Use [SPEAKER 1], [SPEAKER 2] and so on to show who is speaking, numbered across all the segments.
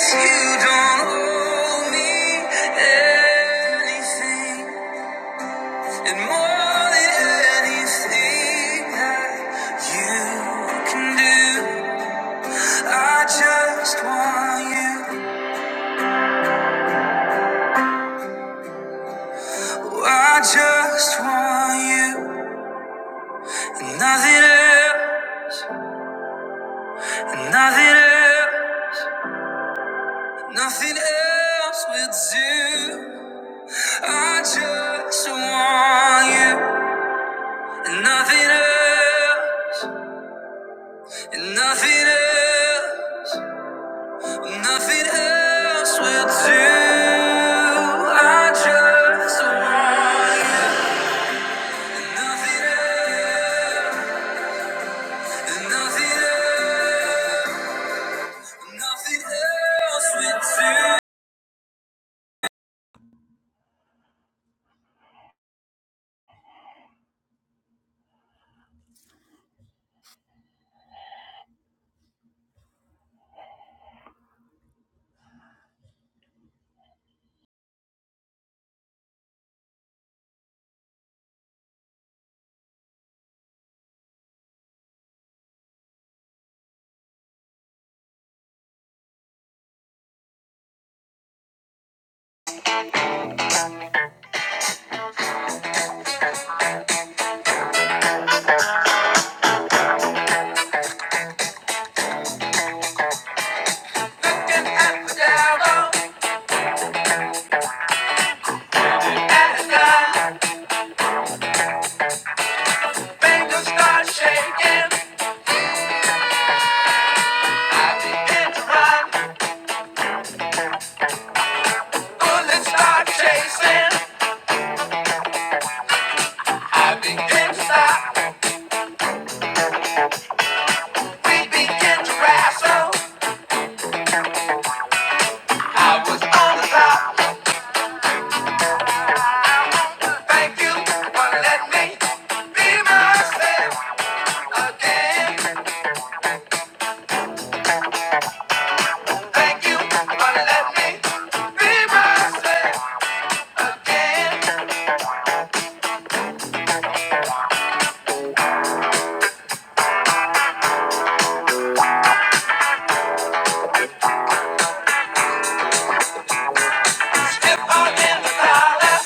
[SPEAKER 1] You don't owe me anything, and more than anything that you can do, I just want you. I just want you, nothing else, nothing else, nothing else will do. I just want you, nothing else, nothing else. Nothing else will do. I just want you. Nothing else, nothing else, nothing else will do. At the down, at the down, fingers start shaking. I begin to run, bullets start chasing. Begin to stop, we begin to wrestle. What's on the top? Thank you for letting me be myself. again. Thank you for letting me be myself again. Step on in the dollar,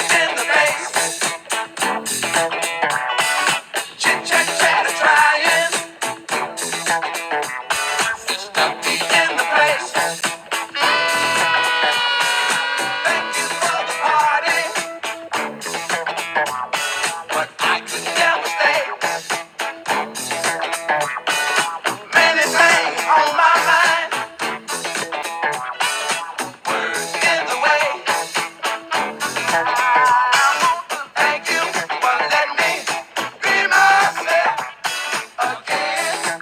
[SPEAKER 1] in the face, chit chat trying in the place. Thank you for the party. I could never stay. Many things on my mind in the way. Thank you for letting me be myself again.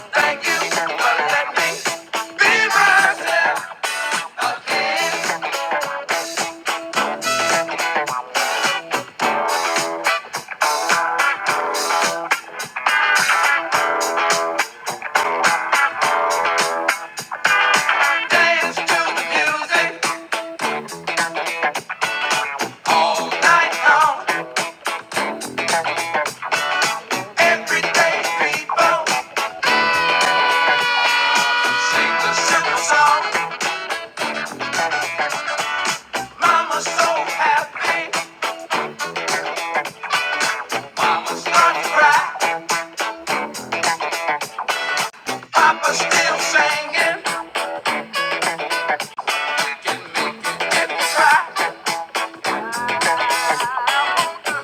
[SPEAKER 1] Thank you for letting me be myself. Dance to the music night long. Everyday people, the simple song. Mama's so happy, Mama's not cry. Papa's still singing. can make it if we try.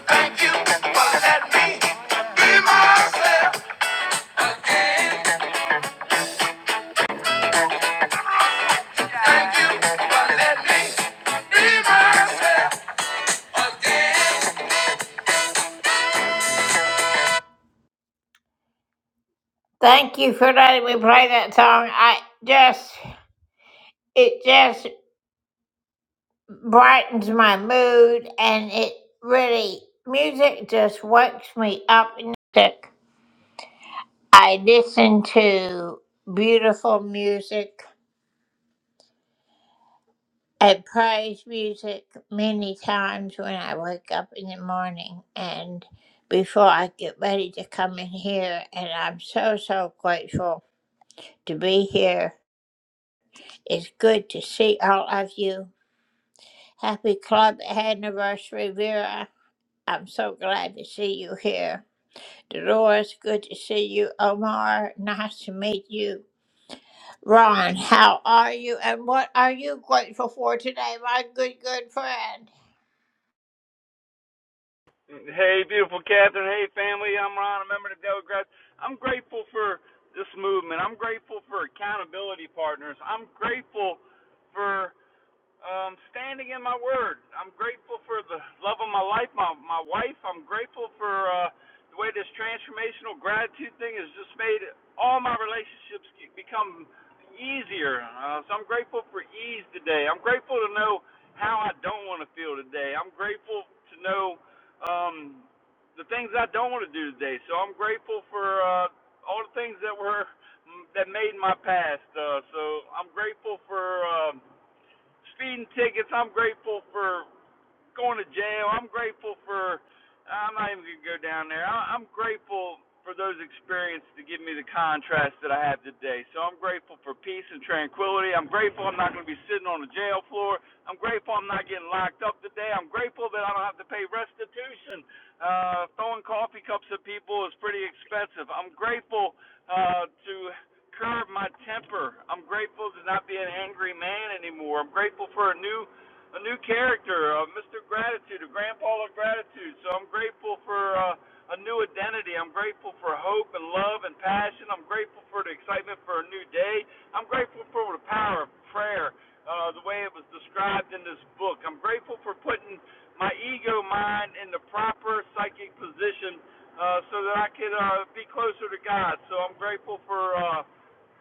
[SPEAKER 1] Thank you for letting me be myself, be myself.
[SPEAKER 2] Hey, beautiful Catherine. Hey, family. I'm Ron, a member of the Daily Grass. I'm grateful for this movement. I'm grateful for accountability partners. I'm grateful for um, standing in my word. I'm grateful for the love of my life, my my wife. I'm grateful for uh, the way this transformational gratitude thing has just made all my relationships become easier. Uh, so I'm grateful for ease today. I'm grateful to know how I don't want to feel today. I'm grateful to know um, the things I don't want to do today. So I'm grateful for uh, all the things that were that made my past. Uh, so I'm grateful for. um speeding tickets. I'm grateful for going to jail. I'm grateful for. I'm not even gonna go down there. I, I'm grateful for those experiences to give me the contrast that I have today. So I'm grateful for peace and tranquility. I'm grateful I'm not gonna be sitting on the jail floor. I'm grateful I'm not getting locked up today. I'm grateful that I don't have to pay restitution. Uh, throwing coffee cups at people is pretty expensive. I'm grateful uh, to curb my temper. I'm grateful to not be an angry man anymore. I'm grateful for a new a new character, uh, Mr. Gratitude, a grandpa of gratitude. So I'm grateful for uh, a new identity. I'm grateful for hope and love and passion. I'm grateful for the excitement for a new day. I'm grateful for the power of prayer, uh, the way it was described in this book. I'm grateful for putting my ego mind in the proper psychic position uh, so that I could uh, be closer to God. So I'm grateful for. Uh,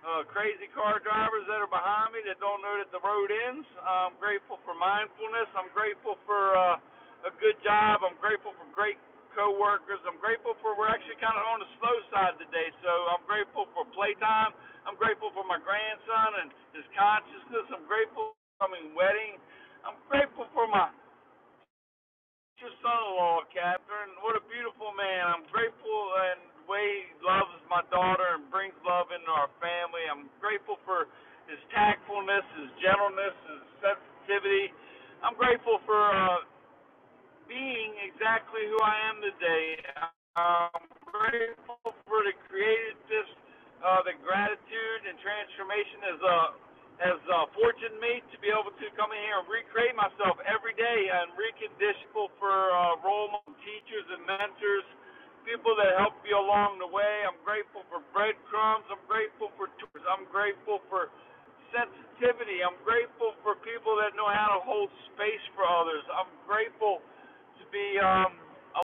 [SPEAKER 2] uh, crazy car drivers that are behind me that don't know that the road ends. I'm grateful for mindfulness. I'm grateful for uh, a good job. I'm grateful for great coworkers. I'm grateful for we're actually kind of on the slow side today, so I'm grateful for playtime. I'm grateful for my grandson and his consciousness. I'm grateful for my wedding. I'm grateful for my your son-in-law, Catherine. What a beautiful man. I'm grateful and the way he loves my daughter and brings love into our family. I'm grateful for his tactfulness, his gentleness, his sensitivity. I'm grateful for uh, being exactly who I am today. I'm grateful for the created this, uh, the gratitude and transformation has uh, has uh, fortuned me to be able to come in here and recreate myself every day and reconditionable for uh, role model teachers and mentors, people that help you along the way. I'm grateful for breadcrumbs. I'm grateful for tours. I'm grateful for sensitivity. I'm grateful for people that know how to hold space for others. I'm grateful to be um, a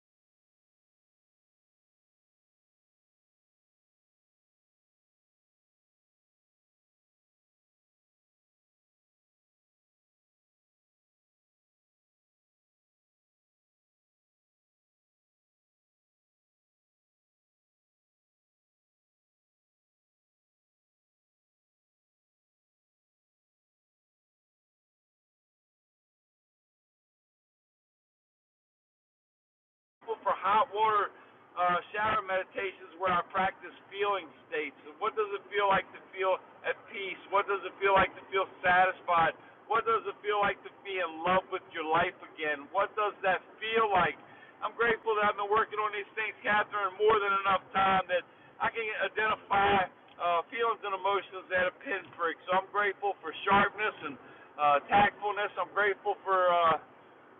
[SPEAKER 2] tool for hot water uh, shower meditations where I practice feeling states. What does it feel like to feel at peace? What does it feel like to feel satisfied? What does it feel like to be in love with your life again? What does that feel like? I'm grateful that I've been working on these things, Catherine, more than enough time that I can identify uh, feelings and emotions at a pinprick. So I'm grateful for sharpness and uh, tactfulness. I'm grateful for uh,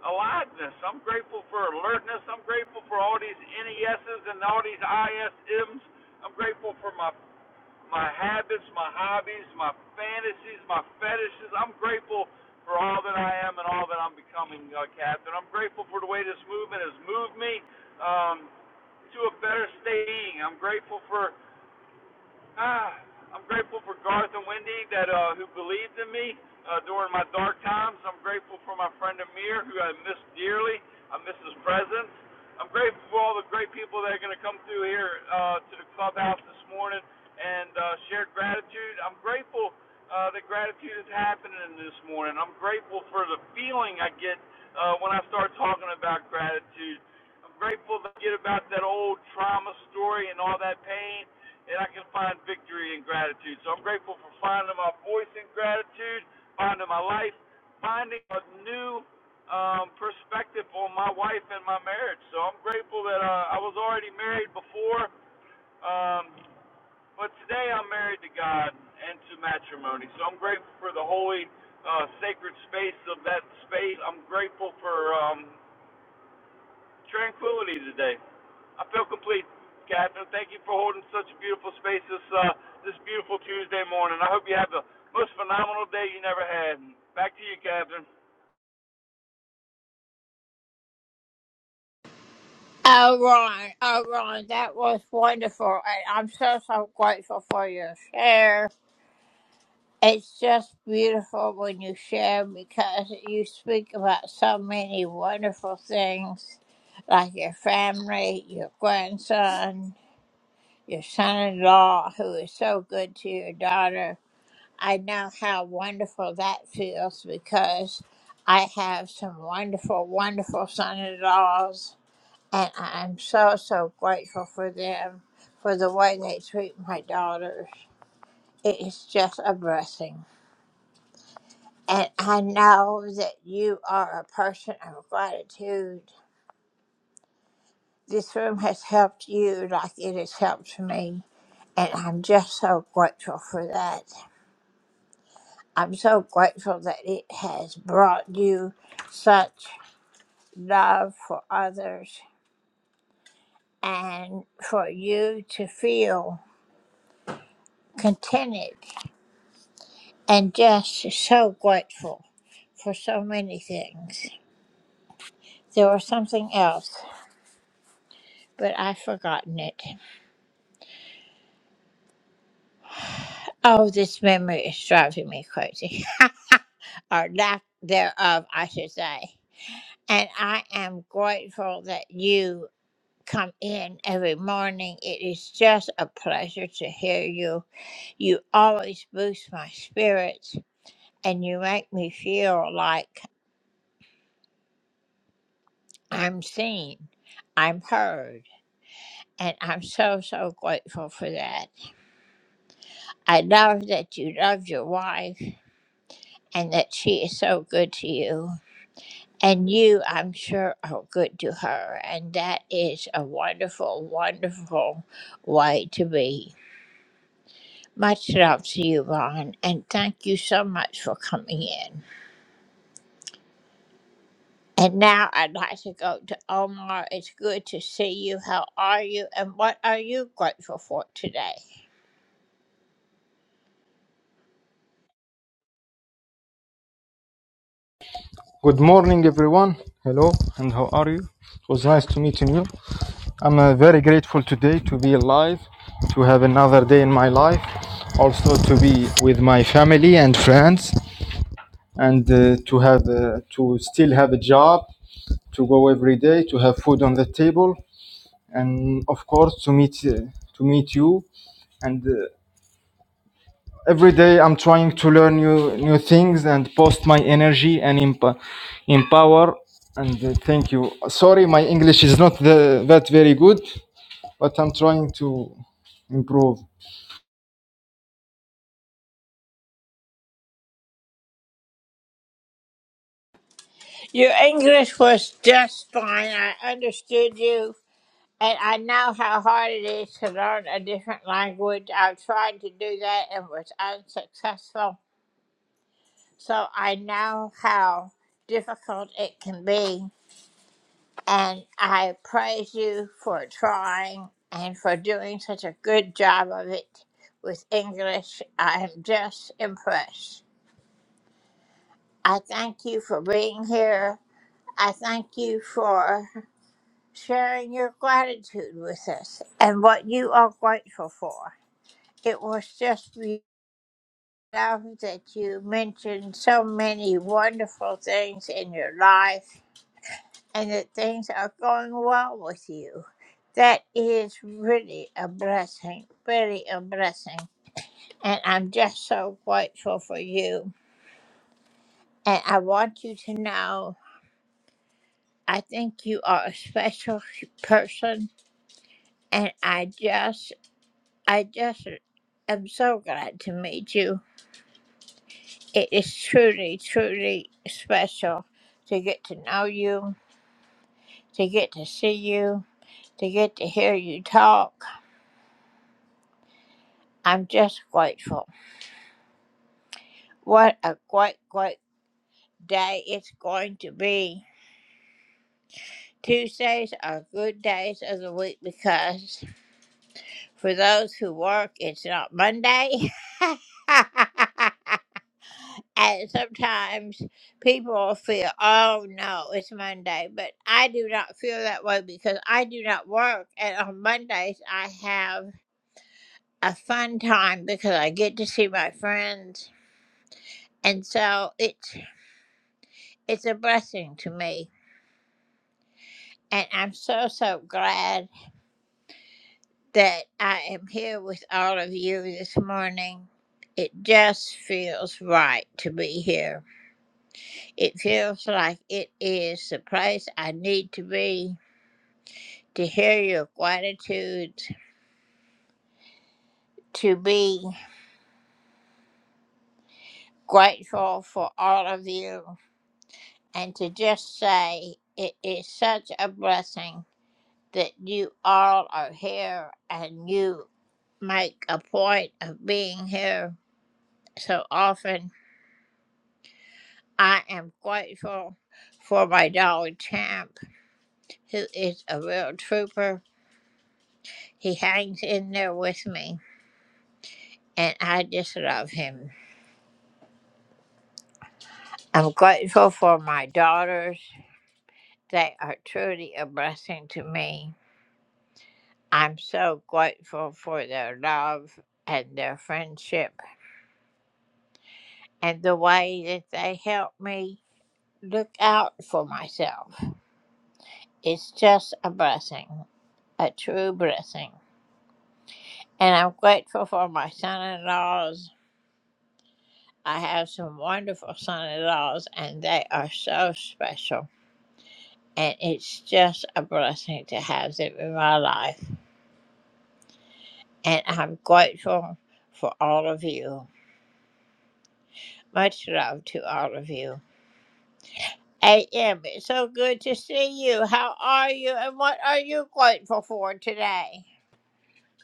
[SPEAKER 2] aliveness. I'm grateful for alertness. I'm grateful for all these NESs and all these ISMs. I'm grateful for my my habits, my hobbies, my fantasies, my fetishes. I'm grateful for all that I am and all that I'm becoming, uh, Captain. I'm grateful for the way this movement has moved me um, to a better state. I'm grateful for Ah, I'm grateful for Garth and Wendy that uh, who believed in me uh, during my dark times. I'm grateful for my friend Amir who I miss dearly. I miss his presence. I'm grateful for all the great people that are going to come through here uh, to the clubhouse this morning and uh, share gratitude. I'm grateful uh, that gratitude is happening this morning. I'm grateful for the feeling I get uh, when I start talking about gratitude. I'm grateful to get about that old trauma story and all that pain and I can find victory in gratitude. So I'm grateful for finding my voice in gratitude, finding my life, finding a new um, perspective on my wife and my marriage. So I'm grateful that uh, I was already married before, um, but today I'm married to God and to matrimony. So I'm grateful for the holy, uh, sacred space of that space. I'm grateful for um, tranquility today. I feel complete, Catherine. Thank you for holding such a beautiful space this uh, this beautiful Tuesday morning. I hope you have the most phenomenal day you never had. Back to you, Catherine.
[SPEAKER 3] Good morning, everyone. Hello, and how are you? It was nice to meet you. I'm uh, very grateful today to be alive, to have another day in my life, also to be with my family and friends, and uh, to have uh, to still have a job, to go every day, to have food on the table, and of course to meet uh, to meet you, and uh, every day i'm trying to learn new new things and post my energy and emp- empower and uh, thank you sorry my english is not the, that very good but i'm trying to improve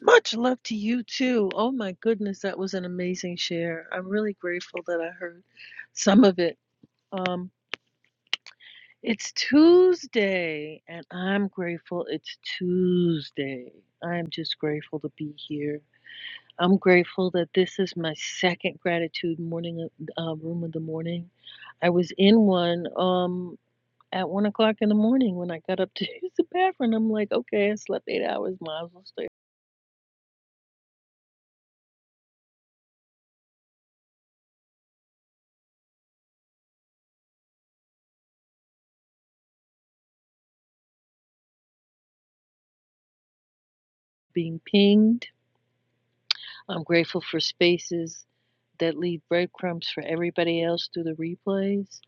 [SPEAKER 4] Much love to you too. Oh my goodness, that was an amazing share. I'm really grateful that I heard some of it. Um, it's Tuesday, and I'm grateful it's Tuesday. I'm just grateful to be here. I'm grateful that this is my second gratitude morning uh, room of the morning. I was in one um, at one o'clock in the morning when I got up to use the bathroom. I'm like, okay, I slept eight hours, might as well stay being pinged. I'm grateful for spaces that leave breadcrumbs for everybody else through the replays.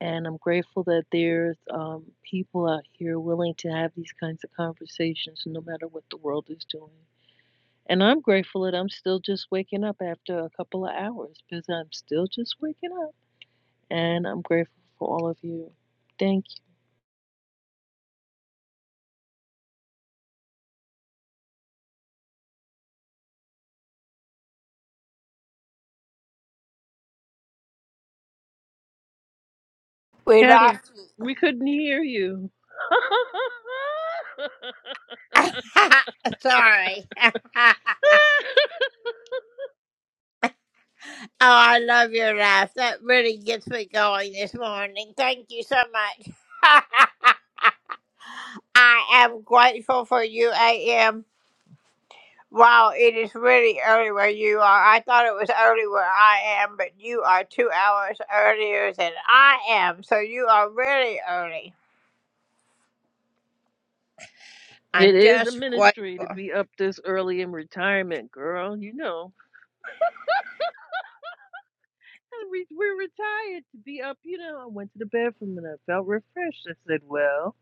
[SPEAKER 4] And I'm grateful that there's um, people out here willing to have these kinds of conversations no matter what the world is doing. And I'm grateful that I'm still just waking up after a couple of hours because I'm still just waking up. And I'm grateful for all of you. Thank you. Catherine, we couldn't hear you. It is a ministry to be up this early in retirement, girl. You know, And we, we're retired to be up. You know, I went to the bathroom and I felt refreshed. I said, well,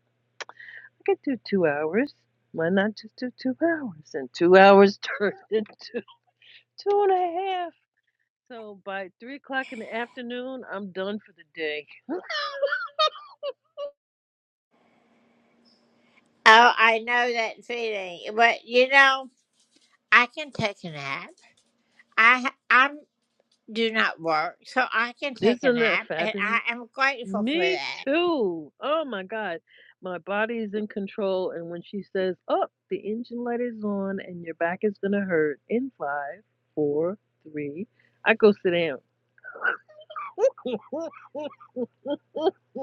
[SPEAKER 4] I could do two hours. Why not just do two hours? And two hours turned into two and a half. So by three o'clock in the afternoon, I'm done for the day. Isn't that fabulous? Me too. Oh my God. My body is in control. And when she says, Oh, the engine light is on and your back is going to hurt in five, four, three, I go sit down.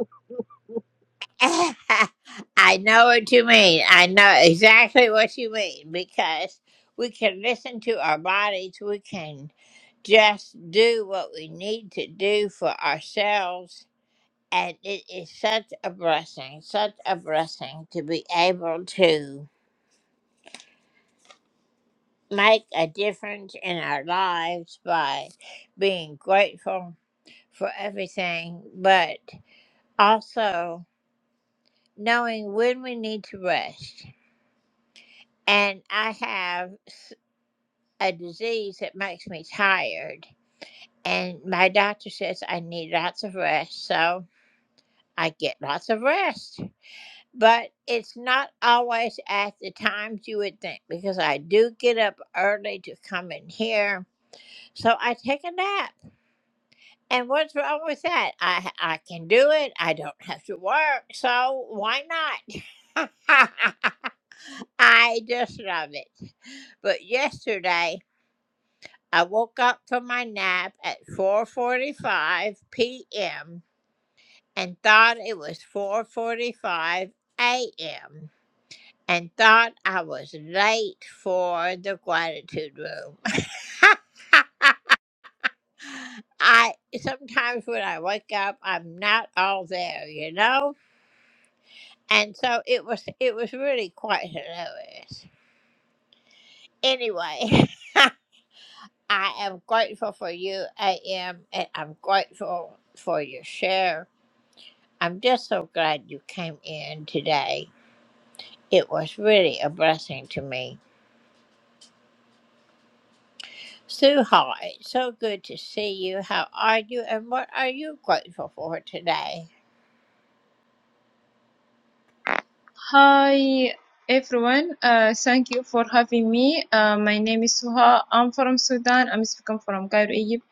[SPEAKER 5] Hi everyone, uh, thank you for having me. Uh, my name is Suha. I'm from Sudan. I'm speaking from Cairo, Egypt.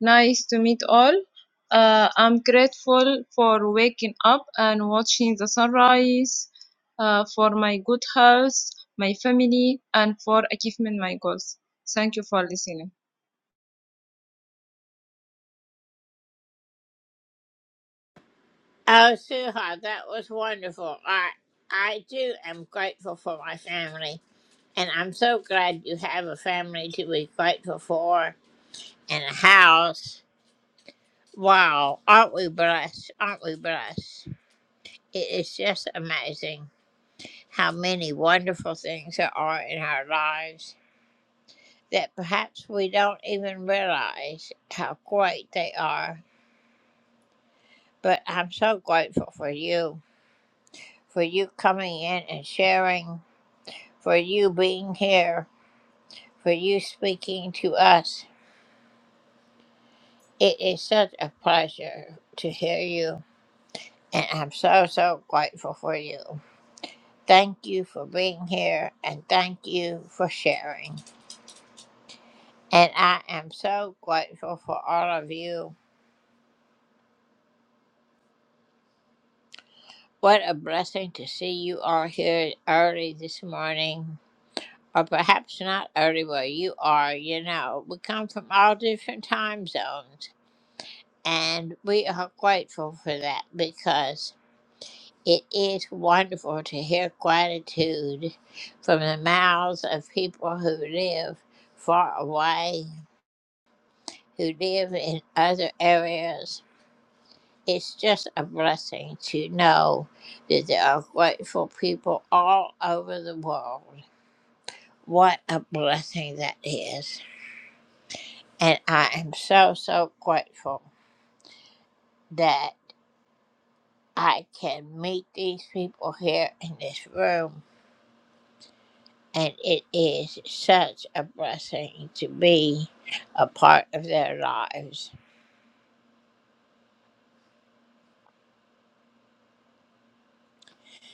[SPEAKER 5] Nice to meet all. Uh, I'm grateful for waking up and watching the sunrise, uh, for my good health, my family, and for achieving my goals. Thank you for listening.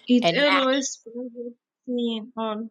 [SPEAKER 5] It always pleases me all.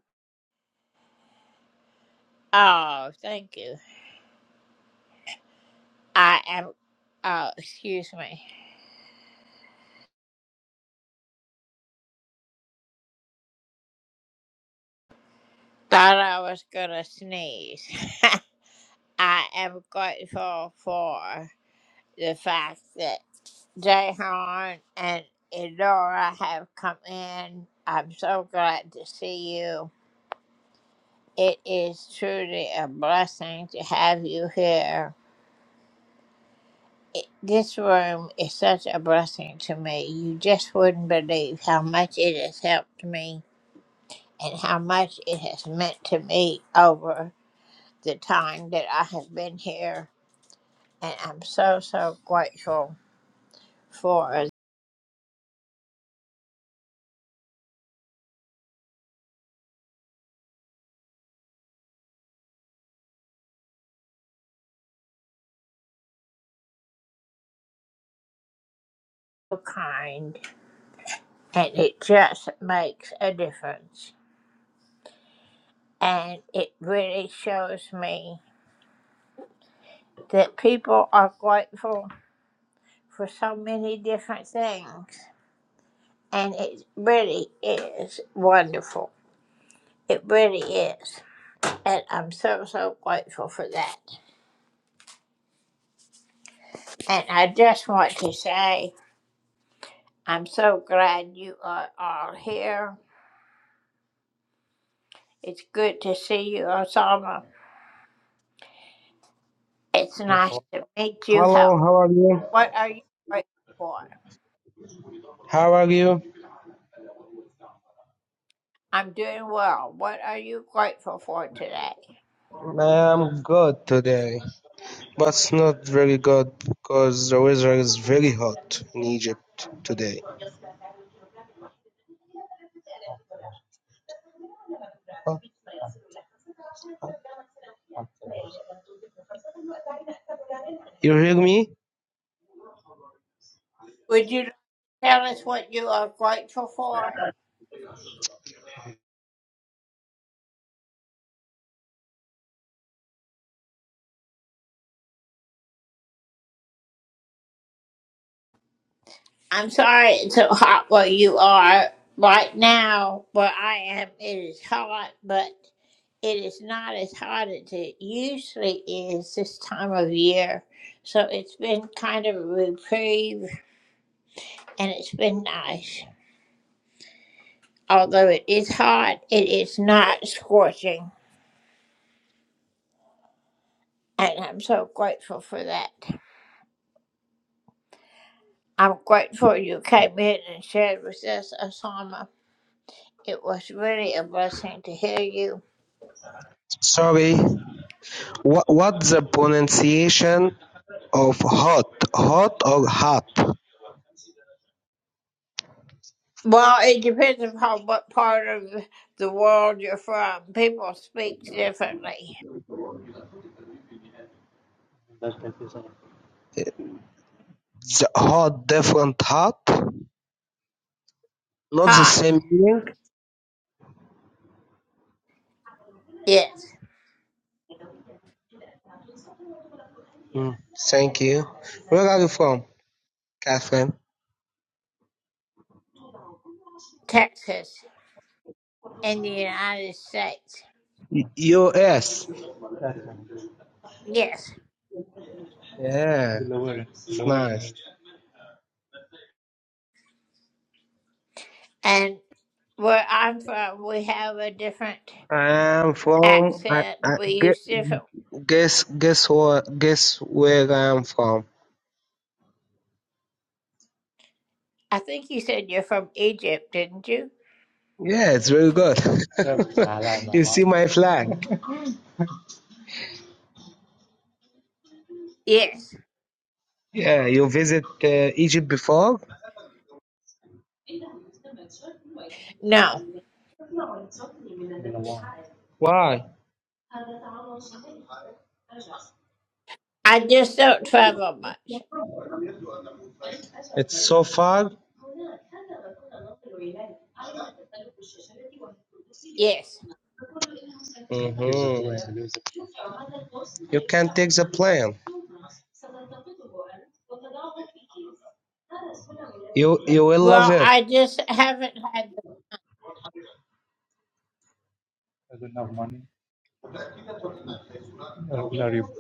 [SPEAKER 6] Hello, how are you? How are you? I'm good today, but it's not very good because the weather is very hot in Egypt today. Oh, You hear me? Sorry. What what's the pronunciation of hot? Hot or hot? The hot different hot? Not the same meaning? Mm, thank you. Where are you from, Catherine? Y- US. Yeah, Delaware. it's Delaware. nice. I'm from. I, I, gue- guess guess what? Guess where I'm from? Yeah, it's very good. you see my flag? Yeah, you visit uh, Egypt before? Why? It's so far. Mhm. You can take the plane. You you will love it.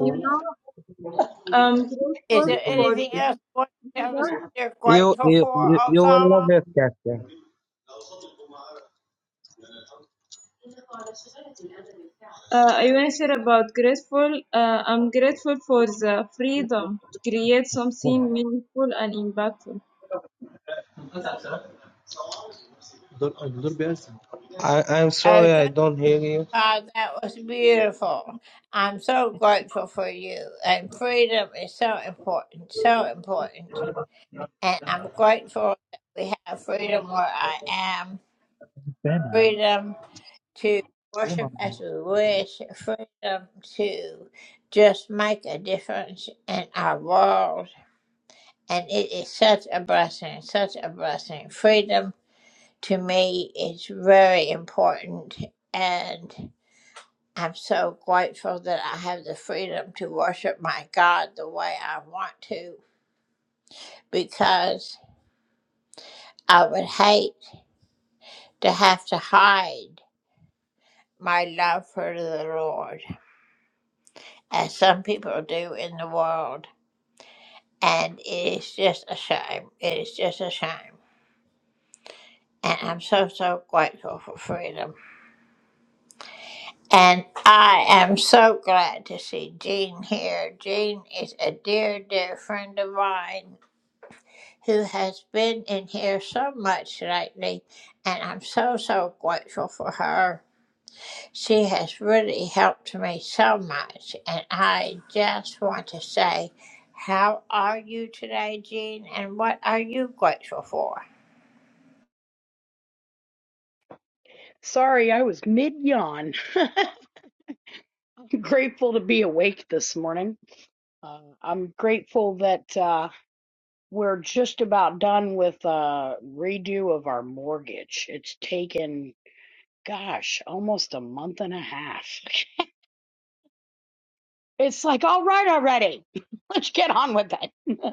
[SPEAKER 5] You know, I'm grateful for the freedom
[SPEAKER 6] You you you, you will love it, Katya.
[SPEAKER 5] Uh, I want to say about grateful. Uh, I'm grateful for the freedom to create something meaningful and impactful.
[SPEAKER 6] I I'm sorry I don't hear you.
[SPEAKER 7] Sorry, I was mid yawn. grateful to be awake this morning. Uh, I'm grateful that uh, we're just about done with uh, redo of our mortgage. It's taken, gosh, almost a month and a half. It's like, all right, already. Let's get on with it.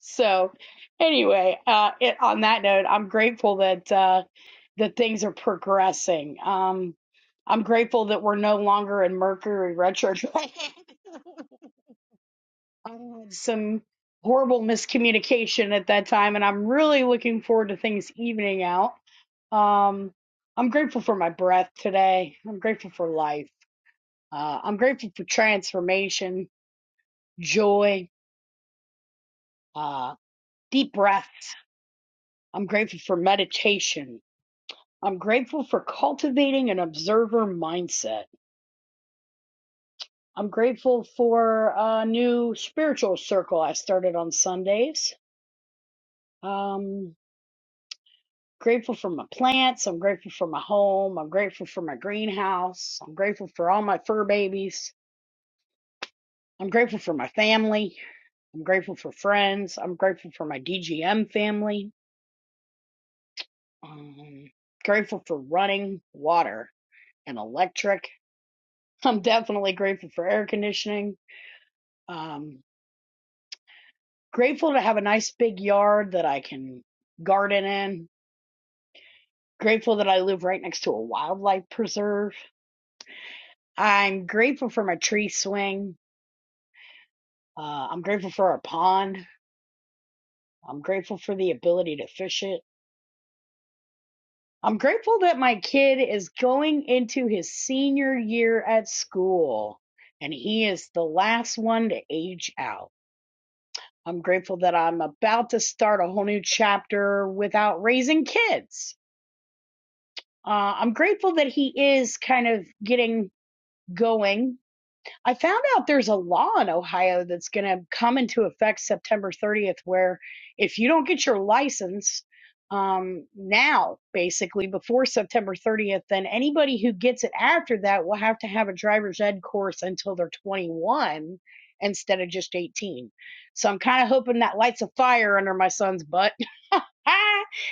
[SPEAKER 7] so, anyway, uh, it, on that note, I'm grateful that uh, that things are progressing. Um, I'm grateful that we're no longer in Mercury retrograde. I had some horrible miscommunication at that time, and I'm really looking forward to things evening out. Um, I'm grateful for my breath today. I'm grateful for life. Uh, I'm grateful for transformation, joy, uh, deep breaths. I'm grateful for meditation. I'm grateful for cultivating an observer mindset. I'm grateful for a new spiritual circle I started on Sundays. Um, grateful for my plants. I'm grateful for my home. I'm grateful for my greenhouse. I'm grateful for all my fur babies. I'm grateful for my family. I'm grateful for friends. I'm grateful for my DGM family. Um, grateful for running water and electric. I'm definitely grateful for air conditioning. Um, grateful to have a nice big yard that I can garden in. Grateful that I live right next to a wildlife preserve. I'm grateful for my tree swing. Uh, I'm grateful for our pond. I'm grateful for the ability to fish it. I'm grateful that my kid is going into his senior year at school and he is the last one to age out. I'm grateful that I'm about to start a whole new chapter without raising kids. Uh, I'm grateful that he is kind of getting going I found out there's a law in Ohio that's going to come into effect September 30th, where if you don't get your license um, now, basically before September 30th, then anybody who gets it after that will have to have a driver's ed course until they're 21 instead of just 18. So I'm kind of hoping that lights a fire under my son's butt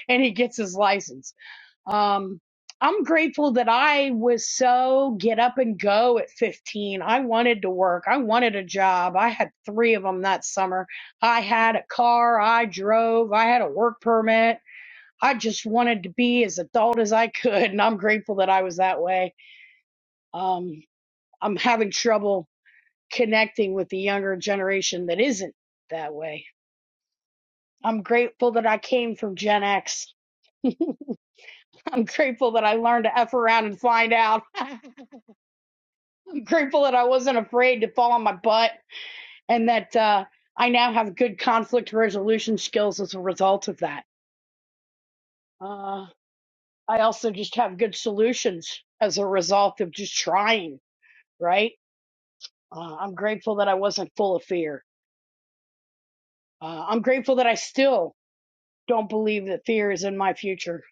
[SPEAKER 7] and he gets his license. Um, I'm grateful that I was so get up and go at 15. I wanted to work. I wanted a job. I had three of them that summer. I had a car. I drove. I had a work permit. I just wanted to be as adult as I could. And I'm grateful that I was that way. Um, I'm having trouble connecting with the younger generation that isn't that way. I'm grateful that I came from Gen X. I'm grateful that I learned to F around and find out. grateful that I wasn't afraid to fall on my butt and that uh, I now have good conflict resolution skills as a result of that. Uh, I also just have good solutions as a result of just trying, right? Uh, I'm grateful that I wasn't full of fear. Uh, I'm grateful that I still don't believe that fear is in my future.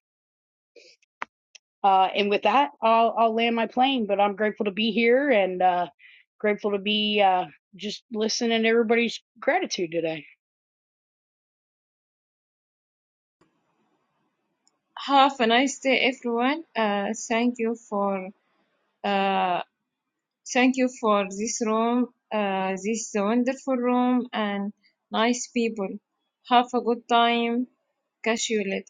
[SPEAKER 7] Uh, and with that, I'll, I'll land my plane, but I'm grateful to be here and uh, grateful to be uh, just listening to everybody's gratitude today.
[SPEAKER 5] Have a nice day, everyone. Uh, thank you for uh, thank you for this room, uh, this wonderful room, and nice people. Have a good time. Catch you later.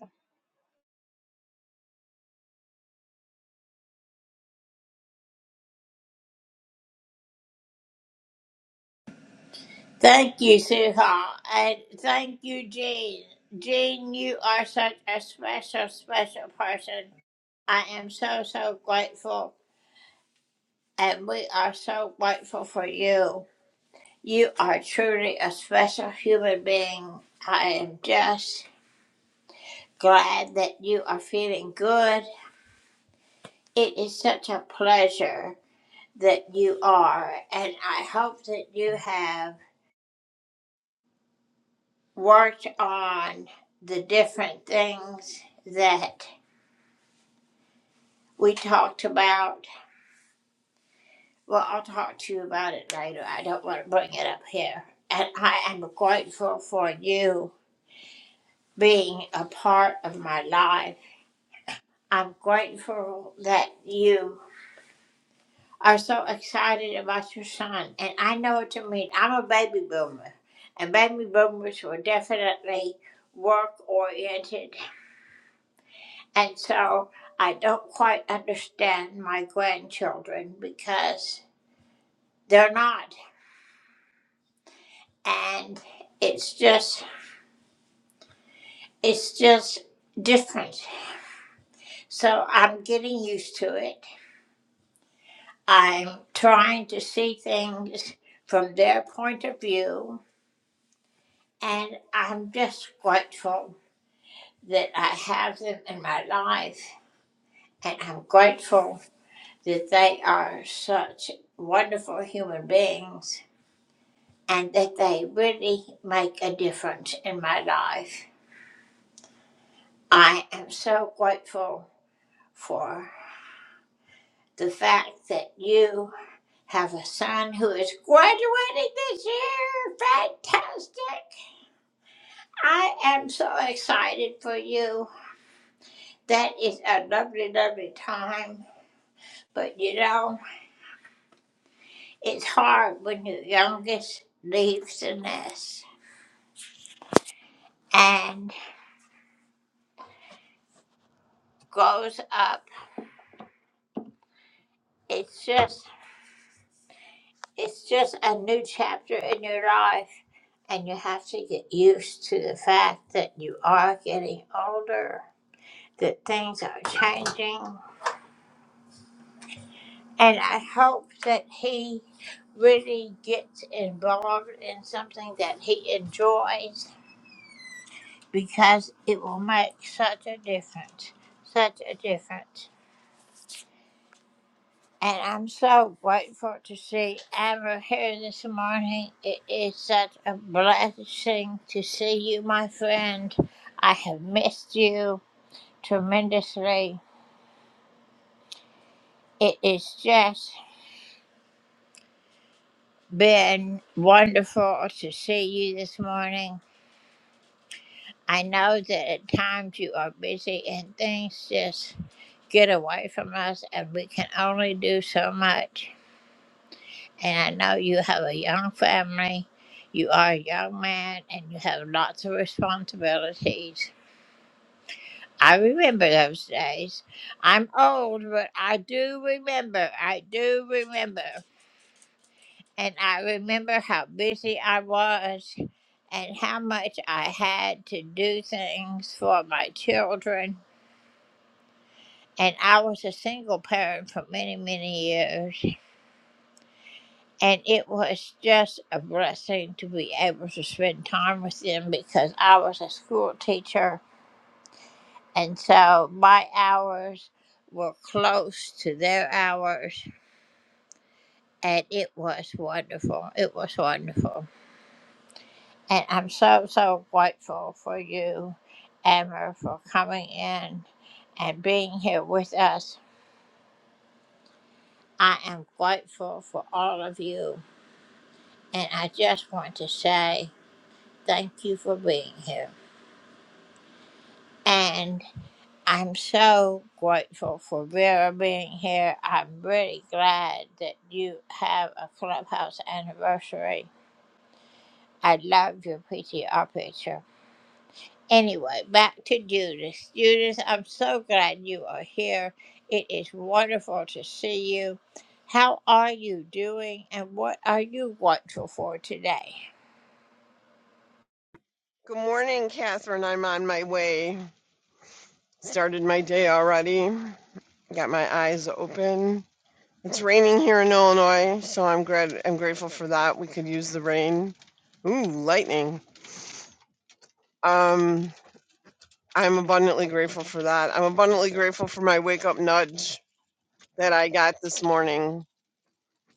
[SPEAKER 8] Good morning, Catherine. I'm on my way. Started my day already. Got my eyes open. It's raining here in Illinois, so I'm glad I'm grateful for that. We could use the rain. Ooh, lightning. Um, I'm abundantly grateful for that. I'm abundantly grateful for my wake up nudge that I got this morning.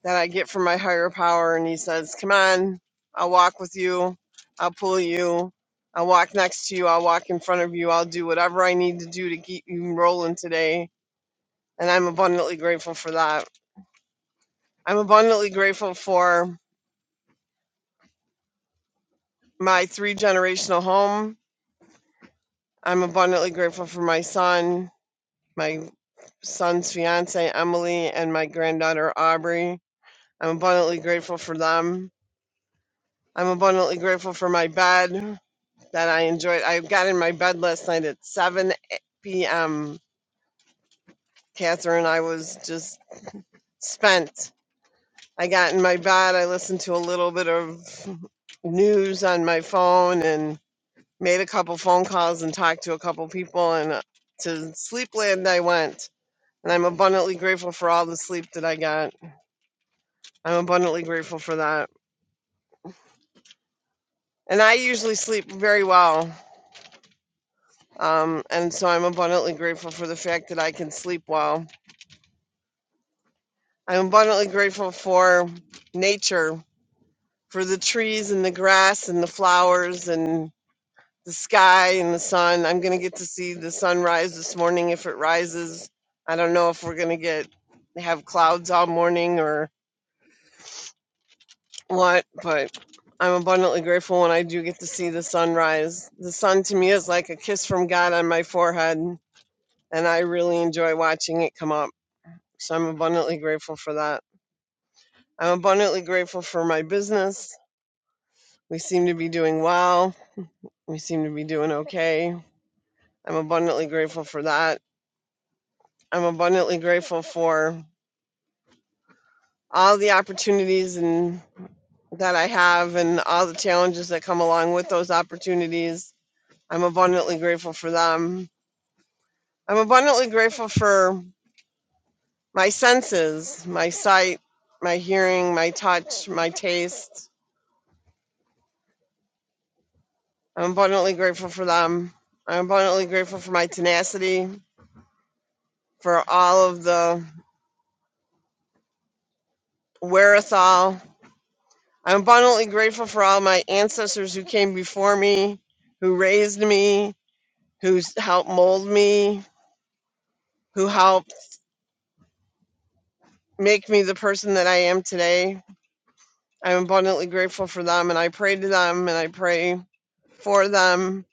[SPEAKER 8] that I get from my higher power. And he says, Come on, I'll walk with you. I'll pull you. I'll walk next to you. I'll walk in front of you. I'll do whatever I need to do to keep you rolling today. And I'm abundantly grateful for that. I'm abundantly grateful for my three generational home. I'm abundantly grateful for my son, my son's fiance, Emily, and my granddaughter, Aubrey. I'm abundantly grateful for them. I'm abundantly grateful for my bed. that I enjoyed. I got in my bed last night at 7 p.m. Catherine, I was just spent. I got in my bed. I listened to a little bit of news on my phone and made a couple phone calls and talked to a couple people. And uh, to Sleepland, I went. And I'm abundantly grateful for all the sleep that I got. I'm abundantly grateful for that. And I usually sleep very well. Um, and so I'm abundantly grateful for the fact that I can sleep well I'm abundantly grateful for nature, for the trees and the grass and the flowers and the sky and the sun. I'm going to get to see the sunrise this morning if it rises. I don't know if we're going to get have clouds all morning or what, but I'm abundantly grateful when I do get to see the sunrise. The sun to me is like a kiss from God on my forehead, and I really enjoy watching it come up. So I'm abundantly grateful for that. I'm abundantly grateful for my business We seem to be doing well. We seem to be doing okay. I'm abundantly grateful for that. I'm abundantly grateful for all the opportunities and that I have and all the challenges that come along with those opportunities. I'm abundantly grateful for them. I'm abundantly grateful for my senses, my sight, my hearing, my touch, my taste. I'm abundantly grateful for them. I'm abundantly grateful for my tenacity, for all of the wherewithal I'm abundantly grateful for all my ancestors who came before me, who raised me, who s- helped mold me, who helped make me the person that I am today. I'm abundantly grateful for them, and I pray to them, and I pray for them.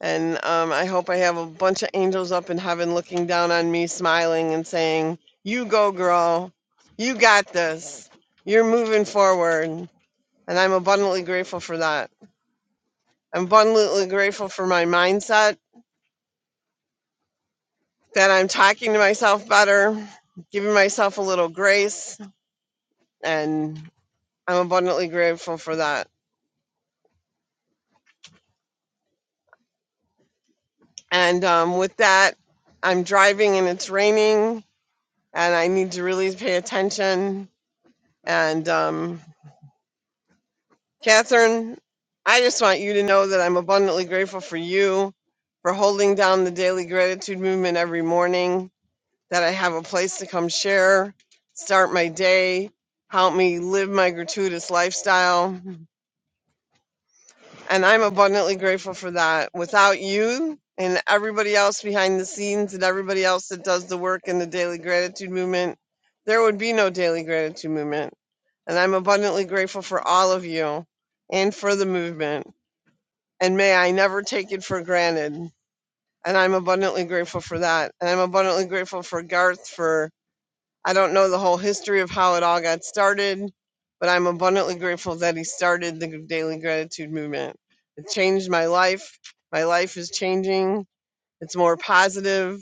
[SPEAKER 8] And um, I hope I have a bunch of angels up in heaven looking down on me, smiling and saying, You go, girl. You got this. You're moving forward. And I'm abundantly grateful for that. I'm abundantly grateful for my mindset that I'm talking to myself better, giving myself a little grace, and I'm abundantly grateful for that. And um, with that, I'm driving and it's raining, and I need to really pay attention. And um, Catherine, I just want you to know that I'm abundantly grateful for you for holding down the daily gratitude movement every morning, that I have a place to come share, start my day, help me live my gratuitous lifestyle And I'm abundantly grateful for that. Without you and everybody else behind the scenes and everybody else that does the work in the daily gratitude movement, there would be no daily gratitude movement. And I'm abundantly grateful for all of you and for the movement. And may I never take it for granted. And I'm abundantly grateful for that. And I'm abundantly grateful for Garth for I don't know the whole history of how it all got started, but I'm abundantly grateful that he started the daily gratitude movement. It changed my life. My life is changing. It's more positive,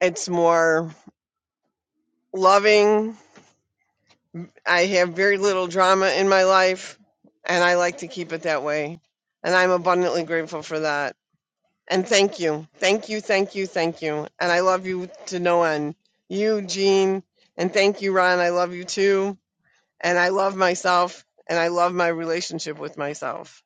[SPEAKER 8] it's more loving. I have very little drama in my life, and I like to keep it that way. And I'm abundantly grateful for that. And thank you. Thank you, thank you, thank you. And I love you to no end. You, Jean, and thank you, Ron. I love you too and I love myself and I love my relationship with myself.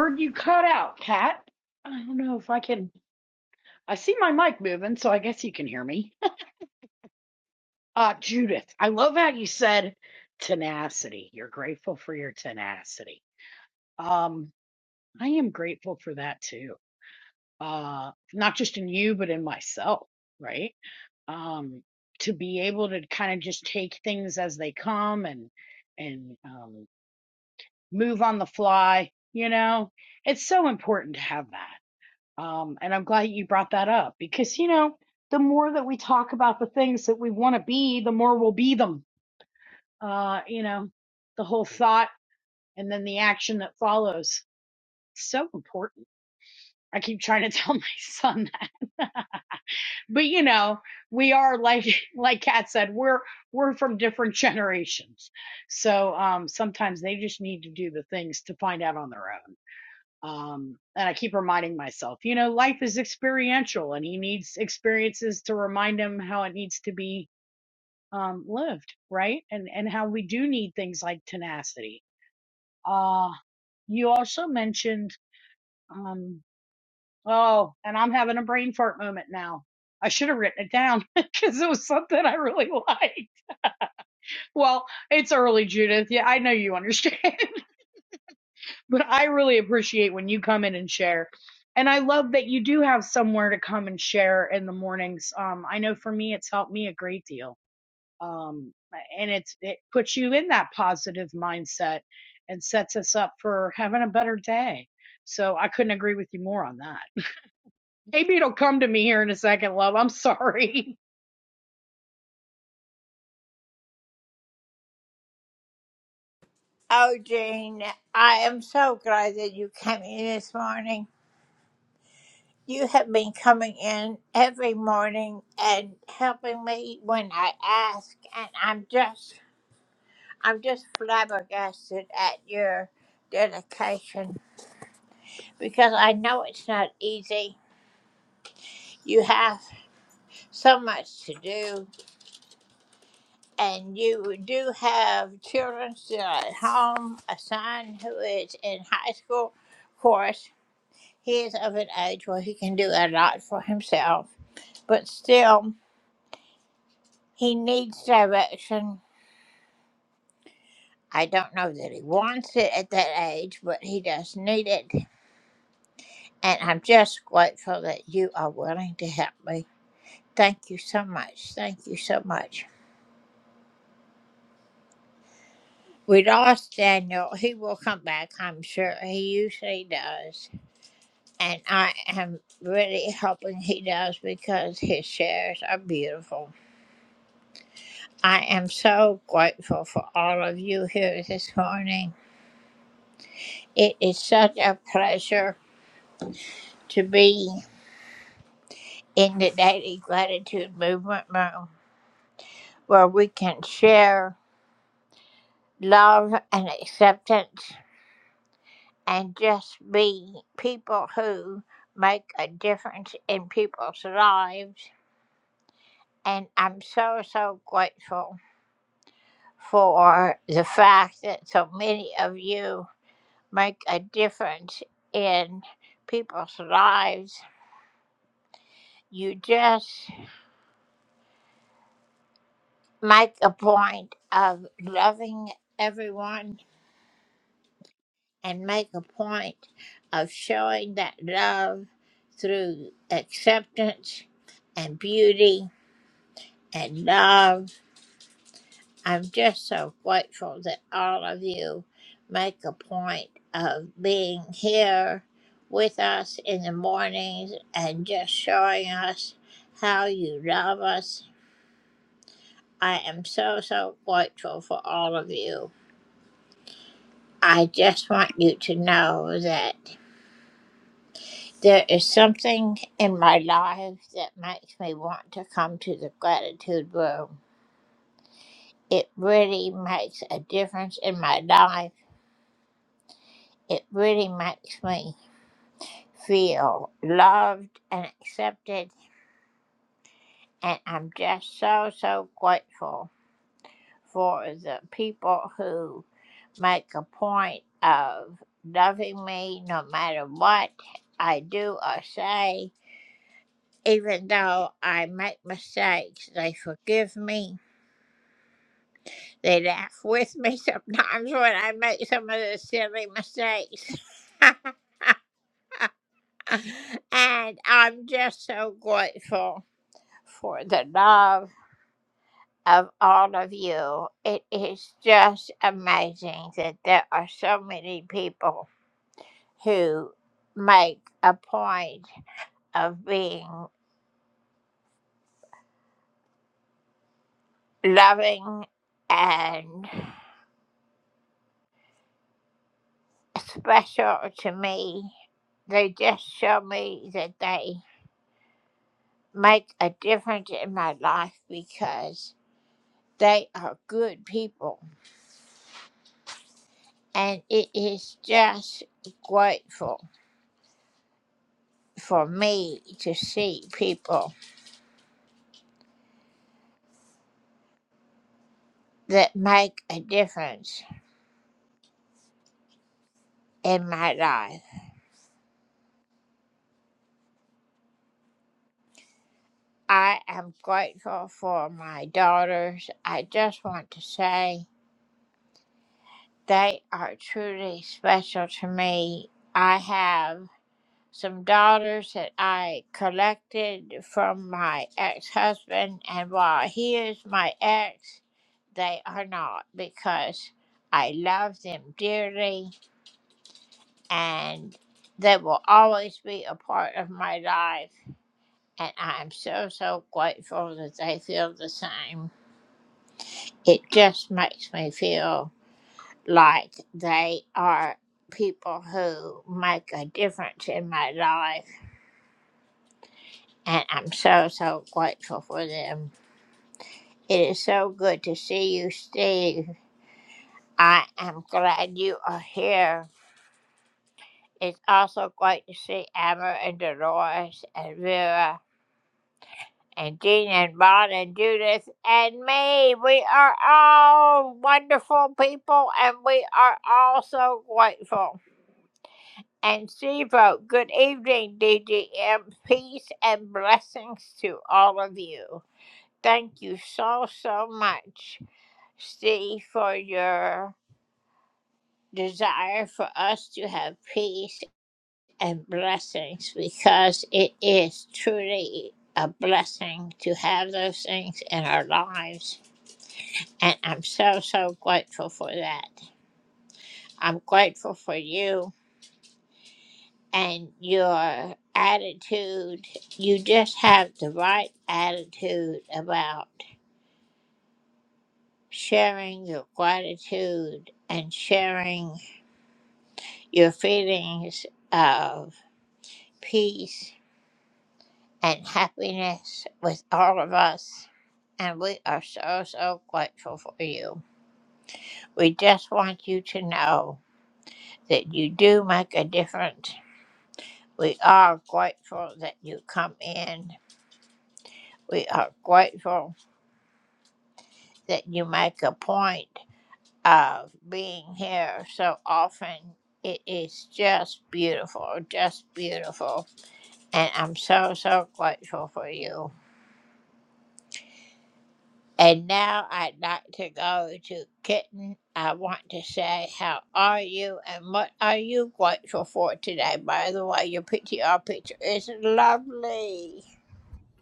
[SPEAKER 7] heard you cut out, Kat. I don't know if I can. I see my mic moving, so I guess you can hear me. Uh, Judith, I love how you said tenacity. You're grateful for your tenacity. Um, I am grateful for that too. Uh, not just in you, but in myself, right? Um, to be able to kind of just take things as they come and and um, move on the fly. You know, it's so important to have that. Um, and I'm glad you brought that up because, you know, the more that we talk about the things that we want to be, the more we'll be them. Uh, you know, the whole thought and then the action that follows. So important. I keep trying to tell my son that. But you know, we are like like Kat said, we're we're from different generations. So um sometimes they just need to do the things to find out on their own. um and i keep reminding myself you know life is experiential and he needs experiences to remind him how it needs to be um lived right and and how we do need things like tenacity uh you also mentioned um oh and i'm having a brain fart moment now i should have written it down because it was something i really liked well it's early judith yeah i know you understand but I really appreciate when you come in and share. And I love that you do have somewhere to come and share in the mornings. Um, I know for me, it's helped me a great deal. Um, and it's, it puts you in that positive mindset and sets us up for having a better day. So I couldn't agree with you more on that. Maybe it'll come to me here in a second, love. I'm sorry.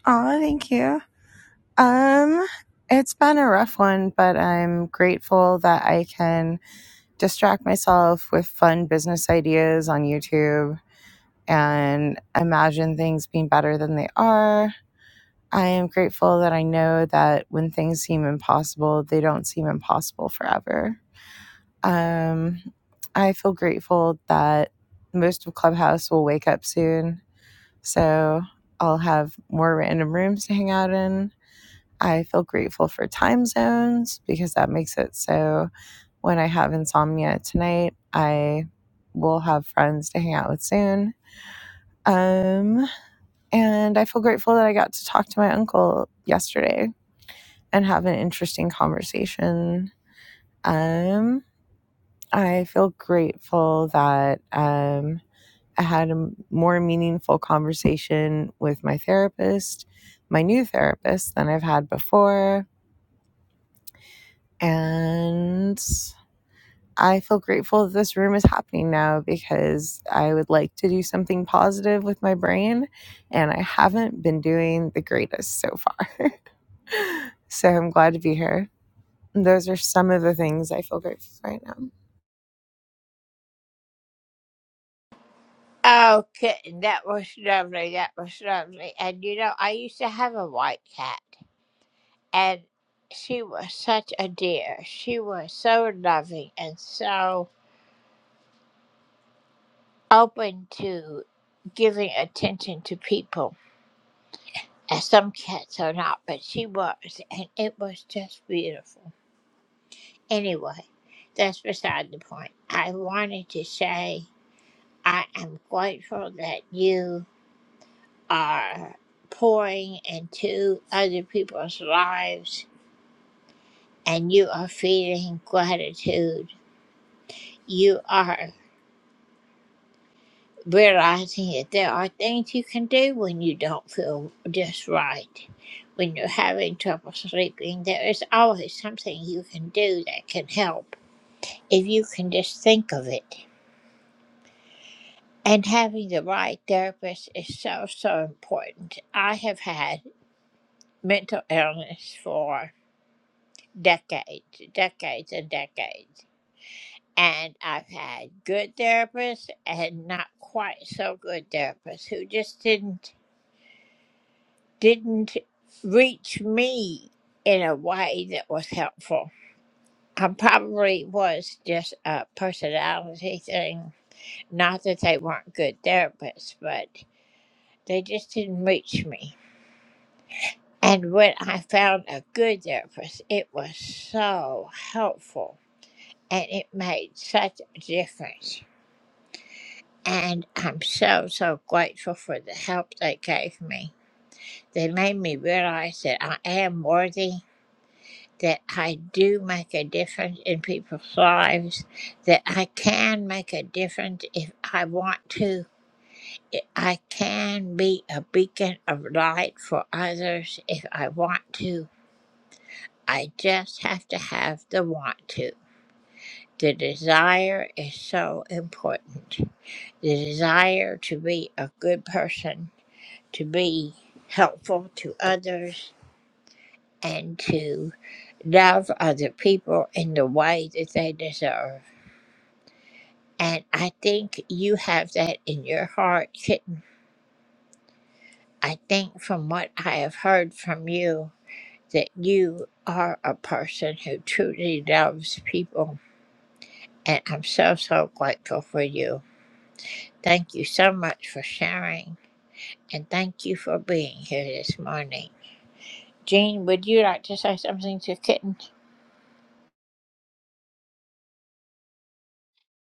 [SPEAKER 9] Oh, thank you. Um, it's been a rough one, but I'm grateful that I can distract myself with fun business ideas on YouTube and imagine things being better than they are. I am grateful that I know that when things seem impossible, they don't seem impossible forever. Um, I feel grateful that most of Clubhouse will wake up soon. So I'll have more random rooms to hang out in I feel grateful for time zones because that makes it so when I have insomnia at tonight, I will have friends to hang out with soon. Um, and I feel grateful that I got to talk to my uncle yesterday and have an interesting conversation. Um, I feel grateful that um, I had a more meaningful conversation with my therapist, my new therapist, than I've had before. And I feel grateful that this room is happening now because I would like to do something positive with my brain, and I haven't been doing the greatest so far. so I'm glad to be here. Those are some of the things I feel grateful for right now.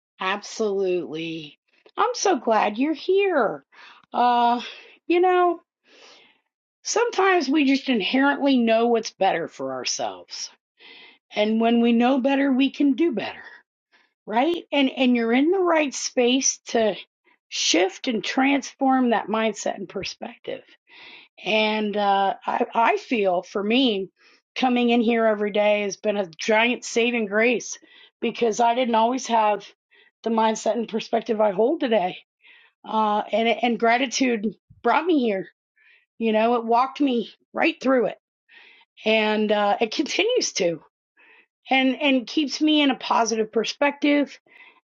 [SPEAKER 7] Absolutely. I'm so glad you're here. Uh, you know, Sometimes we just inherently know what's better for ourselves. And when we know better, we can do better, right? And and you're in the right space to shift and transform that mindset and perspective. And uh, I, I feel for me, coming in here every day has been a giant saving grace because I didn't always have the mindset and perspective I hold today. Uh, and and gratitude brought me here. You know, it walked me right through it and uh, it continues to and and keeps me in a positive perspective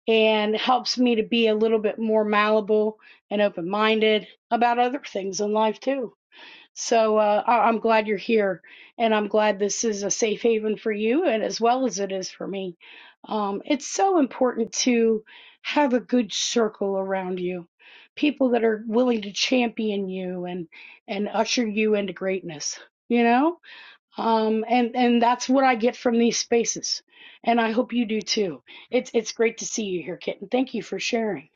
[SPEAKER 7] and helps me to be a little bit more malleable and open minded about other things in life too. So uh, I- am glad you're here, and I'm glad this is a safe haven for you, and as well as it is for me. Um, it's so important to have a good circle around you, people that are willing to champion you and and usher you into greatness. You know um, and and that's what I get from these spaces, and I hope you do too. It's it's great to see you here, Kitten. Thank you for sharing.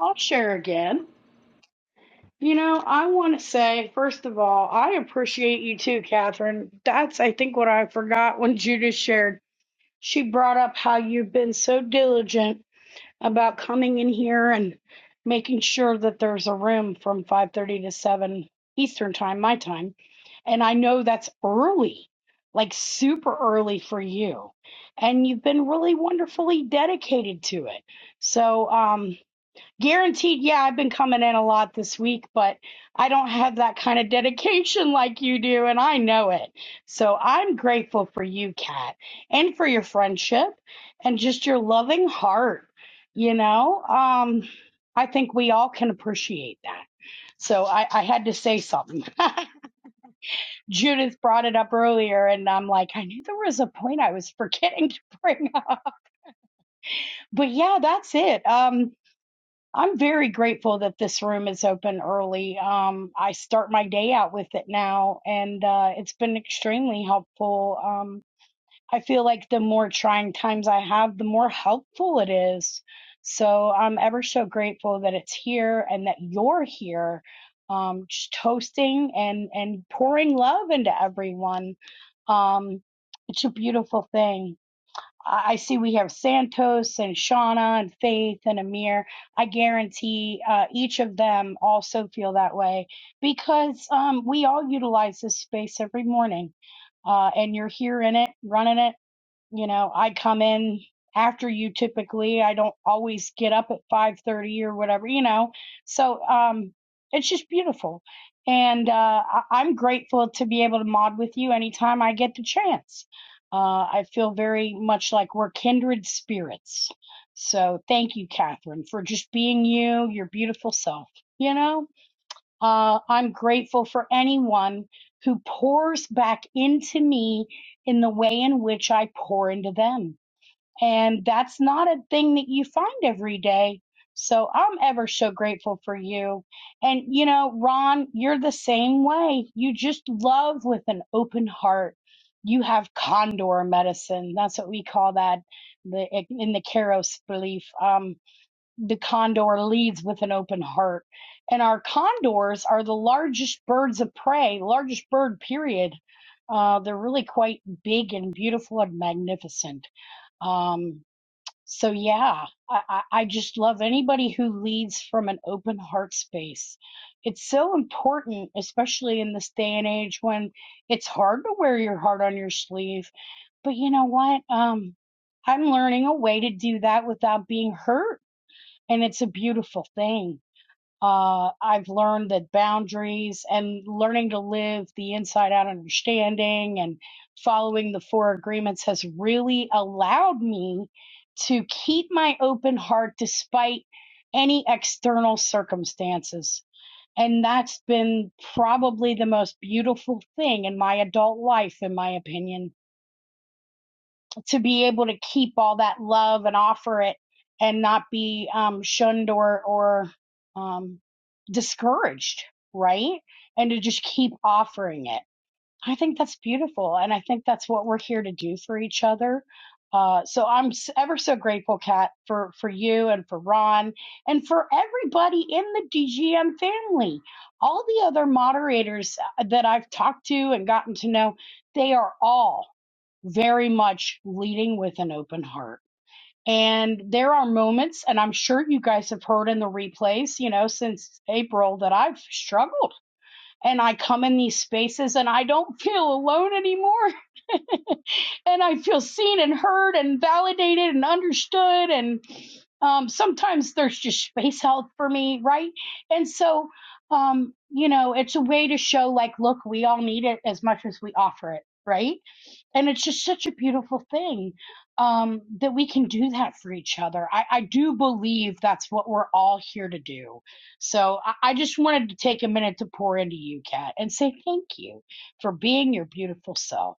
[SPEAKER 7] I'll share again. You know, I want to say first of all, I appreciate you too, Catherine. That's I think what I forgot when Judith shared. She brought up how you've been so diligent about coming in here and making sure that there's a room from 5:30 to 7 Eastern time, my time. And I know that's early, like super early for you. And you've been really wonderfully dedicated to it. So, um Guaranteed, yeah, I've been coming in a lot this week, but I don't have that kind of dedication like you do, and I know it. So I'm grateful for you, Kat, and for your friendship and just your loving heart. You know, um, I think we all can appreciate that. So I, I had to say something. Judith brought it up earlier, and I'm like, I knew there was a point I was forgetting to bring up. But yeah, that's it. Um, I'm very grateful that this room is open early. Um, I start my day out with it now, and uh, it's been extremely helpful. Um, I feel like the more trying times I have, the more helpful it is. So I'm ever so grateful that it's here and that you're here, um, just toasting and and pouring love into everyone. Um, it's a beautiful thing. I see we have Santos and Shauna and Faith and Amir. I guarantee uh, each of them also feel that way because um, we all utilize this space every morning. Uh, and you're here in it, running it you know, I come in after you typically. I don't always get up at 5:30 or whatever, you know. So, um it's just beautiful. And uh I- I'm grateful to be able to mod with you anytime I get the chance. Uh I feel very much like we're kindred spirits. So, thank you, Catherine, for just being you, your beautiful self, you know? Uh, I'm grateful for anyone who pours back into me in the way in which I pour into them. And that's not a thing that you find every day. So I'm ever so grateful for you. And, you know, Ron, you're the same way. You just love with an open heart. You have condor medicine. That's what we call that the, in the Keros belief. Um, the condor leads with an open heart. And our condors are the largest birds of prey, largest bird, period. Uh, they're really quite big and beautiful and magnificent. Um, so, yeah, I, I just love anybody who leads from an open heart space. It's so important, especially in this day and age when it's hard to wear your heart on your sleeve. But you know what? Um, I'm learning a way to do that without being hurt and it's a beautiful thing. Uh, I've learned that boundaries and learning to live the inside out understanding and following the four agreements has really allowed me to keep my open heart despite any external circumstances. And that's been probably the most beautiful thing in my adult life, in my opinion to be able to keep all that love and offer it and not be um, shunned or or um, discouraged, right? And to just keep offering it. I think that's beautiful, and I think that's what we're here to do for each other. Uh, so I'm ever so grateful, Kat, for for you and for Ron and for everybody in the DGM family. All the other moderators uh, that I've talked to and gotten to know, they are all very much leading with an open heart. And there are moments, and I'm sure you guys have heard in the replays, you know, since April that I've struggled. And I come in these spaces and I don't feel alone anymore. And I feel seen and heard and validated and understood. And um, sometimes there's just space out for me, right? And so, um, you know, it's a way to show like, look, we all need it as much as we offer it, right? and it's just such a beautiful thing um, that we can do that for each other. I, I do believe that's what we're all here to do. So I, I just wanted to take a minute to pour into you, Kat, and say thank you for being your beautiful self.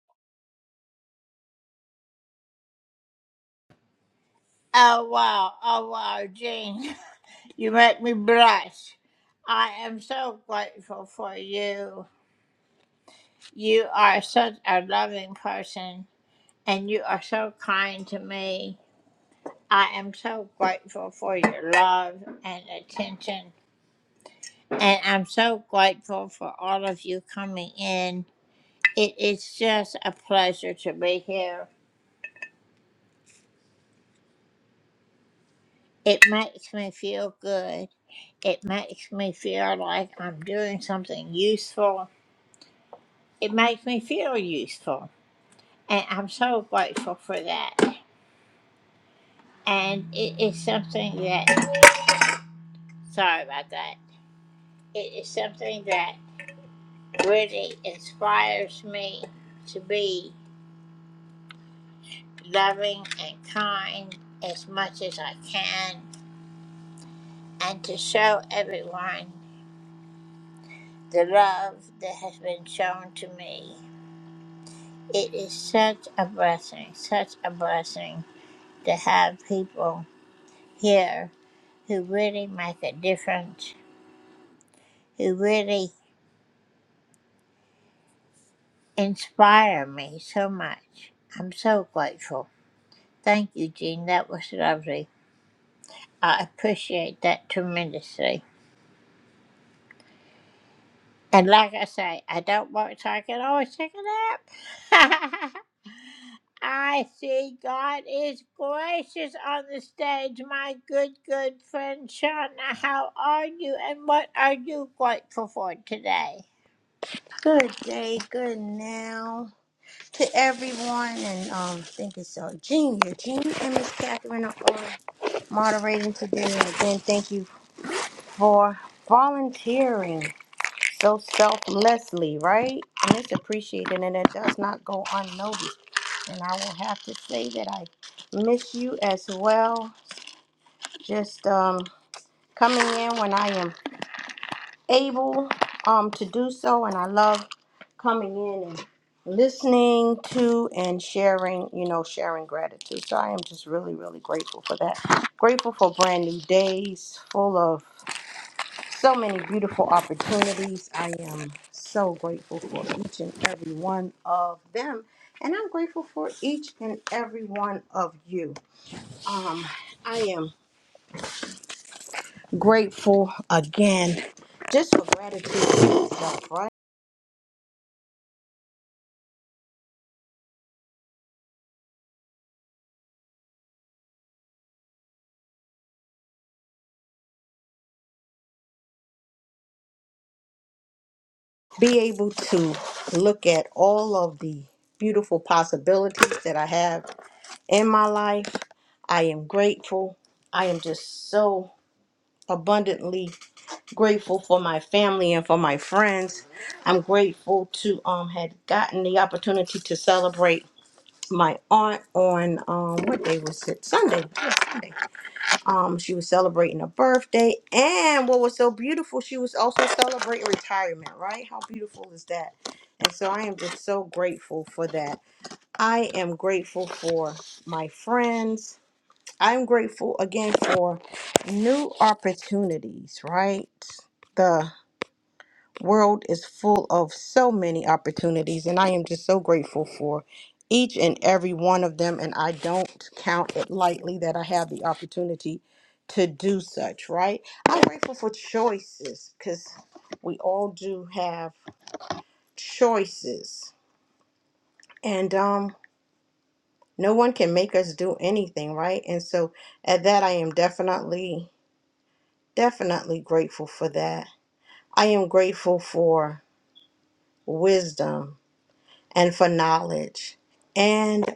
[SPEAKER 10] Good day, good now to everyone, and um, thank you so, Junior, Junior, and Miss Catherine are all moderating today. And again, thank you for volunteering so selflessly, right? And it's appreciated, and it does not go unnoticed. And I will have to say that I miss you as well. Just um, coming in when I am. able um, to do so, and I love coming in and listening to and sharing, you know, sharing gratitude. So I am just really, really grateful for that. Grateful for brand new days full of so many beautiful opportunities. I am so grateful for each and every one of them. And I'm grateful for each and every one of you. Um, I am grateful again just for gratitude itself, right? be able to look at all of the beautiful possibilities that I have in my life. I am grateful. I am just so abundantly grateful for my family and for my friends. I'm grateful to um had gotten the opportunity to celebrate my aunt on um what day was it? Sunday. Yeah, Sunday um, she was celebrating a birthday, and what was so beautiful, she was also celebrating retirement, right? How beautiful is that? And so I am just so grateful for that. I am grateful for my friends. I'm grateful again for new opportunities, right? world is full of so many opportunities and I am just so grateful for each and every one of them and I don't count it lightly that I have the opportunity to do such, right? I'm grateful for choices cuz we all do have choices. And um no one can make us do anything, right? And so at that I am definitely definitely grateful for that. I am grateful for wisdom and for knowledge and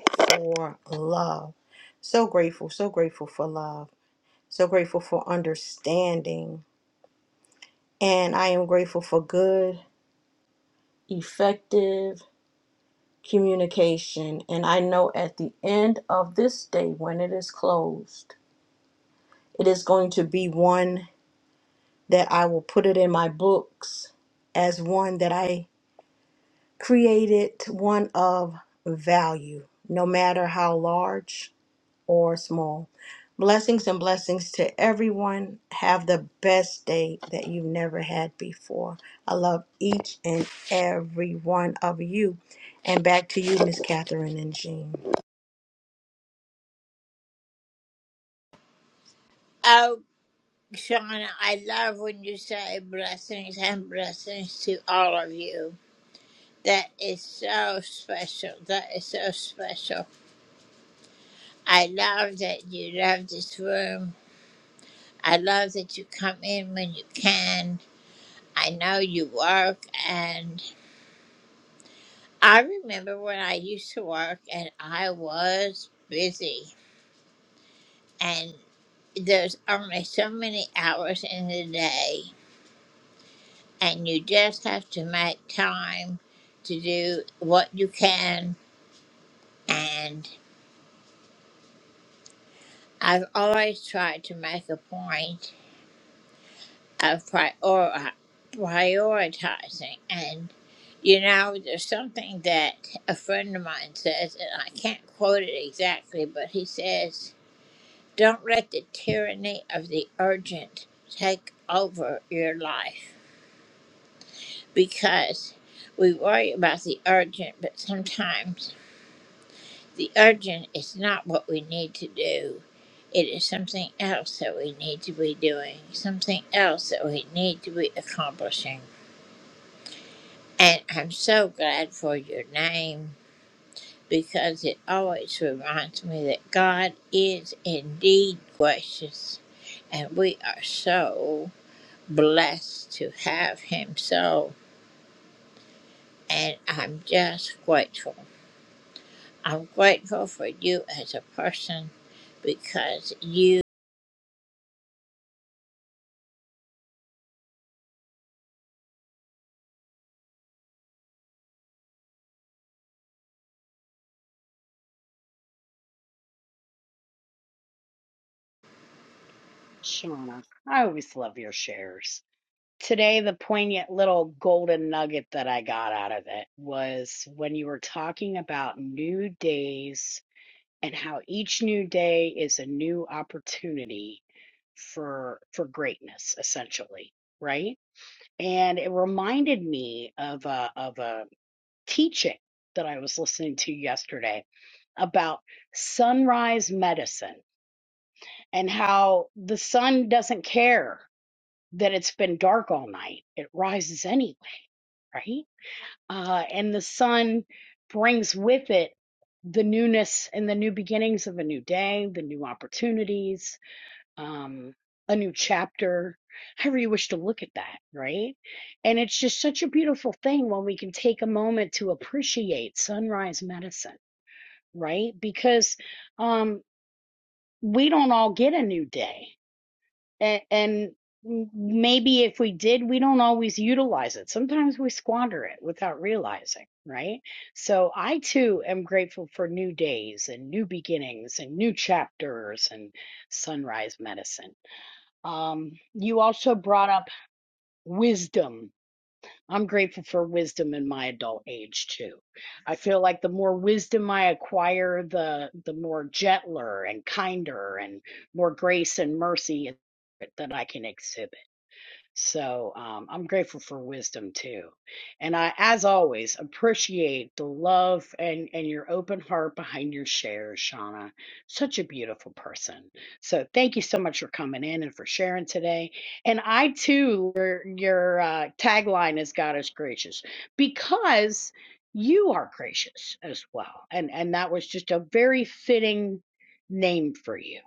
[SPEAKER 10] for love. So grateful, so grateful for love, so grateful for understanding. And I am grateful for good, effective communication. And I know at the end of this day, when it is closed, it is going to be one that I will put it in my books as one that I created, one of value, no matter how large or small. Blessings and blessings to everyone. Have the best day that you've never had before. I love each and every one of you. And back to you, Miss Catherine and Jean.
[SPEAKER 7] Shauna, I always love your shares. Today, the poignant little golden nugget that I got out of it was when you were talking about new days and how each new day is a new opportunity for for greatness essentially right and it reminded me of a of a teaching that i was listening to yesterday about sunrise medicine and how the sun doesn't care that it's been dark all night it rises anyway right uh, and the sun brings with it the newness and the new beginnings of a new day, the new opportunities, um, a new chapter, however you wish to look at that, right? And it's just such a beautiful thing when we can take a moment to appreciate sunrise medicine, right? Because um, we don't all get a new day and, and maybe if we did, we don't always utilize it. Sometimes we squander it without realizing, right? So I too am grateful for new days and new beginnings and new chapters and sunrise medicine. Um, you also brought up wisdom. I'm grateful for wisdom in my adult age too. I feel like the more wisdom I acquire, the the more gentler and kinder and more grace and mercy that I can exhibit so um, I'm grateful for wisdom too. And I, as always, appreciate the love and, and your open heart behind your shares, Shauna. Such a beautiful person. So thank you so much for coming in and for sharing today. And I too, your, your uh, tagline is God is gracious because you are gracious as well. And, and that was just a very fitting name for you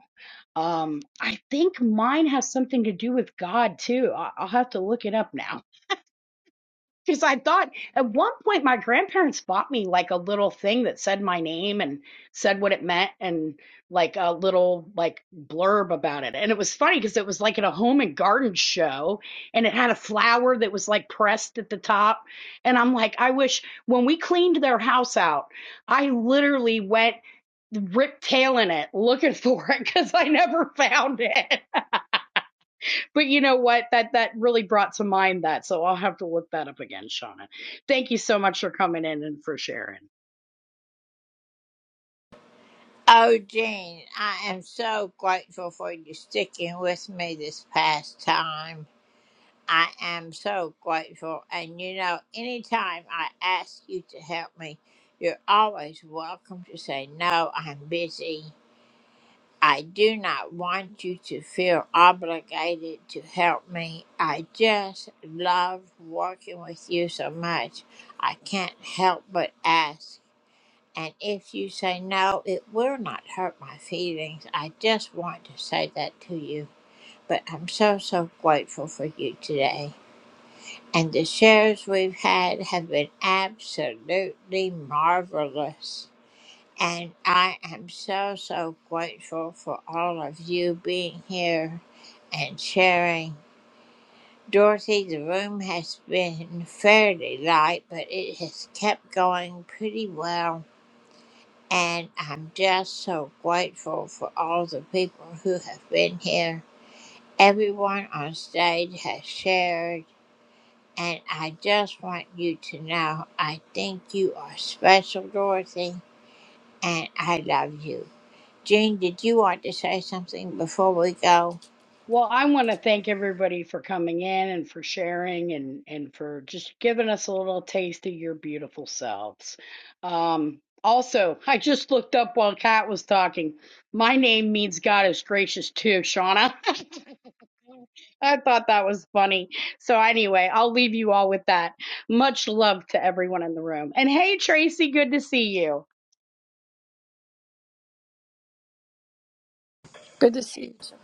[SPEAKER 7] um, I think mine has something to do with God too. I- I'll have to look it up now. Because I thought at one point my grandparents bought me like a little thing that said my name and said what it meant and like a little like blurb about it. And it was funny because it was like at a home and garden show and it had a flower that was like pressed at the top. And I'm like, I wish when we cleaned their house out, I literally went rip tailing it looking for it because I never found it. But you know what? That that really brought to mind that. So I'll have to look that up again, Shauna. Thank you so much for coming in and for sharing. Well, I want to thank everybody for coming in and for sharing and and for just giving us a little taste of your beautiful selves. Um, also, I just looked up while Kat was talking. My name means God is gracious too, Shauna. I thought that was funny. So anyway, I'll leave you all with that. Much love to everyone in the room. And hey, Tracy, good to see you.
[SPEAKER 11] Good to see you. too.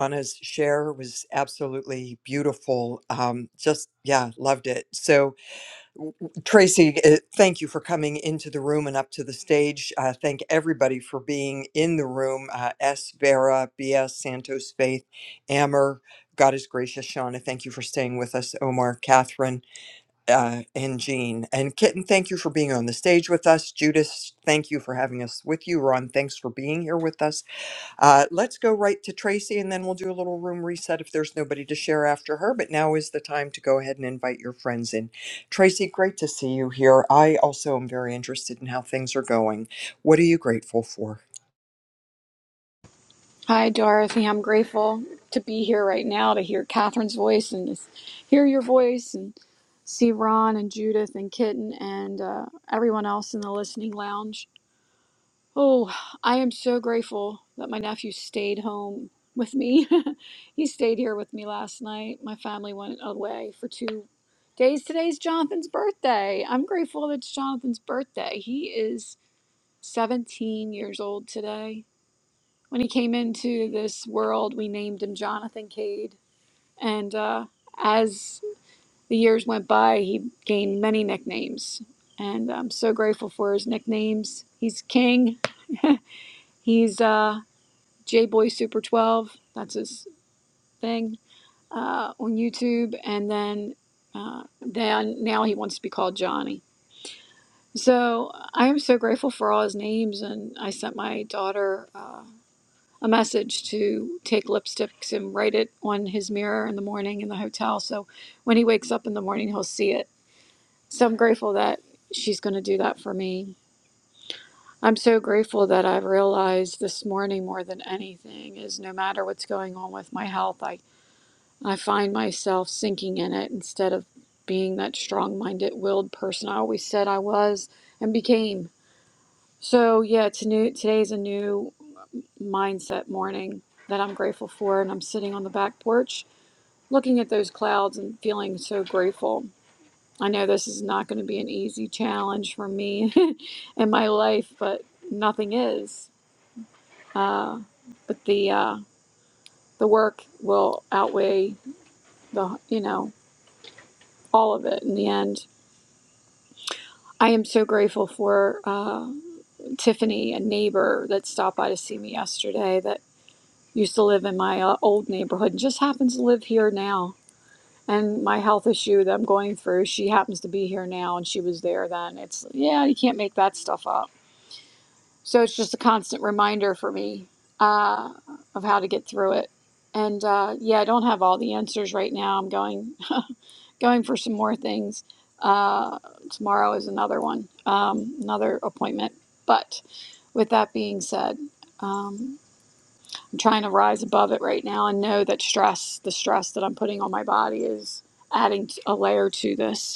[SPEAKER 12] Anna's share was absolutely beautiful. Um, just, yeah, loved it. So, Tracy, uh, thank you for coming into the room and up to the stage. Uh, thank everybody for being in the room. Uh, S. Vera, B.S. Santos Faith, Amber, God is gracious, Shauna. Thank you for staying with us, Omar, Catherine, uh, and Jean. And Kitten, thank you for being on the stage with us. Judith, thank you for having us with you. Ron, thanks for being here with us. Uh, let's go right to Tracy and then we'll do a little room reset if there's nobody to share after her. But now is the time to go ahead and invite your friends in. Tracy, great to see you here. I also am very interested in how things are going. What are you grateful for?
[SPEAKER 11] Hi, Dorothy. I'm grateful to be here right now to hear Catherine's voice and just hear your voice and see Ron and Judith and Kitten and uh, everyone else in the listening lounge. Oh, I am so grateful that my nephew stayed home with me. he stayed here with me last night. My family went away for two days. Today's Jonathan's birthday. I'm grateful that it's Jonathan's birthday. He is 17 years old today when he came into this world, we named him Jonathan Cade. And uh, as the years went by, he gained many nicknames. And I'm so grateful for his nicknames. He's King, he's uh, J Boy Super 12, that's his thing uh, on YouTube. And then uh, then now he wants to be called Johnny. So I am so grateful for all his names. And I sent my daughter. uh, a message to take lipsticks and write it on his mirror in the morning in the hotel. So when he wakes up in the morning, he'll see it. So I'm grateful that she's going to do that for me. I'm so grateful that I've realized this morning more than anything is no matter what's going on with my health, I, I find myself sinking in it instead of being that strong minded, willed person I always said I was and became. So yeah, to new, today's a new mindset morning that I'm grateful for. And I'm sitting on the back porch looking at those clouds and feeling so grateful. I know this is not going to be an easy challenge for me in my life, but nothing is. Uh, but the uh, the work will outweigh the you know all of it in the end. I am so grateful for uh, Tiffany, a neighbor that stopped by to see me yesterday that used to live in my uh, old neighborhood and just happens to live here now and my health issue that I'm going through, she happens to be here now and she was there then. It's, yeah, you can't make that stuff up. So it's just a constant reminder for me uh, of how to get through it. And uh, yeah, I don't have all the answers right now. I'm going going for some more things. Uh, tomorrow is another one, um, another appointment. But with that being said, um, I'm trying to rise above it right now and know that stress, the stress that I'm putting on my body, is adding t- a layer to this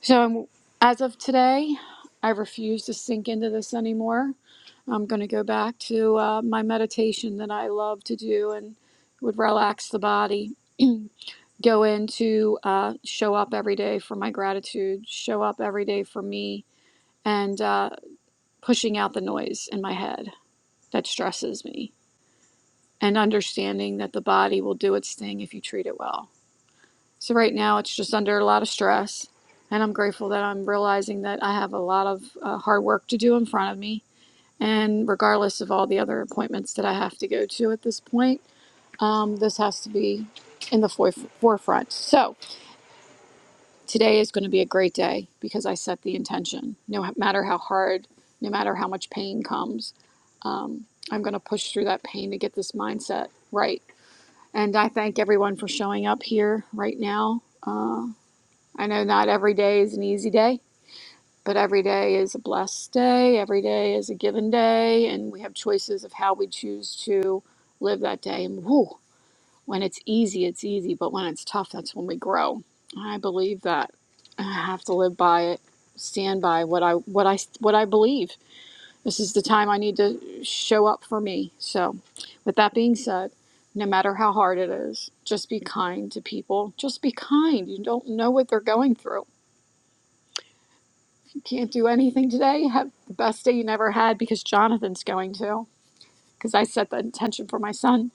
[SPEAKER 11] So I'm, as of today, I refuse to sink into this anymore. I'm going to go back to uh, my meditation that I love to do and would relax the body. Go into uh, show up every day for my gratitude, show up every day for me, and uh, pushing out the noise in my head that stresses me, and understanding that the body will do its thing if you treat it well. So right now it's just under a lot of stress, and I'm grateful that I'm realizing that I have a lot of uh, hard work to do in front of me. And regardless of all the other appointments that I have to go to at this point, um, this has to be in the foref- forefront. So today is going to be a great day because I set the intention. No matter how hard, no matter how much pain comes, um, I'm going to push through that pain to get this mindset right. And I thank everyone for showing up here right now. Uh, I know not every day is an easy day, but every day is a blessed day. Every day is a given day, and we have choices of how we choose to live that day. And whew, when it's easy, it's easy, but when it's tough, that's when we grow. I believe that. I have to live by it, stand by what I what I what I believe. This is the time I need to show up for me. So, with that being said, no matter how hard it is, just be kind to people. Just be kind. You don't know what they're going through Can't do anything today. Have the best day you never had because Jonathan's going to. Because I set the intention for my son.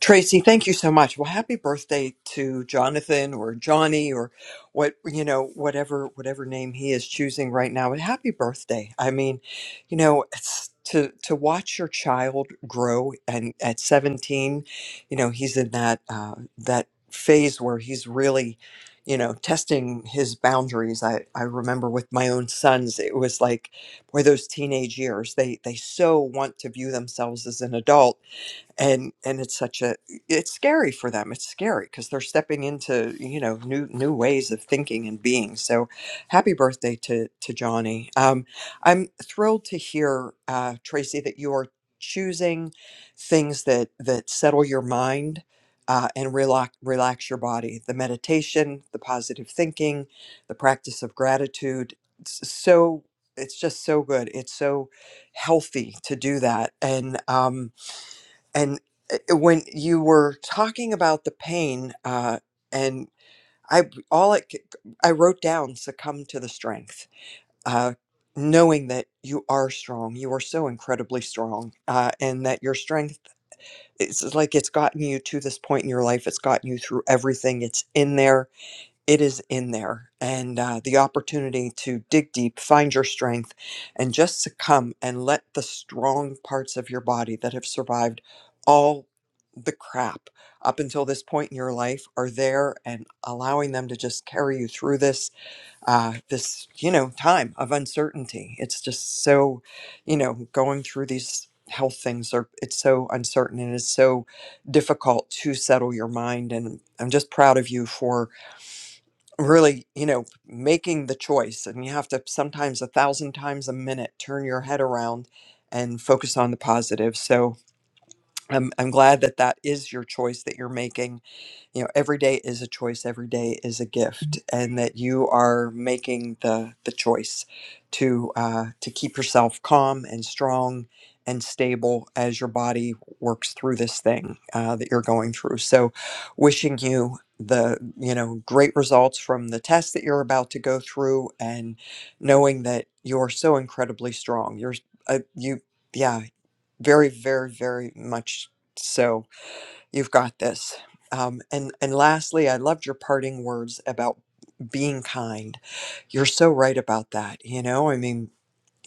[SPEAKER 12] Tracy, thank you so much. Well, happy birthday to Jonathan or Johnny or what you know, whatever whatever name he is choosing right now. And happy birthday. I mean, you know, it's to to watch your child grow and at 17, you know, he's in that uh, that phase where he's really you know testing his boundaries I, I remember with my own sons it was like boy those teenage years they they so want to view themselves as an adult and and it's such a it's scary for them it's scary because they're stepping into you know new new ways of thinking and being so happy birthday to to johnny um, i'm thrilled to hear uh, tracy that you are choosing things that that settle your mind uh, and relax relax your body the meditation the positive thinking the practice of gratitude it's so it's just so good it's so healthy to do that and um and uh, uh, when you were talking about the pain uh and i all it c- i wrote down succumb to the strength uh knowing that you are strong you are so incredibly strong uh and that your strength it's like it's gotten you to this point in your life it's gotten you through everything it's in there it is in there and uh, the opportunity to dig deep find your strength and just succumb and let the strong parts of your body that have survived all the crap up until this point in your life are there and allowing them to just carry you through this uh, this you know time of uncertainty it's just so you know going through these health things are it's so uncertain and it's so difficult to settle your mind and i'm just proud of you for really you know making the choice and you have to sometimes a thousand times a minute turn your head around and focus on the positive so i'm, I'm glad that that is your choice that you're making you know every day is a choice every day is a gift and that you are making the the choice to uh, to keep yourself calm and strong and stable as your body works through this thing uh, that you're going through so wishing you the you know great results from the test that you're about to go through and knowing that you're so incredibly strong you're uh, you yeah very very very much so You've got this. Um, and and lastly, I loved your parting words about being kind. You're so right about that. You know, I mean,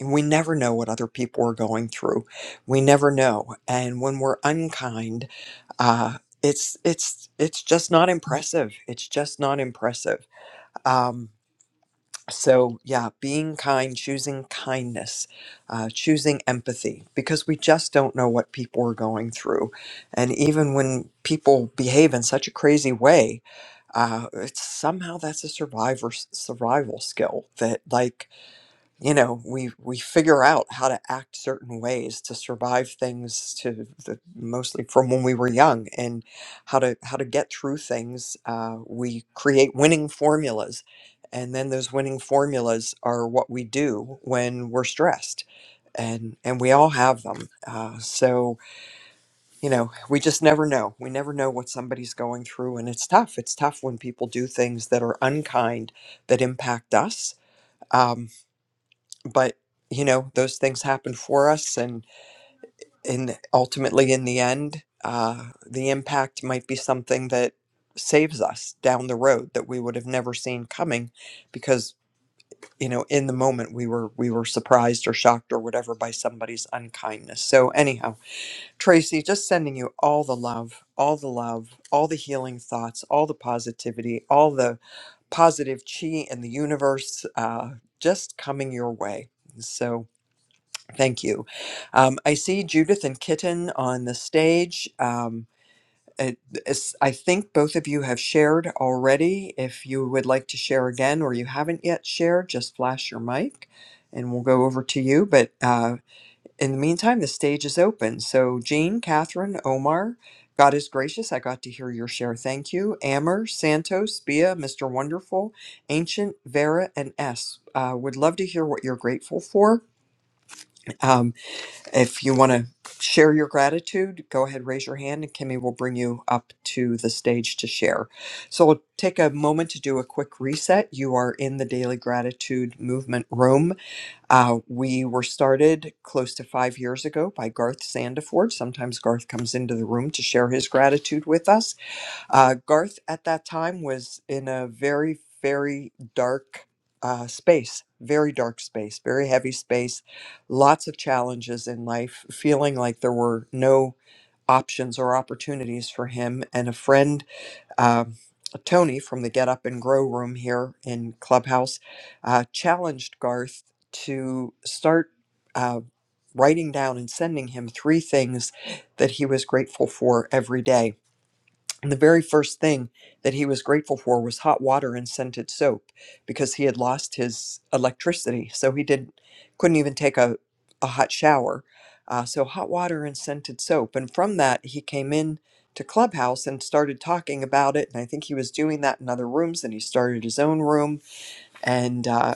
[SPEAKER 12] we never know what other people are going through. We never know, and when we're unkind, uh, it's it's it's just not impressive. It's just not impressive. Um, so yeah being kind choosing kindness uh, choosing empathy because we just don't know what people are going through and even when people behave in such a crazy way uh, it's somehow that's a survivor survival skill that like you know we we figure out how to act certain ways to survive things to the, mostly from when we were young and how to how to get through things uh, we create winning formulas and then those winning formulas are what we do when we're stressed and and we all have them uh, so you know we just never know we never know what somebody's going through and it's tough it's tough when people do things that are unkind that impact us um, but you know those things happen for us and and ultimately in the end uh, the impact might be something that saves us down the road that we would have never seen coming because you know in the moment we were we were surprised or shocked or whatever by somebody's unkindness so anyhow tracy just sending you all the love all the love all the healing thoughts all the positivity all the positive chi in the universe uh, just coming your way so Thank you. Um, I see Judith and Kitten on the stage. Um, it- it's- I think both of you have shared already. If you would like to share again or you haven't yet shared, just flash your mic and we'll go over to you. But uh, in the meantime, the stage is open. So, Jean, Catherine, Omar, God is gracious. I got to hear your share. Thank you. Amber, Santos, Bia, Mr. Wonderful, Ancient, Vera, and S. Uh, would love to hear what you're grateful for. Um, if you want to share your gratitude, go ahead, raise your hand, and Kimmy will bring you up to the stage to share. So we'll take a moment to do a quick reset. You are in the Daily Gratitude Movement Room. Uh, we were started close to five years ago by Garth Sandiford. Sometimes Garth comes into the room to share his gratitude with us. Uh, Garth at that time was in a very, very dark uh, space, very dark space, very heavy space, lots of challenges in life, feeling like there were no options or opportunities for him. And a friend, um Tony from the Get Up and Grow room here in Clubhouse, uh, challenged Garth to start. Uh, Writing down and sending him three things that he was grateful for every day and the very first thing that he was grateful for was hot water and scented soap because he had lost his electricity. So he didn't, couldn't even take a, a hot shower. Uh, so hot water and scented soap. And from that, he came in to Clubhouse and started talking about it. And I think he was doing that in other rooms and he started his own room. And uh,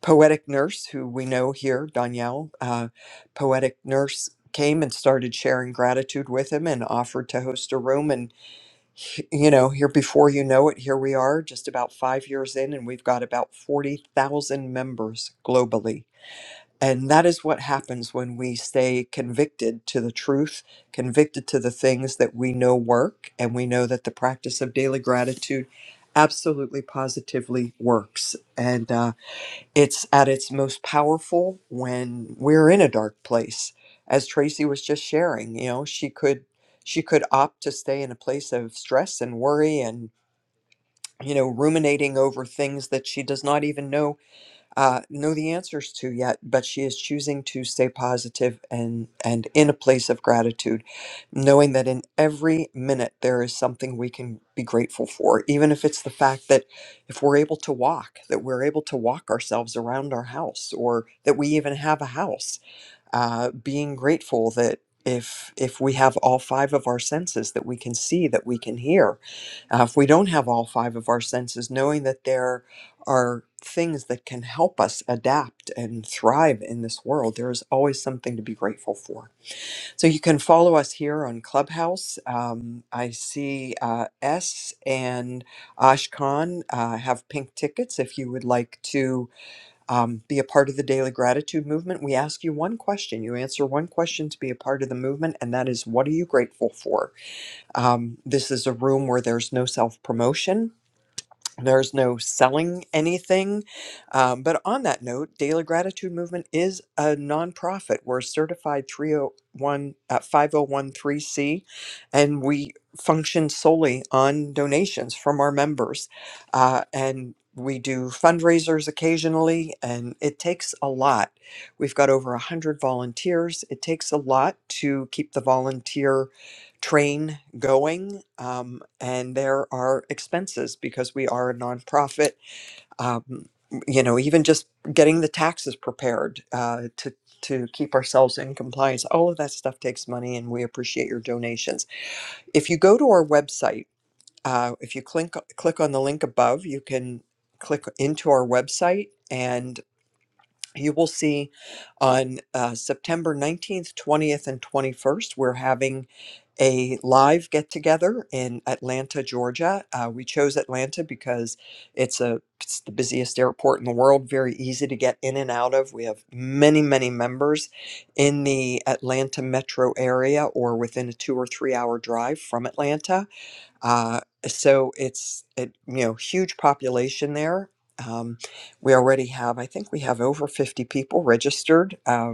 [SPEAKER 12] Poetic Nurse, who we know here, Danielle, uh, Poetic Nurse came and started sharing gratitude with him and offered to host a room. And h- you know, here before you know it, here we are just about five years in, and we've got about 40,000 members globally. And that is what happens when we stay convicted to the truth, convicted to the things that we know work, and we know that the practice of daily gratitude absolutely positively works. And, uh, it's at its most powerful when we're in a dark place. As Tracy was just sharing, you know, she could she could opt to stay in a place of stress and worry and you know ruminating over things that she does not even know uh, know the answers to yet, but she is choosing to stay positive and and in a place of gratitude, knowing that in every minute there is something we can be grateful for, even if it's the fact that if we're able to walk, that we're able to walk ourselves around our house, or that we even have a house uh, being grateful that if if we have all five of our senses that we can see that we can hear uh, if we don't have all five of our senses knowing that there are things that can help us adapt and thrive in this world there is always something to be grateful for so you can follow us here on clubhouse um, i see uh, s and ashkan uh, have pink tickets if you would like to um, be a part of the daily gratitude movement. We ask you one question. You answer one question to be a part of the movement, and that is, What are you grateful for? Um, this is a room where there's no self promotion. There's no selling anything. Um, but on that note, Daily Gratitude Movement is a nonprofit. We're certified 301, uh, 5013C, and we function solely on donations from our members. Uh, and we do fundraisers occasionally, and it takes a lot. We've got over 100 volunteers. It takes a lot to keep the volunteer train going, um, and there are expenses because we are a nonprofit. Um, you know, even just getting the taxes prepared uh, to to keep ourselves in compliance, all of that stuff takes money, and we appreciate your donations. If you go to our website, uh, if you click click on the link above, you can click into our website. and you will see on uh, September 19th, 20th, and 21st, we're having a live get together in Atlanta, Georgia. Uh, we chose Atlanta because it's a it's the busiest airport in the world, very easy to get in and out of. We have many, many members in the Atlanta metro area or within a two or three hour drive from Atlanta uh, so it's it, you know huge population there. Um, we already have, I think we have over 50 people registered. uh,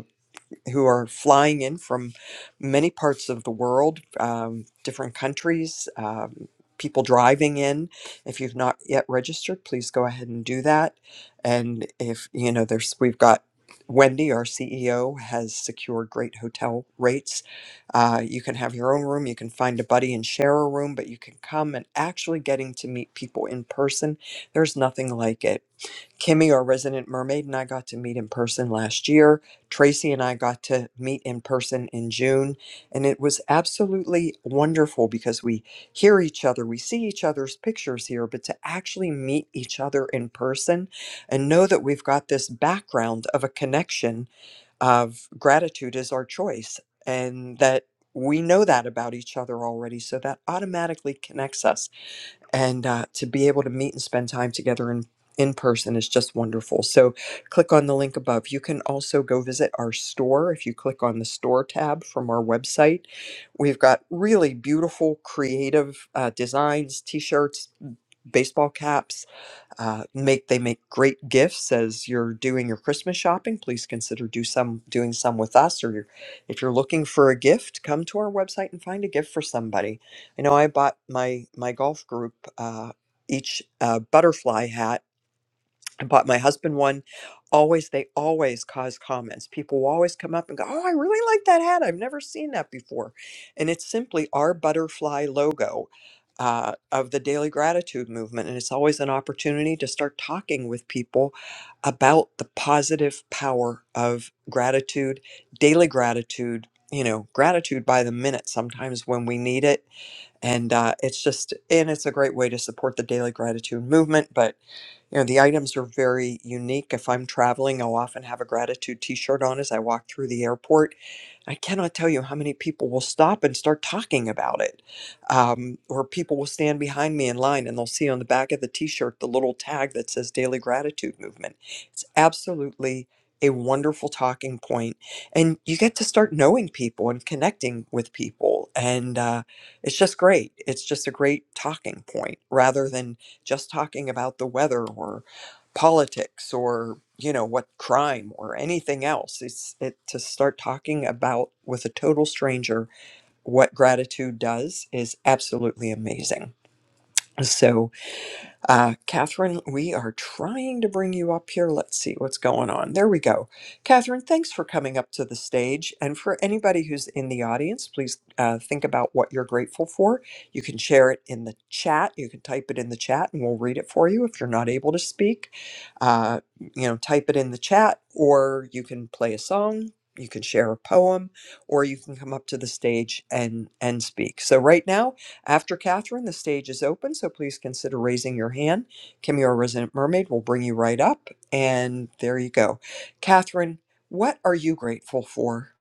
[SPEAKER 12] who are flying in from many parts of the world, um, different countries, um, people driving in. If you've not yet registered, please go ahead and do that. And if you know, there's we've got Wendy, our CEO, has secured great hotel rates. Uh, you can have your own room. You can find a buddy and share a room, but you can come and actually getting to meet people in person. There's nothing like it Kimmy, our resident mermaid, and I got to meet in person last year. Tracy and I got to meet in person in June. And it was absolutely wonderful because we hear each other, we see each other's pictures here, but to actually meet each other in person and know that we've got this background of a connection of gratitude is our choice and that. We know that about each other already, so that automatically connects us and uh, to be able to meet and spend time together in in person is just wonderful. So click on the link above. You can also go visit our store if you click on the store tab from our website. We've got really beautiful creative uh, designs, t-shirts, baseball caps, uh, make they make great gifts as you're doing your Christmas shopping. Please consider do some doing some with us, or you're, if you're looking for a gift, come to our website and find a gift for somebody. I know I bought my my golf group uh, each uh, butterfly hat I bought my husband one. Always, they always cause comments. People will always come up and go, Oh, I really like that hat. I've never seen that before. And it's simply our butterfly logo uh, of the daily gratitude movement. And it's always an opportunity to start talking with people about the positive power of gratitude, daily gratitude. You know, gratitude by the minute sometimes when we need it. And uh, it's just, and it's a great way to support the daily gratitude movement. But you know the items are very unique if i'm traveling i'll often have a gratitude t-shirt on as i walk through the airport i cannot tell you how many people will stop and start talking about it um, or people will stand behind me in line and they'll see on the back of the t-shirt the little tag that says daily gratitude movement it's absolutely a wonderful talking point and you get to start knowing people and connecting with people and uh, it's just great it's just a great talking point rather than just talking about the weather or politics or you know what crime or anything else it's it to start talking about with a total stranger what gratitude does is absolutely amazing so uh, Catherine, we are trying to bring you up here. Let's see what's going on. There we go. Catherine, thanks for coming up to the stage. And for anybody who's in the audience, please uh, think about what you're grateful for. You can share it in the chat. You can type it in the chat and we'll read it for you if you're not able to speak. Uh, you know, type it in the chat or you can play a song. You can share a poem or you can come up to the stage and, and speak. So, right now, after Catherine, the stage is open, so please consider raising your hand. Kim, your resident mermaid, will bring you right up. And there you go. Catherine, what are you grateful for?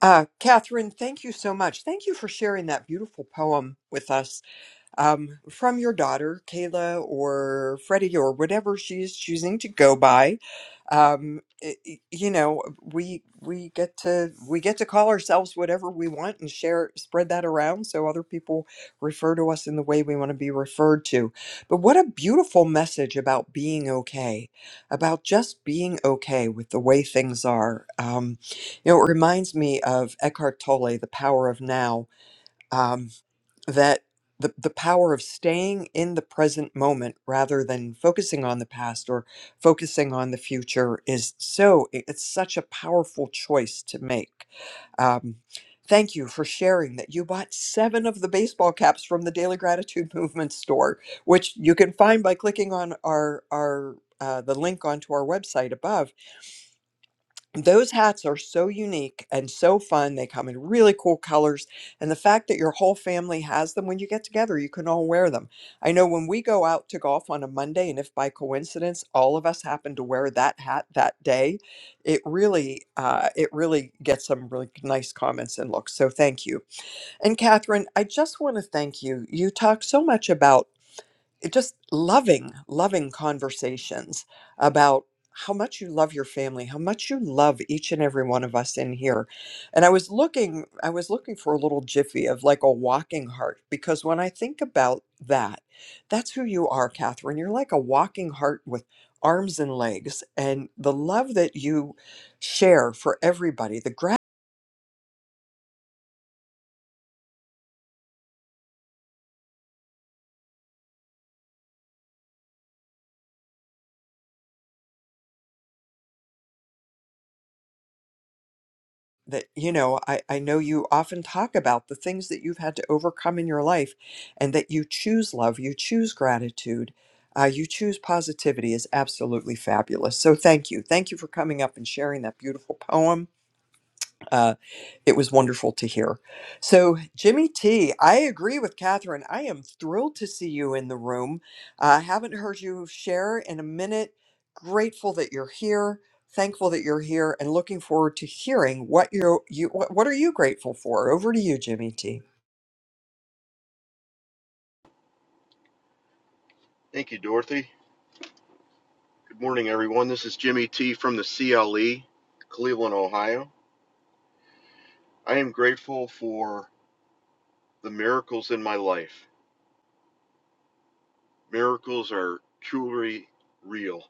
[SPEAKER 12] Uh, Catherine, thank you so much. Thank you for sharing that beautiful poem with us um, from your daughter, Kayla or Freddie or whatever she is choosing to go by. Um, i- i- you know, we we get to we get to call ourselves whatever we want and share spread that around so other people refer to us in the way we want to be referred to. But what a beautiful message about being okay, about just being okay with the way things are. Um, you know, it reminds me of Eckhart Tolle, The Power of Now. Um, that the, the power of staying in the present moment rather than focusing on the past or focusing on the future is so i- it's such a powerful choice to make um, thank you for sharing that you bought seven of the baseball caps from the daily gratitude movement store which you can find by clicking on our our uh, the link onto our website above those hats are so unique and so fun. They come in really cool colors. And the fact that your whole family has them when you get together, you can all wear them. I know when we go out to golf on a Monday, and if by coincidence all of us happen to wear that hat that day, it really, uh, it really gets some really nice comments and looks. So thank you. And Catherine, I just want to thank you. You talk so much about it just loving, loving conversations about how much you love your family, how much you love each and every one of us in here. And I was looking, I was looking for a little jiffy of like a walking heart because when I think about that, that's who you are, Catherine. You're like a walking heart with arms and legs and the love that you share for everybody, the gratitude. that you know I, I know you often talk about the things that you've had to overcome in your life and that you choose love you choose gratitude uh, you choose positivity is absolutely fabulous so thank you thank you for coming up and sharing that beautiful poem uh, it was wonderful to hear. So, Jimmy T, I agree with Catherine. I am thrilled to see you in the room. I haven't heard you share in a minute. Grateful that you're here. Thankful that you're here, and looking forward to hearing what you you what, what are you grateful for. Over to you, Jimmy T.
[SPEAKER 13] Thank you, Dorothy. Good morning, everyone. This is Jimmy T from the CLE, Cleveland, Ohio. I am grateful for the miracles in my life. Miracles are truly real.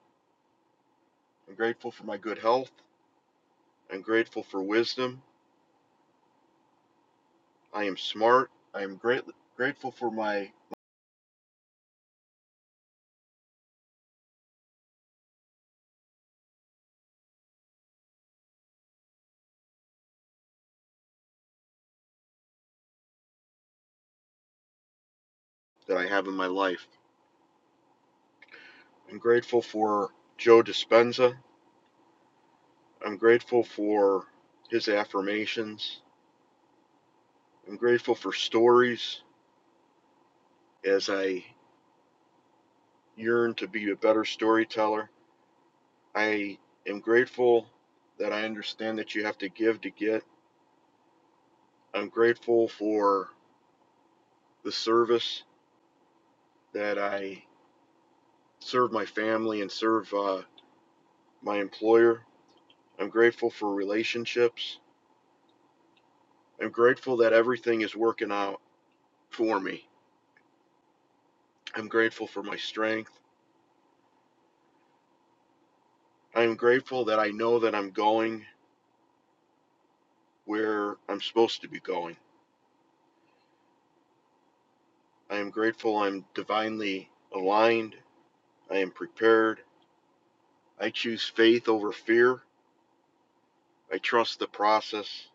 [SPEAKER 13] I'm grateful for my good health. I'm grateful for wisdom. I am smart. I am great, grateful for my that I have in my life. I'm grateful for Joe Dispenza. I'm grateful for his affirmations. I'm grateful for stories as I yearn to be a better storyteller. I am grateful that I understand that you have to give to get. I'm grateful for the service that I serve my family and serve uh, my employer. I'm grateful for relationships. I'm grateful that everything is working out for me. I'm grateful for my strength. I am grateful that I know that I'm going where I'm supposed to be going. I am grateful I'm divinely aligned. I am prepared. I choose faith over fear. I trust the process.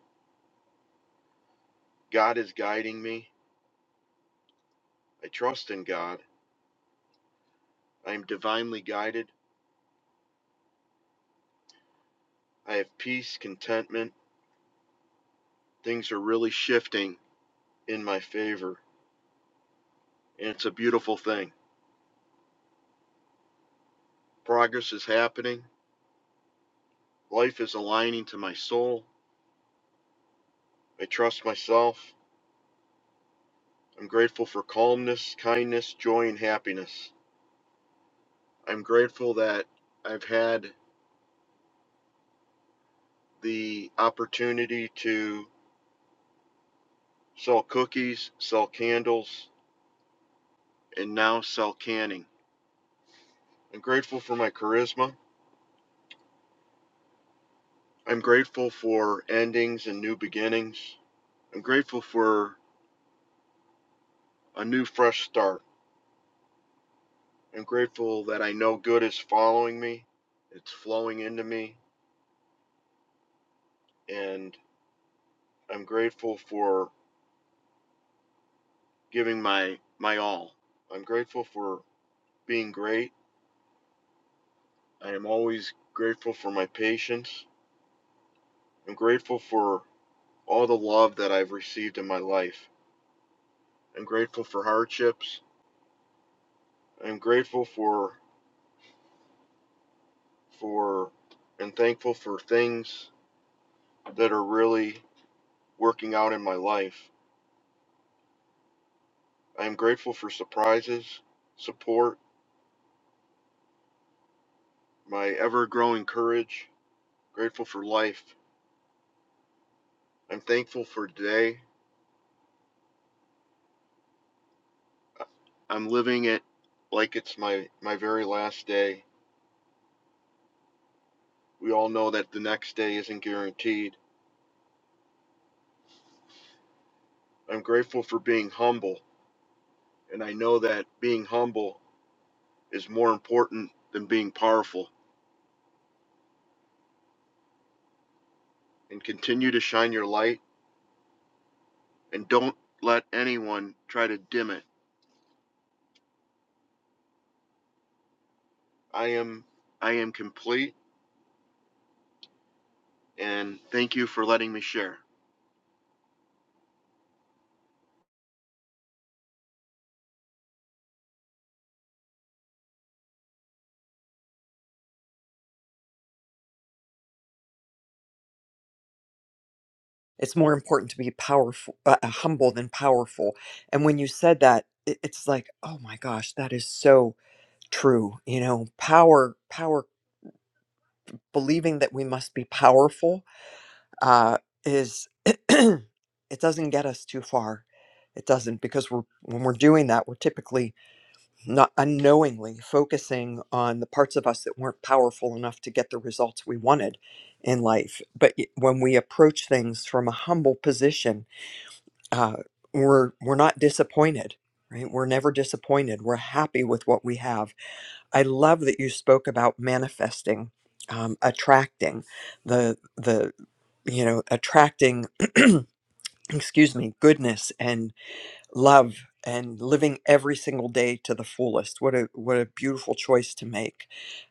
[SPEAKER 13] God is guiding me. I trust in God. I am divinely guided. I have peace, contentment. Things are really shifting in my favor, and it's a beautiful thing. Progress is happening. Life is aligning to my soul. I trust myself. I'm grateful for calmness, kindness, joy, and happiness. I'm grateful that I've had the opportunity to sell cookies, sell candles, and now sell Canning. I'm grateful for my charisma. I'm grateful for endings and new beginnings. I'm grateful for a new fresh start. I'm grateful that I know good is following me, it's flowing into me, and I'm grateful for giving my my all. I'm grateful for being great. I am always grateful for my patience. I'm grateful for all the love that I've received in my life. I'm grateful for hardships. I'm grateful for for and thankful for things that are really working out in my life. I am grateful for surprises, support, my ever growing courage, grateful for life. I'm thankful for today. I- am living it like it's my, my very last day. We all know that the next day isn't guaranteed. I'm grateful for being humble, and I know that being humble is more important than being powerful. And continue to shine your light and don't let anyone try to dim it. I am I am complete and thank you for letting me share.
[SPEAKER 12] It's more important to be powerful, uh, uh, humble than powerful. And when you said that, it, it's like, oh my gosh, that is so true. You know, power, power, believing that we must be powerful uh, is it doesn't get us too far. It doesn't because we're, when we're doing that, we're typically not unknowingly focusing on the parts of us that weren't powerful enough to get the results we wanted in life. But y- when we approach things from a humble position, uh, we're we're not disappointed, right? We're never disappointed. We're happy with what we have. I love that you spoke about manifesting, um, attracting the the you know, attracting, excuse me, goodness and love and living every single day to the fullest. What a what a beautiful choice to make.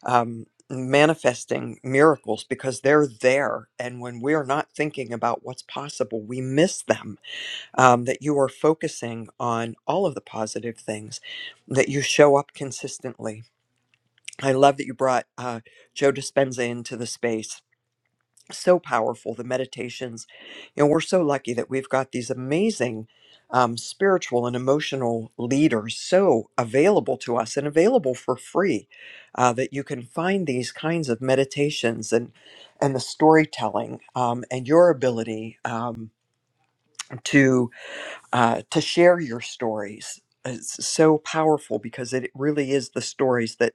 [SPEAKER 12] Um, manifesting miracles because they're there and when we are not thinking about what's possible we miss them um, that you are focusing on all of the positive things that you show up consistently i love that you brought uh, joe dispenza into the space so powerful the meditations you know we're so lucky that we've got these amazing um, spiritual and emotional leaders so available to us and available for free uh, that you can find these kinds of meditations and and the storytelling um, and your ability um, to uh, to share your stories. It's so powerful because it really is the stories that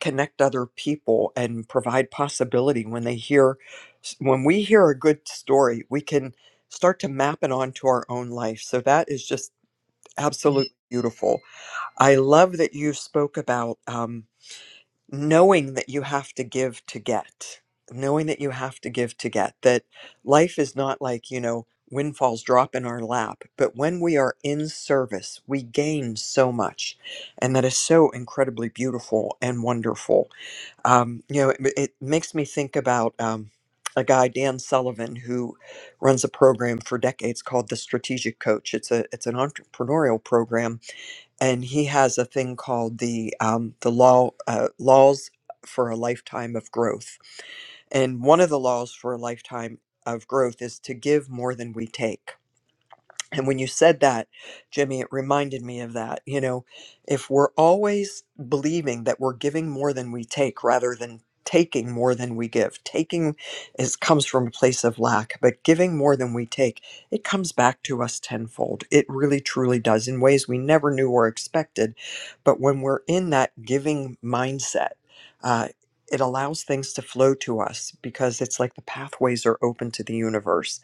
[SPEAKER 12] connect other people and provide possibility when they hear, when we hear a good story, we can start to map it onto our own life. So that is just absolutely beautiful. I love that you spoke about. um, knowing that you have to give to get, knowing that you have to give to get, that life is not like, you know, windfalls drop in our lap, but when we are in service, we gain so much. And that is so incredibly beautiful and wonderful. Um, you know, it, it makes me think about. Um, a guy, Dan Sullivan, who runs a program for decades called the Strategic Coach. It's a it's an entrepreneurial program and he has a thing called the um, the law uh, laws for a lifetime of growth. And one of the laws for a lifetime of growth is to give more than we take. And when you said that, Jimmy, it reminded me of that. You know, if we're always believing that we're giving more than we take rather than taking more than we give, taking is comes from a place of lack, but giving more than we take, it comes back to us tenfold. It really truly does in ways we never knew or expected. But when we're in that giving mindset, uh, it allows things to flow to us because it's like the pathways are open to the universe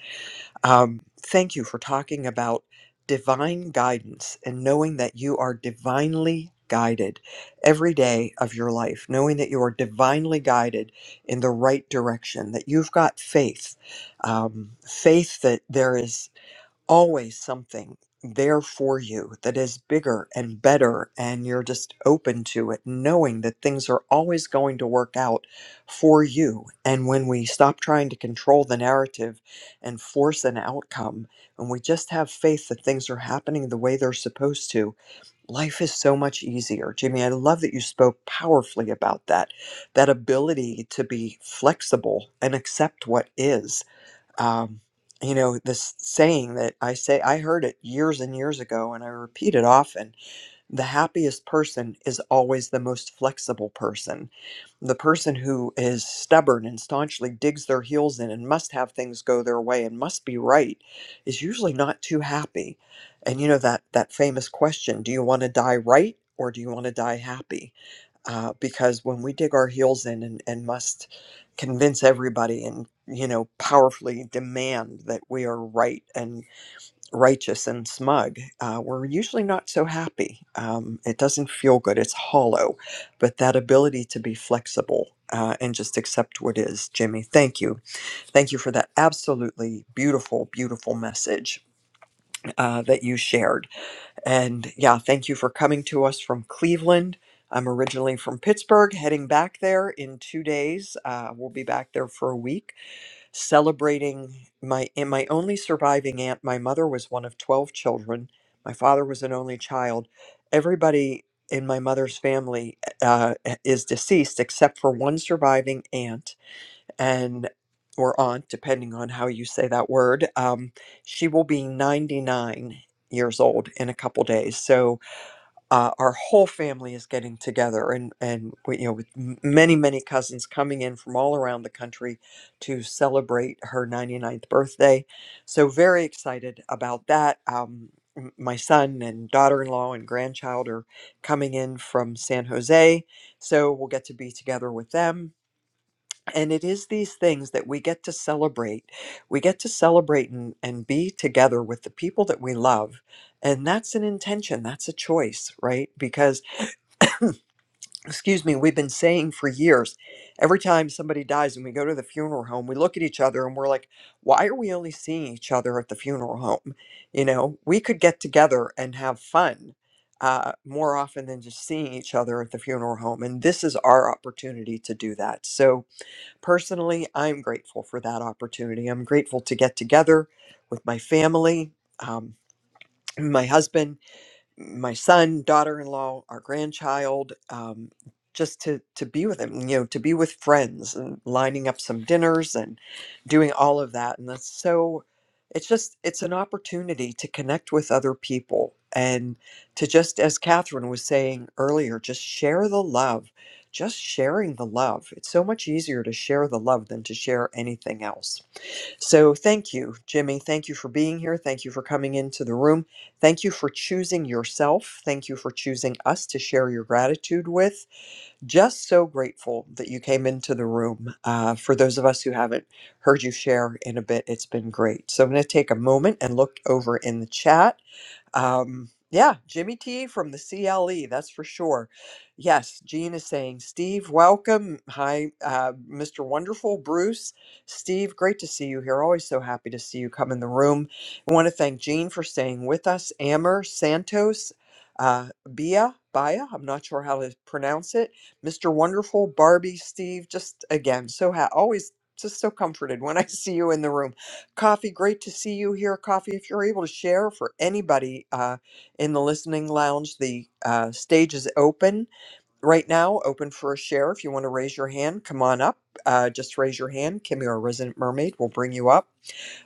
[SPEAKER 12] um, thank you for talking about divine guidance and knowing that you are divinely guided every day of your life, knowing that you are divinely guided in the right direction, that you've got faith, um, faith that there is always something there for you that is bigger and better and you're just open to it knowing that things are always going to work out for you and when we stop trying to control the narrative and force an outcome and we just have faith that things are happening the way they're supposed to life is so much easier jimmy i love that you spoke powerfully about that that ability to be flexible and accept what is um, you know, this saying that I say, I heard it years and years ago, and I repeat it often the happiest person is always the most flexible person. The person who is stubborn and staunchly digs their heels in and must have things go their way and must be right is usually not too happy. And you know, that, that famous question do you want to die right or do you want to die happy? uh, because when we dig our heels in and, and must convince everybody and you know powerfully demand that we are right and righteous and smug uh, we're usually not so happy um, it doesn't feel good it's hollow but that ability to be flexible uh, and just accept what is jimmy thank you thank you for that absolutely beautiful beautiful message uh, that you shared and yeah, thank you for coming to us from Cleveland. I'm originally from Pittsburgh, heading back there in two days. Uh, we'll be back there for a week, celebrating my and my only surviving aunt. My mother was one of twelve children. My father was an only child. Everybody in my mother's family uh, is deceased except for one surviving aunt and or aunt, depending on how you say that word. Um, she will be 99 years old in a couple days, so uh, our whole family is getting together, and and we, you know, with m- many many cousins coming in from all around the country to celebrate her 99th birthday. So very excited about that. Um, m- my son and daughter-in-law and grandchild are coming in from San Jose, so we'll get to be together with them and it is these things that we get to celebrate. We get to celebrate and, and be together with the people that we love. And that's an intention, that's a choice, right? Because, excuse me, we've been saying for years every time somebody dies and we go to the funeral home, we look at each other and we're like, why are we only seeing each other at the funeral home? You know, we could get together and have fun. Uh, more often than just seeing each other at the funeral home. And this is our opportunity to do that. So, Personally, I'm grateful for that opportunity. I'm grateful to get together with my family, um, my husband, my son, daughter-in-law, our grandchild, um, just to to be with him, you know, to be with friends and lining up some dinners and doing all of that. And that's so it's just it's an opportunity to connect with other people and to just as Catherine was saying earlier, just share the love. Just sharing the love. It's so much easier to share the love than to share anything else so thank you, Jimmy. Thank you for being here. Thank you for coming into the room. Thank you for choosing yourself. Thank you for choosing us to share your gratitude with. Just so grateful that you came into the room. Uh, for those of us who haven't heard you share in a bit, it's been great. So I'm going to take a moment and look over in the chat. Um, yeah, Jimmy T from the CLE, that's for sure. Yes, Gene is saying, Steve, welcome. Hi, uh, Mr. Wonderful, Bruce. Steve, great to see you here. Always so happy to see you come in the room. I want to thank Gene for staying with us. Amber Santos, uh, Bia, Bia, I'm not sure how to pronounce it. Mr. Wonderful, Barbie, Steve, just again, so ha- always just so comforted when I see you in the room. Coffee, great to see you here. Coffee, if you're able to share for anybody uh, in the listening lounge, the uh, stage is open right now, open for a share. If you want to raise your hand, come on up. Uh, just raise your hand. Kimmy, our resident mermaid, will bring you up.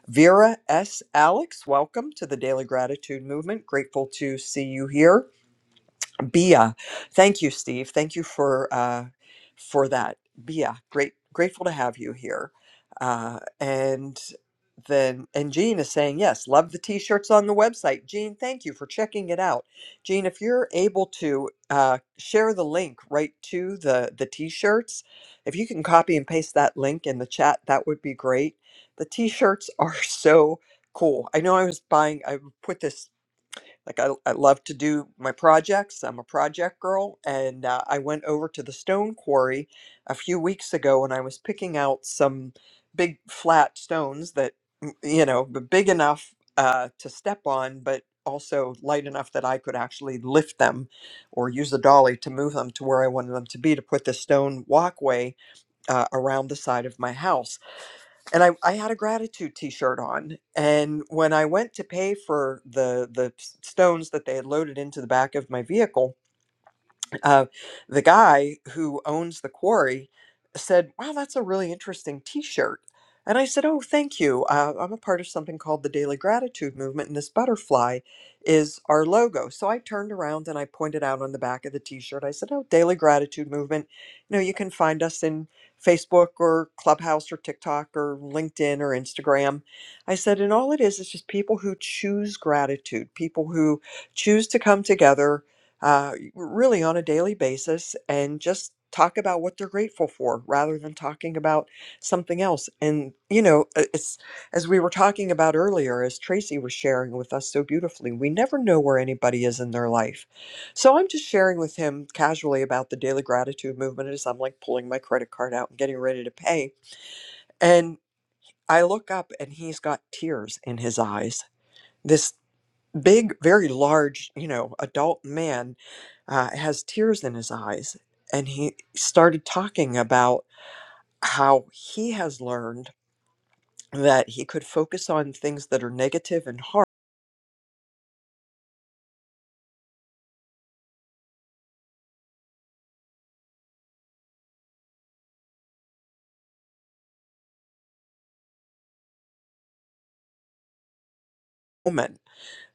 [SPEAKER 12] Vera S. Alex, welcome to the Daily Gratitude Movement. Grateful to see you here. Bia, thank you, Steve. Thank you for uh, for that. Bia, great, grateful to have you here. Uh, and then, and Jean is saying yes. Love the t-shirts on the website. Jean, thank you for checking it out. Jean, if you're able to uh, share the link right to the the t-shirts, if you can copy and paste that link in the chat, that would be great. The t-shirts are so cool. I know I was buying. I put this like I, I love to do my projects i'm a project girl and uh, i went over to the stone quarry a few weeks ago and i was picking out some big flat stones that m- you know b- big enough uh, to step on but also light enough that i could actually lift them or use a dolly to move them to where i wanted them to be to put the stone walkway uh, around the side of my house and I, I had a gratitude t-shirt on and when i went to pay for the the s- stones that they had loaded into the back of my vehicle uh, the guy who owns the quarry said, Wow, that's a really interesting t shirt. And I said, Oh, thank you. Uh, I'm a part of something called the Daily Gratitude Movement, and this butterfly is our logo. So I turned around and I pointed out on the back of the t shirt, I said, Oh, Daily Gratitude Movement. You know, you can find us in Facebook or Clubhouse or TikTok or LinkedIn or Instagram. I said, And all it is is just people who choose gratitude, people who choose to come together uh, really on a daily basis and just talk about what they're grateful for rather than talking about something else. And, you know, uh, it's as we were talking about earlier, as Tracy was sharing with us so beautifully, we never know where anybody is in their life. So I'm just sharing with him casually about the daily gratitude movement as I'm like pulling my credit card out and getting ready to pay. And I look up and he's got tears in his eyes. This big, very large, you know, adult man uh, has tears in his eyes. And he started talking about how he has learned that he could focus on things that are negative and harm.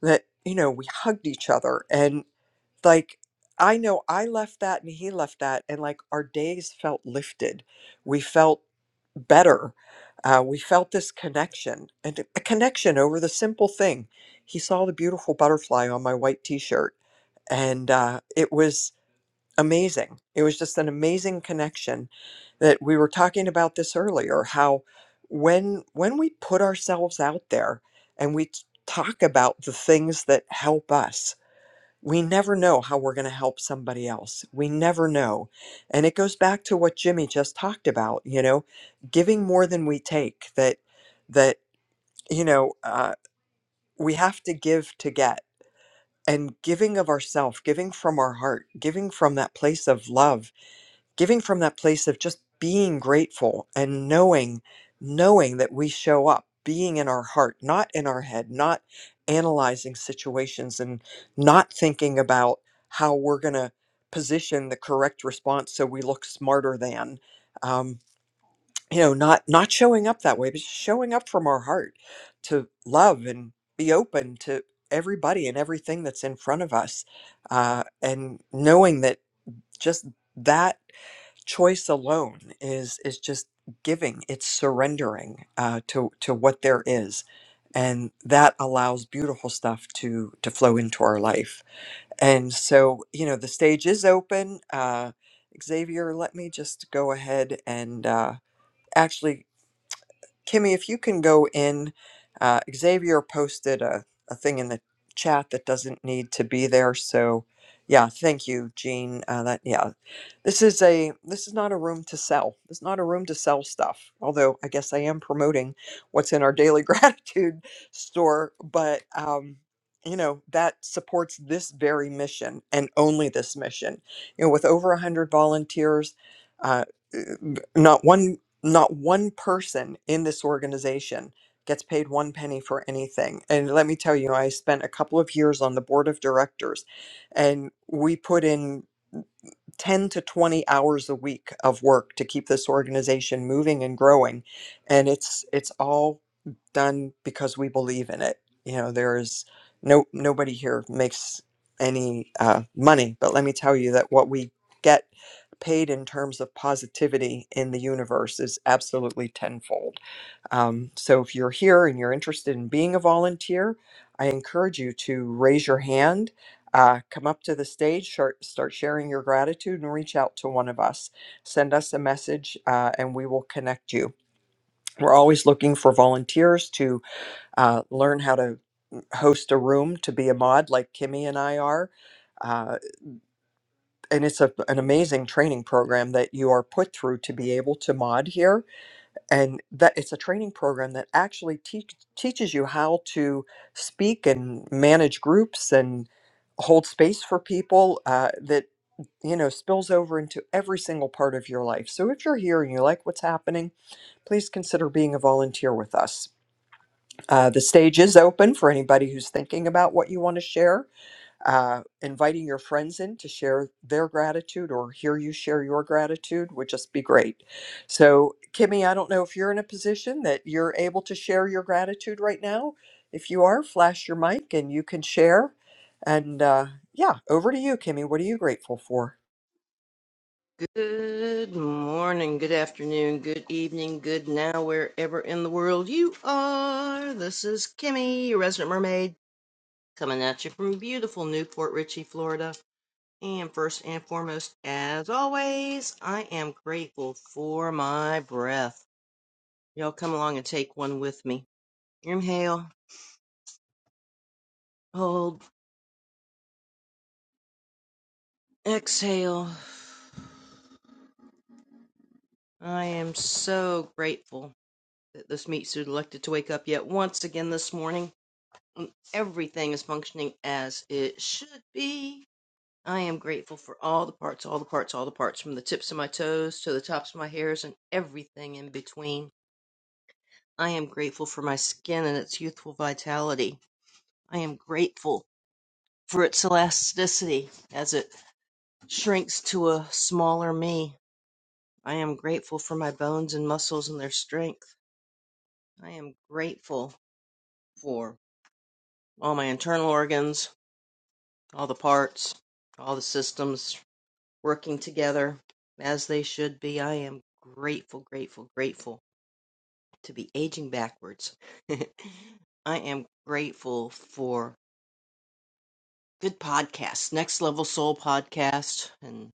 [SPEAKER 12] That, you know, we hugged each other. and. like I know I left that and he left that, and like our days felt lifted. We felt better. Uh, we felt this connection and a a connection over the simple thing. He saw the beautiful butterfly on my white t shirt, and uh, it was amazing. It was just an amazing connection that we were talking about this earlier how when when we put ourselves out there and we t- talk about the things that help us we never know how we're going to help somebody else. We never know. And it goes back to what Jimmy just talked about, you know, giving more than we take that that you know, uh, we have to give to get and giving of ourself, giving from our heart, giving from that place of love giving from that place of just being grateful and knowing knowing that we show up being in our heart not in our head not analyzing situations and not thinking about how we're going to position the correct response so we look smarter than um, you know not not showing up that way but just showing up from our heart to love and be open to everybody and everything that's in front of us uh, and knowing that just that choice alone is is just giving it's surrendering uh, to to what there is and that allows beautiful stuff to to flow into our life and so you know the stage is open uh, xavier let me just go ahead and uh, actually kimmy if you can go in uh, xavier posted a, a thing in the chat that doesn't need to be there so yeah thank you jean uh, that yeah this is a this is not a room to sell. This is not a room to sell stuff. Although I guess I am promoting what's in our daily gratitude store, but um, you know that supports this very mission and only this mission. You know, with over a hundred volunteers, uh, not one not one person in this organization gets paid one penny for anything. And let me tell you, I spent a couple of years on the board of directors, and we put in. 10 to 20 hours a week of work to keep this organization moving and growing and it's it's all done because we believe in it you know there is no nobody here makes any uh, money but let me tell you that what we get paid in terms of positivity in the universe is absolutely tenfold um, so if you're here and you're interested in being a volunteer, I encourage you to raise your hand, uh, come up to the stage, start, start sharing your gratitude, and reach out to one of us. Send us a message, uh, and we will connect you. We're always looking for volunteers to uh, learn how to host a room to be a mod, like Kimmy and I are. Uh, and it's a, an amazing training program that you are put through to be able to mod here and that it's a training program that actually teach, teaches you how to speak and manage groups and hold space for people uh, that you know spills over into every single part of your life so if you're here and you like what's happening please consider being a volunteer with us uh, the stage is open for anybody who's thinking about what you want to share uh, inviting your friends in to share their gratitude or hear you share your gratitude would just be great. So, Kimmy, I don't know if you're in a position that you're able to share your gratitude right now. If you are, flash your mic and you can share. And uh, yeah, over to you, Kimmy. What are you grateful for?
[SPEAKER 14] Good morning, good afternoon, good evening, good now, wherever in the world you are. This is Kimmy, your resident mermaid, coming at you from beautiful Newport Richey, Florida. And first and foremost, as always, I am grateful for my breath. Y'all come along and take one with me. Inhale, hold, exhale. I am so grateful that this meat suit elected to wake up yet once again this morning when everything is functioning as it should be. I am grateful for all the parts, all the parts, all the parts, from the tips of my toes to the tops of my hairs and everything in between. I am grateful for my skin and its youthful vitality. I am grateful for its elasticity as it shrinks to a smaller me. I am grateful for my bones and muscles and their strength. I am grateful for all my internal organs, all the parts, all the systems, working together as they should be. I am grateful, grateful, grateful to be aging backwards. I am grateful for good podcasts, Next Level Soul podcast and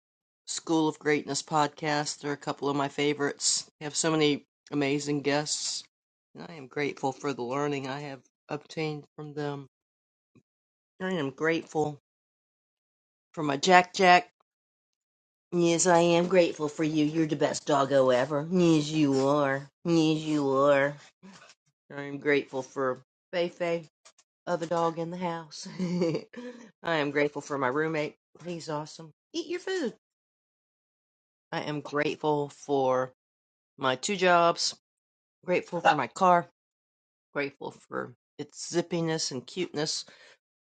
[SPEAKER 14] School of Greatness podcast. They're a couple of my favorites. They have so many amazing guests, and I am grateful for the learning I have obtained from them. I am grateful for my Jack Jack Yes, I am grateful for you. You're the best doggo ever. Yes, you are. Yes, you are. I'm grateful for Feifei, other dog in the house. I am grateful for my roommate. He's awesome. Eat your food. I am grateful for my two jobs. Grateful for my car. Grateful for its zippiness and cuteness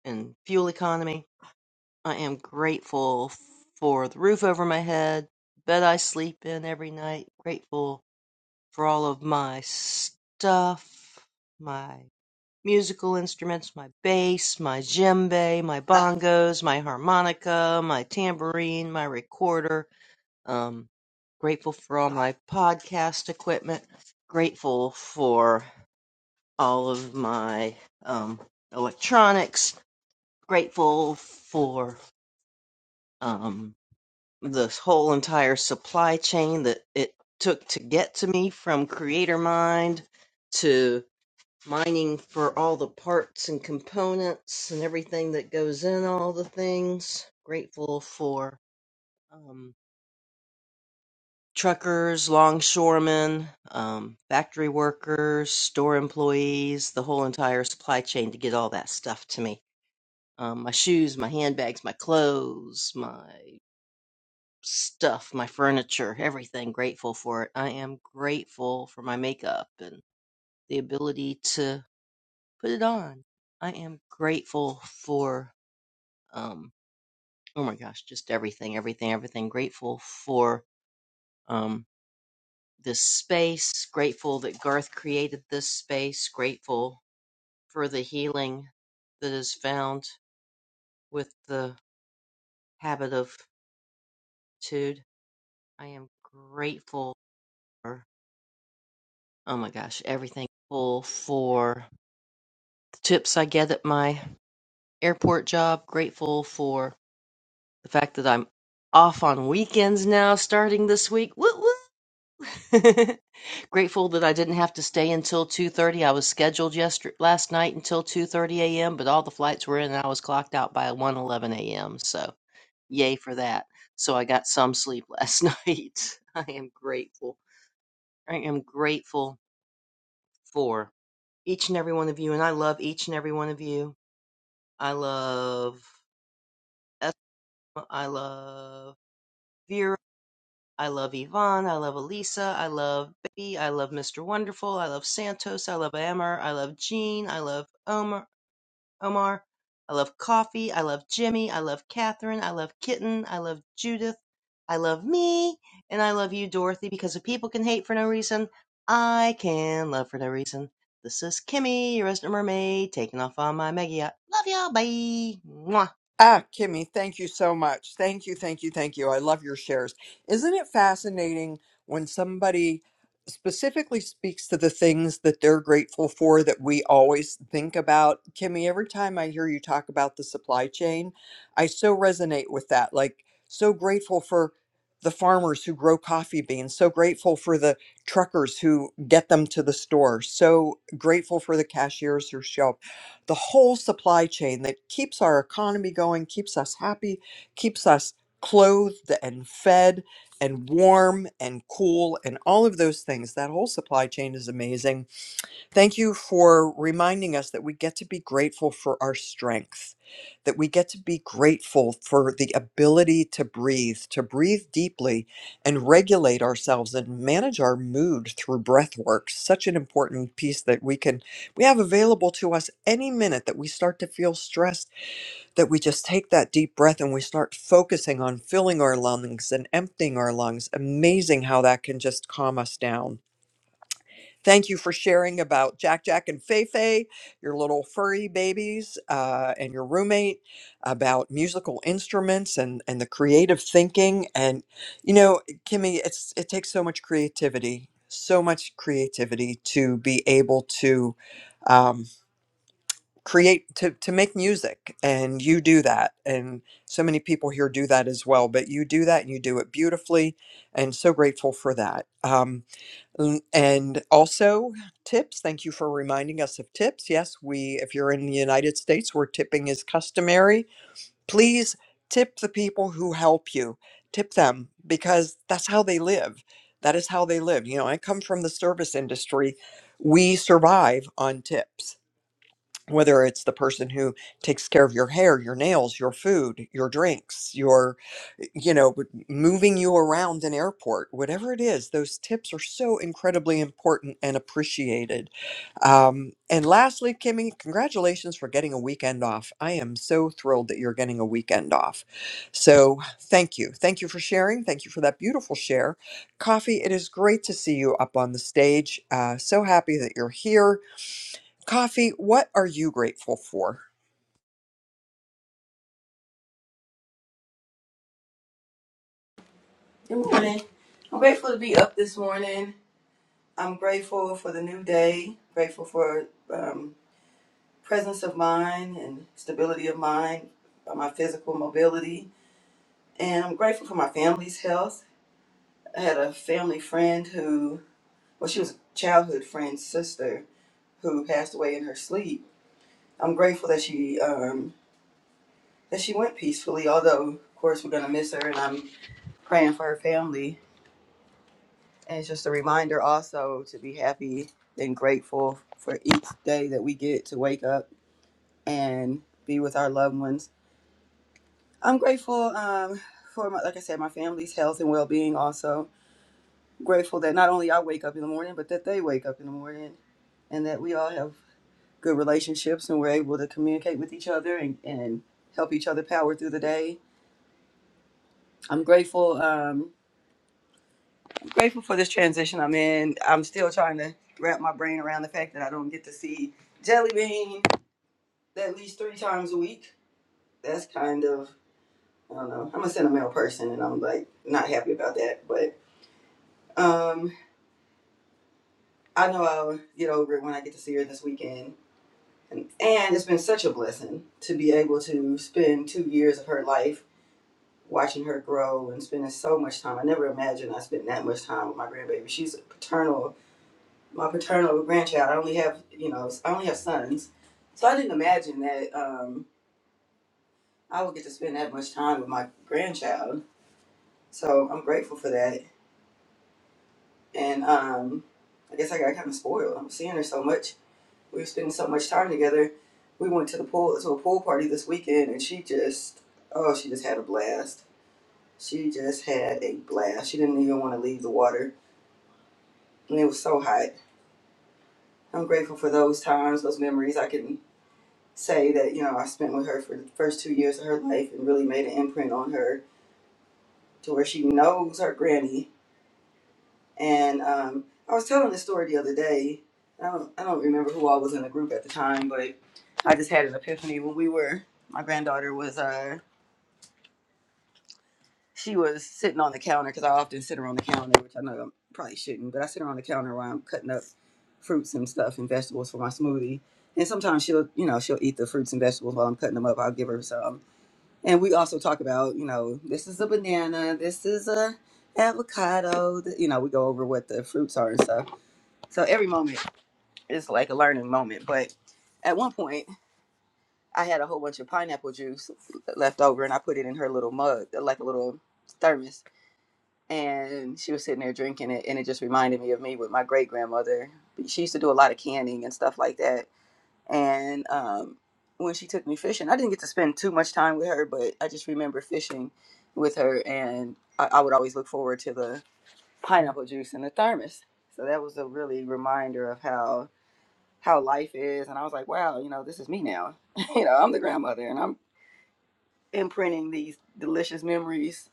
[SPEAKER 14] and fuel economy. I am grateful for the roof over my head, the bed I sleep in every night. Grateful for all of my stuff, my musical instruments, my bass, my djembe, my bongos, my harmonica, my tambourine, my recorder. Um, grateful for all my podcast equipment. Grateful for all of my um, electronics. Grateful for um, this whole entire supply chain that it took to get to me from Creator Mind to. mining for all the parts and components and everything that goes in all the things. Grateful for um, truckers, longshoremen, um, factory workers, store employees, the whole entire supply chain to get all that stuff to me. Um, my shoes, my handbags, my clothes, my stuff, my furniture, everything. Grateful for it. I am grateful for my makeup and the ability to put it on. I am grateful for um oh my gosh just everything everything everything grateful for um this space grateful that garth created this space grateful for the healing that is found with the habit of tude i am grateful for oh my gosh everything grateful for the tips i get at my airport job grateful for the fact that i'm off on weekends now starting this week Woo Grateful that I didn't have to stay until 2:30. I was scheduled yesterday last night until 2:30 a.m., but all the flights were in and I was clocked out by one eleven a.m. So, yay for that. So I got some sleep last night. I am grateful. I am grateful for each and every one of you, and I love each and every one of you. I love Esma. I love Vera. I love Yvonne. I love Elisa. I love Baby. I love Mr. Wonderful. I love Santos. I love Amber. I love Jean. I love Omar. Omar. I love Coffee. I love Jimmy. I love Catherine. I love Kitten. I love Judith. I love me. And I love you, Dorothy, because if people can hate for no reason, I can love for no reason. This is Kimmy, your resident mermaid, taking off on my mega yacht. Love y'all. Bye. Mwah.
[SPEAKER 12] Ah, Kimmy, thank you so much. Thank you, thank you, thank you. I love your shares. Isn't it fascinating when somebody specifically speaks to the things that they're grateful for that we always think about? Kimmy, every time I hear you talk about the supply chain, I so resonate with that. Like, so grateful for the farmers who grow coffee beans, so grateful for the truckers who get them to the store, so grateful for the cashiers who shop the whole supply chain that keeps our economy going, keeps us happy, keeps us clothed and fed and warm and cool and all of those things. That whole supply chain is amazing Thank you for reminding us that we get to be grateful for our strength, that we get to be grateful for the ability to breathe, to breathe deeply and regulate ourselves and manage our mood through breath work. Such an important piece that we can, we have available to us any minute that we start to feel stressed, that we just take that deep breath and we start focusing on filling our lungs and emptying our lungs. Amazing how that can just calm us down. Thank you for sharing about Jack Jack and Feifei, your little furry babies, uh, and your roommate, about musical instruments and, and the creative thinking. And, you know, Kimmy, it's, it takes so much creativity, so much creativity to be able to um, create, to, to make music. And you do that. And so many people here do that as well. But you do that and you do it beautifully. And so grateful for that. Um, Mm, And also tips. Thank you for reminding us of tips. Yes, we if you're in the United States where tipping is customary, please tip the people who help you. Tip them because that's how they live. That is how they live. You know, I come from the service industry. We survive on tips. Whether it's the person who takes care of your hair, your nails, your food, your drinks, you know, but moving you around an airport, whatever it is, those tips are so incredibly important and appreciated. Um, and lastly, Kimmy, congratulations for getting a weekend off. I am so thrilled that you're getting a weekend off. So thank you. Thank you for sharing. Thank you for that beautiful share. Coffee, it is great to see you up on the stage. Uh, so happy that you're here. Coffee, what are you grateful for?
[SPEAKER 15] Good morning. I'm grateful to be up this morning. I'm grateful for the new day, grateful for um, presence of mind and stability of mind, uh, my physical mobility, and I'm grateful for my family's health. I had a family friend who, well, she was a childhood friend's sister who passed away in her sleep. I'm grateful that she um, that she went peacefully, although of course we're gonna miss her, and I'm praying for her family And it's just a reminder also to be happy and grateful for each day that we get to wake up and be with our loved ones. I'm grateful um, for, my, like I said, my family's health and well being also. Grateful that not only I wake up in the morning, but that they wake up in the morning and that we all have good relationships and we're able to communicate with each other and, and help each other power through the day. I'm grateful. Um, grateful for this transition I'm in. I'm still trying to wrap my brain around the fact that I don't get to see Jelly Bean at least three times a week. That's kind of I don't know. I'm a sentimental person, and I'm like not happy about that. But um, I know I'll get over it when I get to see her this weekend. And, and it's been such a blessing to be able to spend two years of her life watching her grow and spending so much time. I never imagined I spent that much time with my grandbaby. She's a paternal my paternal grandchild. I only have, you know, I only have sons, so I didn't imagine that um, I would get to spend that much time with my grandchild. So I'm grateful for that, and um, I guess I got kind of spoiled. I'm seeing her so much. We were spending so much time together. We went to the pool to a pool party this weekend, and she just, oh, she just had a blast. She just had a blast. She didn't even want to leave the water, and it was so hot. I'm grateful for those times, those memories. I can say that you know I spent with her for the first two years of her life and really made an imprint on her to where she knows her granny. And um, I was telling this story the other day. I don't I don't remember who all was in the group at the time, but I just had an epiphany when we were. My granddaughter was uh she was sitting on the counter because I often sit her on the counter, which I know I probably shouldn't, but I sit her on the counter while I'm cutting up fruits and stuff and vegetables for my smoothie. And sometimes she'll, you know, she'll eat the fruits and vegetables while I'm cutting them up. I'll give her some. And we also talk about, you know, this is a banana, this is a avocado. th- You know, we go over what the fruits are and stuff. So every moment is like a learning moment. But at one point, I had a whole bunch of pineapple juice left over, and I put it in her little mug, like a little thermos. And she was sitting there drinking it, and it just reminded me of me with my great grandmother. She used to do a lot of canning and stuff like that and um, when she took me fishing, I didn't get to spend too much time with her, but I just remember fishing with her, and I, I would always look forward to the pineapple juice in the thermos. So that was a really reminder of how how life is, and I was like, wow, you know, this is me now. you know, I'm the grandmother, and I'm imprinting these delicious memories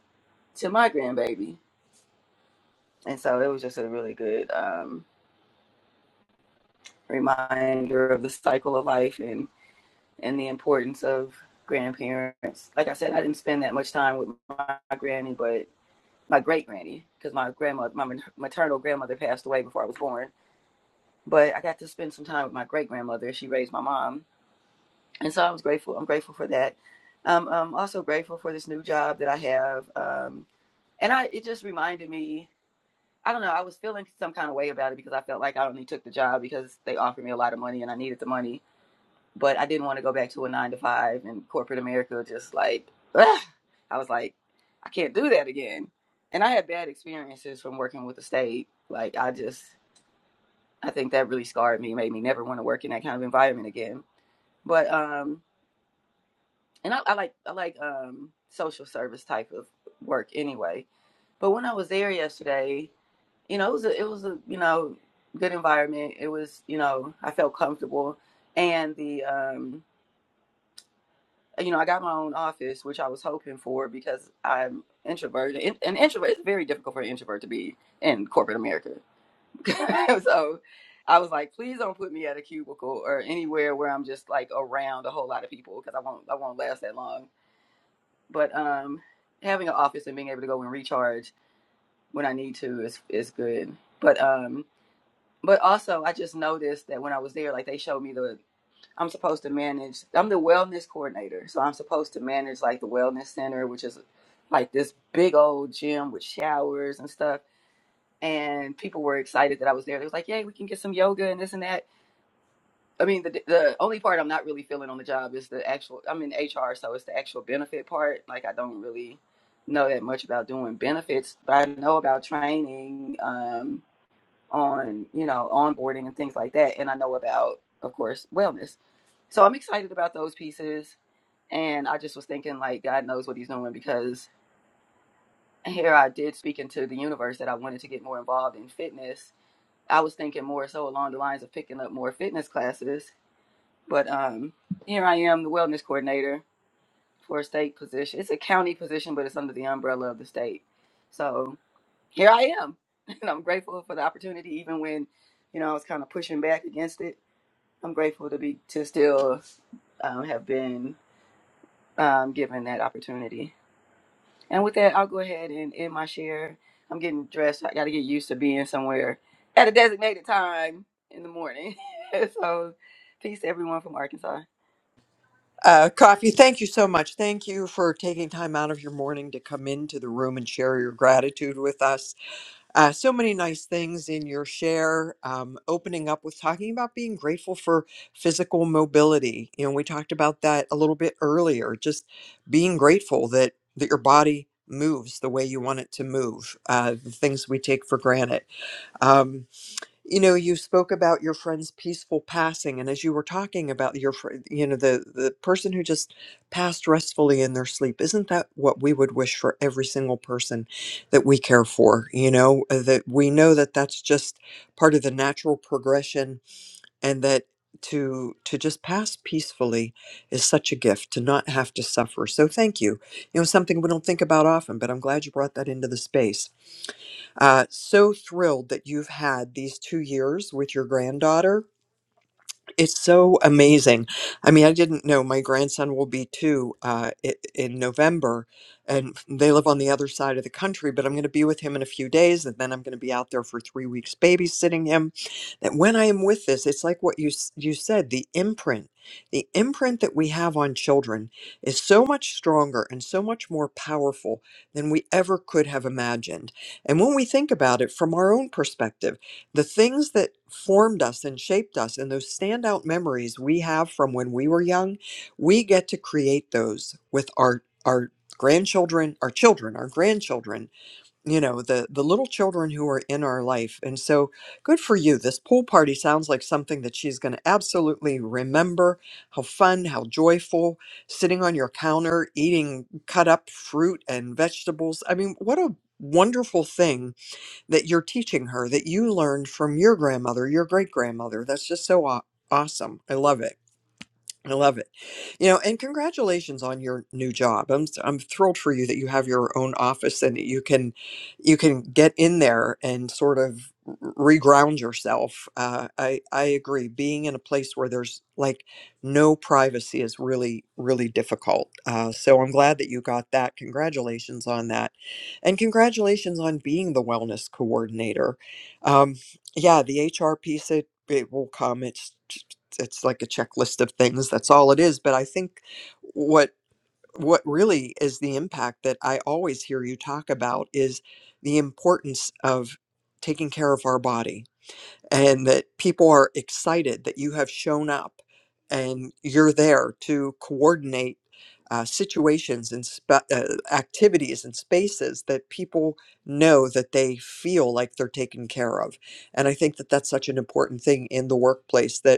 [SPEAKER 15] to my grandbaby, and so it was just a really good um, reminder of the cycle of life and. and the importance of grandparents. Like I said, I didn't spend that much time with my granny, but my great granny, because my grandmother, my maternal grandmother passed away before I was born. But I got to spend some time with my great grandmother. She raised my mom. And so I was grateful. I'm grateful for that. Um, I'm also grateful for this new job that I have. Um, and I, it just reminded me, I don't know, I was feeling some kind of way about it because I felt like I only took the job because they offered me a lot of money and I needed the money but I didn't want to go back to a nine to five and corporate America just like ugh. I was like, I can't do that again. And I had bad experiences from working with the state. Like I just I think that really scarred me, made me never want to work in that kind of environment again. But um and I, I like I like um social service type of work anyway. But when I was there yesterday, you know, it was a it was a, you know, good environment. It was, you know, I felt comfortable and the um you know, I got my own office, which I was hoping for because I'm introverted. And an introvert, it's very difficult for an introvert to be in corporate America. so I was like, please don't put me at a cubicle or anywhere where I'm just like around a whole lot of people because I won't, I won't last that long. But um, having an office and being able to go and recharge when I need to is is good. But um, but also I just noticed that when I was there, like they showed me the I'm supposed to manage. I'm the wellness coordinator, so I'm supposed to manage like the wellness center, which is like this big old gym with showers and stuff. And people were excited that I was there. They was like, "Yay, we can get some yoga and this and that." I mean, the the only part I'm not really feeling on the job is the actual. I'm in HR, so it's the actual benefit part. Like, I don't really know that much about doing benefits, but I know about training um, on you know onboarding and things like that, and I know about, of course, wellness. So I'm excited about those pieces. And I just was thinking, like, God knows what He's doing because here I did speak into the universe that I wanted to get more involved in fitness. I was thinking more so along the lines of picking up more fitness classes. But um, here I am, the wellness coordinator for a state position. It's a county position, but it's under the umbrella of the state. So here I am. And I'm grateful for the opportunity, even when, you know, I was kind of pushing back against it. I'm grateful to be to still um, have been um, given that opportunity. And with that, I'll go ahead and end my share. I'm getting dressed. I got to get used to being somewhere at a designated time in the morning. so, peace to everyone from Arkansas.
[SPEAKER 12] Uh, Coffee, thank you so much. Thank you for taking time out of your morning to come into the room and share your gratitude with us. Uh, so many nice things in your share, um, opening up with talking about being grateful for physical mobility. You know, we talked about that a little bit earlier, just being grateful that, that your body moves the way you want it to move, uh, the things we take for granted. Um, you know you spoke about your friend's peaceful passing and as you were talking about your fr- you know the the person who just passed restfully in their sleep isn't that what we would wish for every single person that we care for you know Uh, that we know that that's just part of the natural progression and that to to just pass peacefully is such a gift to not have to suffer so thank you you know something we don't think about often but i'm glad you brought that into the space uh, so thrilled that you've had these two years with your granddaughter it's so amazing. I mean, I didn't know my grandson will be two uh, i- in November, and they live on the other side of the country. But I'm going to be with him in a few days, and then I'm going to be out there for three weeks babysitting him. That when I am with this, it's like what you s- you said, the imprint, the imprint that we have on children is so much stronger and so much more powerful than we ever could have imagined. And when we think about it from our own perspective the things that formed us and shaped us and those standout memories we have from when we were young we get to create those with our our grandchildren our children our grandchildren you know the the little children who are in our life and so good for you this pool party sounds like something that she's going to absolutely remember how fun how joyful sitting on your counter eating cut up fruit and vegetables i mean what a wonderful thing that you're teaching her that you learned from your grandmother, your great grandmother. That's just so aw- awesome. I love it. I love it. You know, and congratulations on your new job. I'm s- I'm thrilled for you that you have your own office and that you can you can get in there and sort of r- reground yourself. Uh, I I agree. Being in a place where there's like no privacy is really really difficult. Uh, so I'm glad that you got that. Congratulations on that, and congratulations on being the wellness coordinator. Um, yeah, the HR piece it it will come. It's it's like a checklist of things that's all it is but i think what what really is the impact that i always hear you talk about is the importance of taking care of our body and that people are excited that you have shown up and you're there to coordinate uh, situations and spa uh, activities and spaces that people know that they feel like they're taken care of and i think that that's such an important thing in the workplace that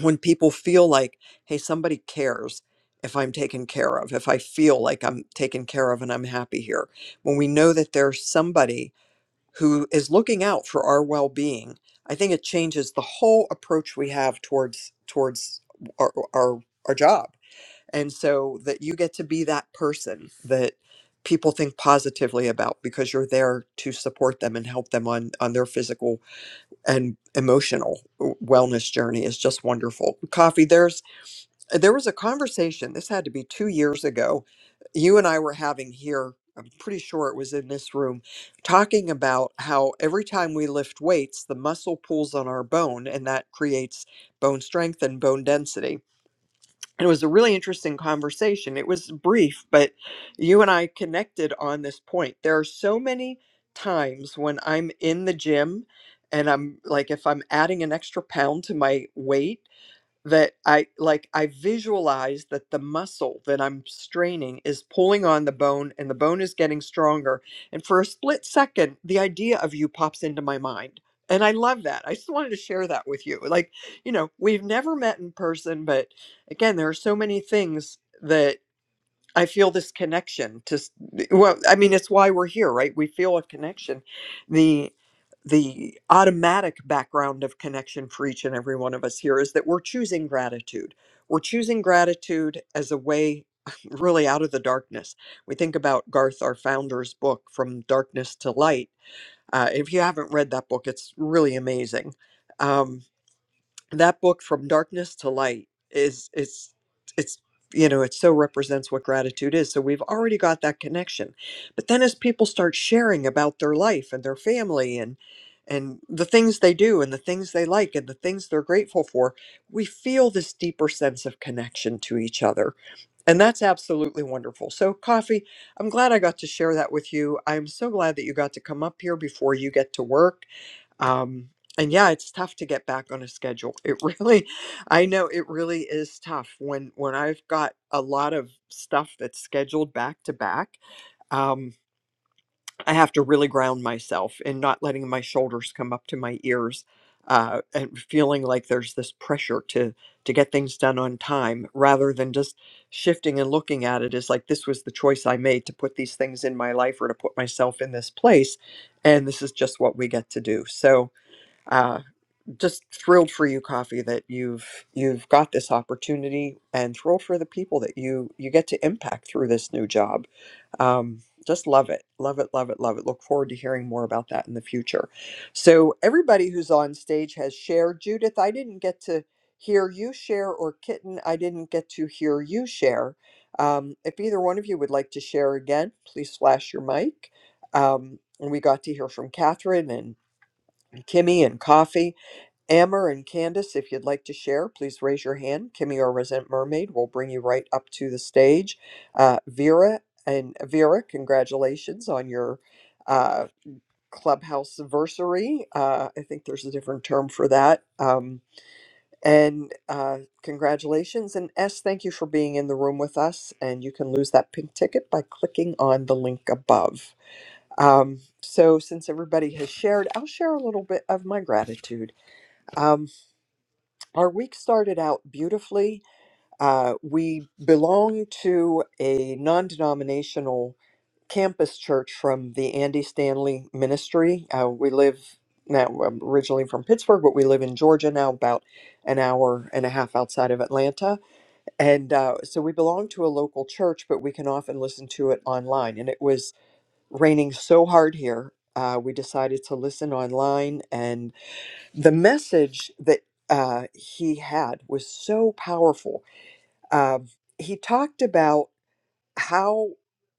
[SPEAKER 12] when people feel like, hey, somebody cares if I'm taken care of, if I feel like I'm taken care of and I'm happy here, when we know that there's somebody who is looking out for our well-being, I think it changes the whole approach we have towards towards our our, our job. And so that you get to be that person that people think positively about because you're there to support them and help them on on their physical and emotional wellness journey is just wonderful. Coffee, there's there was a conversation. This had to be two years ago. You and I were having here. I'm pretty sure it was in this room, talking about how every time we lift weights, the muscle pulls on our bone, and that creates bone strength and bone density it was a really interesting conversation. It was brief, but you and I connected on this point. There are so many times when I'm in the gym and I'm like, if I'm adding an extra pound to my weight, that I like I visualize that the muscle that I'm straining is pulling on the bone and the bone is getting stronger. And for a split second, the idea of you pops into my mind. And I love that. I just wanted to share that with you. Like, you know, we've never met in person, but again, there are so many things that I feel this connection to s- well I mean it's why we're here right we feel a connection the the automatic background of connection for each and every one of us here is that we're choosing gratitude we're choosing gratitude as a way really out of the darkness we think about Garth our founder's book from darkness to light uh, if you haven't read that book it's really amazing Um, that book from darkness to light is it's it's you know it so represents what gratitude is so we've already got that connection but then as people start sharing about their life and their family and and the things they do and the things they like and the things they're grateful for we feel this deeper sense of connection to each other and that's absolutely wonderful so coffee i'm glad i got to share that with you i'm so glad that you got to come up here before you get to work um and yeah it's tough to get back on a schedule it really i know it really is tough when when i've got a lot of stuff that's scheduled back to back um i have to really ground myself in not letting my shoulders come up to my ears uh and feeling like there's this pressure to to get things done on time rather than just shifting and looking at it as like this was the choice i made to put these things in my life or to put myself in this place and this is just what we get to do so Uh, just thrilled for you coffee that you've you've got this opportunity and thrilled for the people that you you get to impact through this new job um, just love it love it love it love it look forward to hearing more about that in the future so everybody who's on stage has shared judith i didn't get to hear you share or kitten i didn't get to hear you share um, if either one of you would like to share again please flash your mic um, and we got to hear from catherine and kimmy and coffee Amber and Candace, if you'd like to share, please raise your hand. Kimmy or Resent Mermaid will bring you right up to the stage. Uh, Vera and Vera, congratulations on your uh, clubhouse anniversary. Uh, I think there's a different term for that. Um, and uh, congratulations. And S, thank you for being in the room with us. And you can lose that pink ticket by clicking on the link above. Um, so, since everybody has shared, I'll share a little bit of my gratitude. Um, our week started out beautifully. Uh, we belong to a non denominational campus church from the Andy Stanley Ministry. Uh, we live now I'm originally from Pittsburgh, but we live in Georgia now, about an hour and a half outside of Atlanta. And uh, so we belong to a local church, but we can often listen to it online. And it was raining so hard here. Uh, we decided to listen online the message that uh, he had was so powerful. Um, he talked about how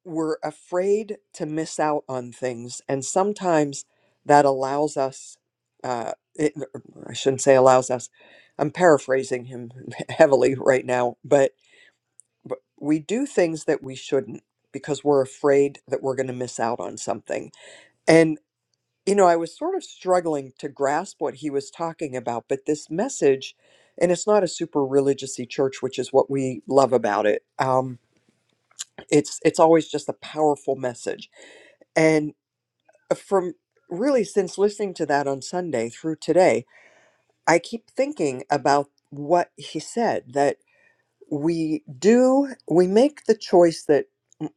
[SPEAKER 12] we're afraid to miss out on things, and sometimes that allows us. Uh, it, er, I shouldn't say allows us. I'm paraphrasing him heavily right now, but, but we do things that we shouldn't because we're afraid that we're going to miss out on something. and you know, I was sort of struggling to grasp what he was talking about, but this message, and it's not a super religious church, which is what we love about it. Um, it's it's always just a powerful message. And uh, from really since listening to that on Sunday through today, I keep thinking about what he said that we do we make the choice that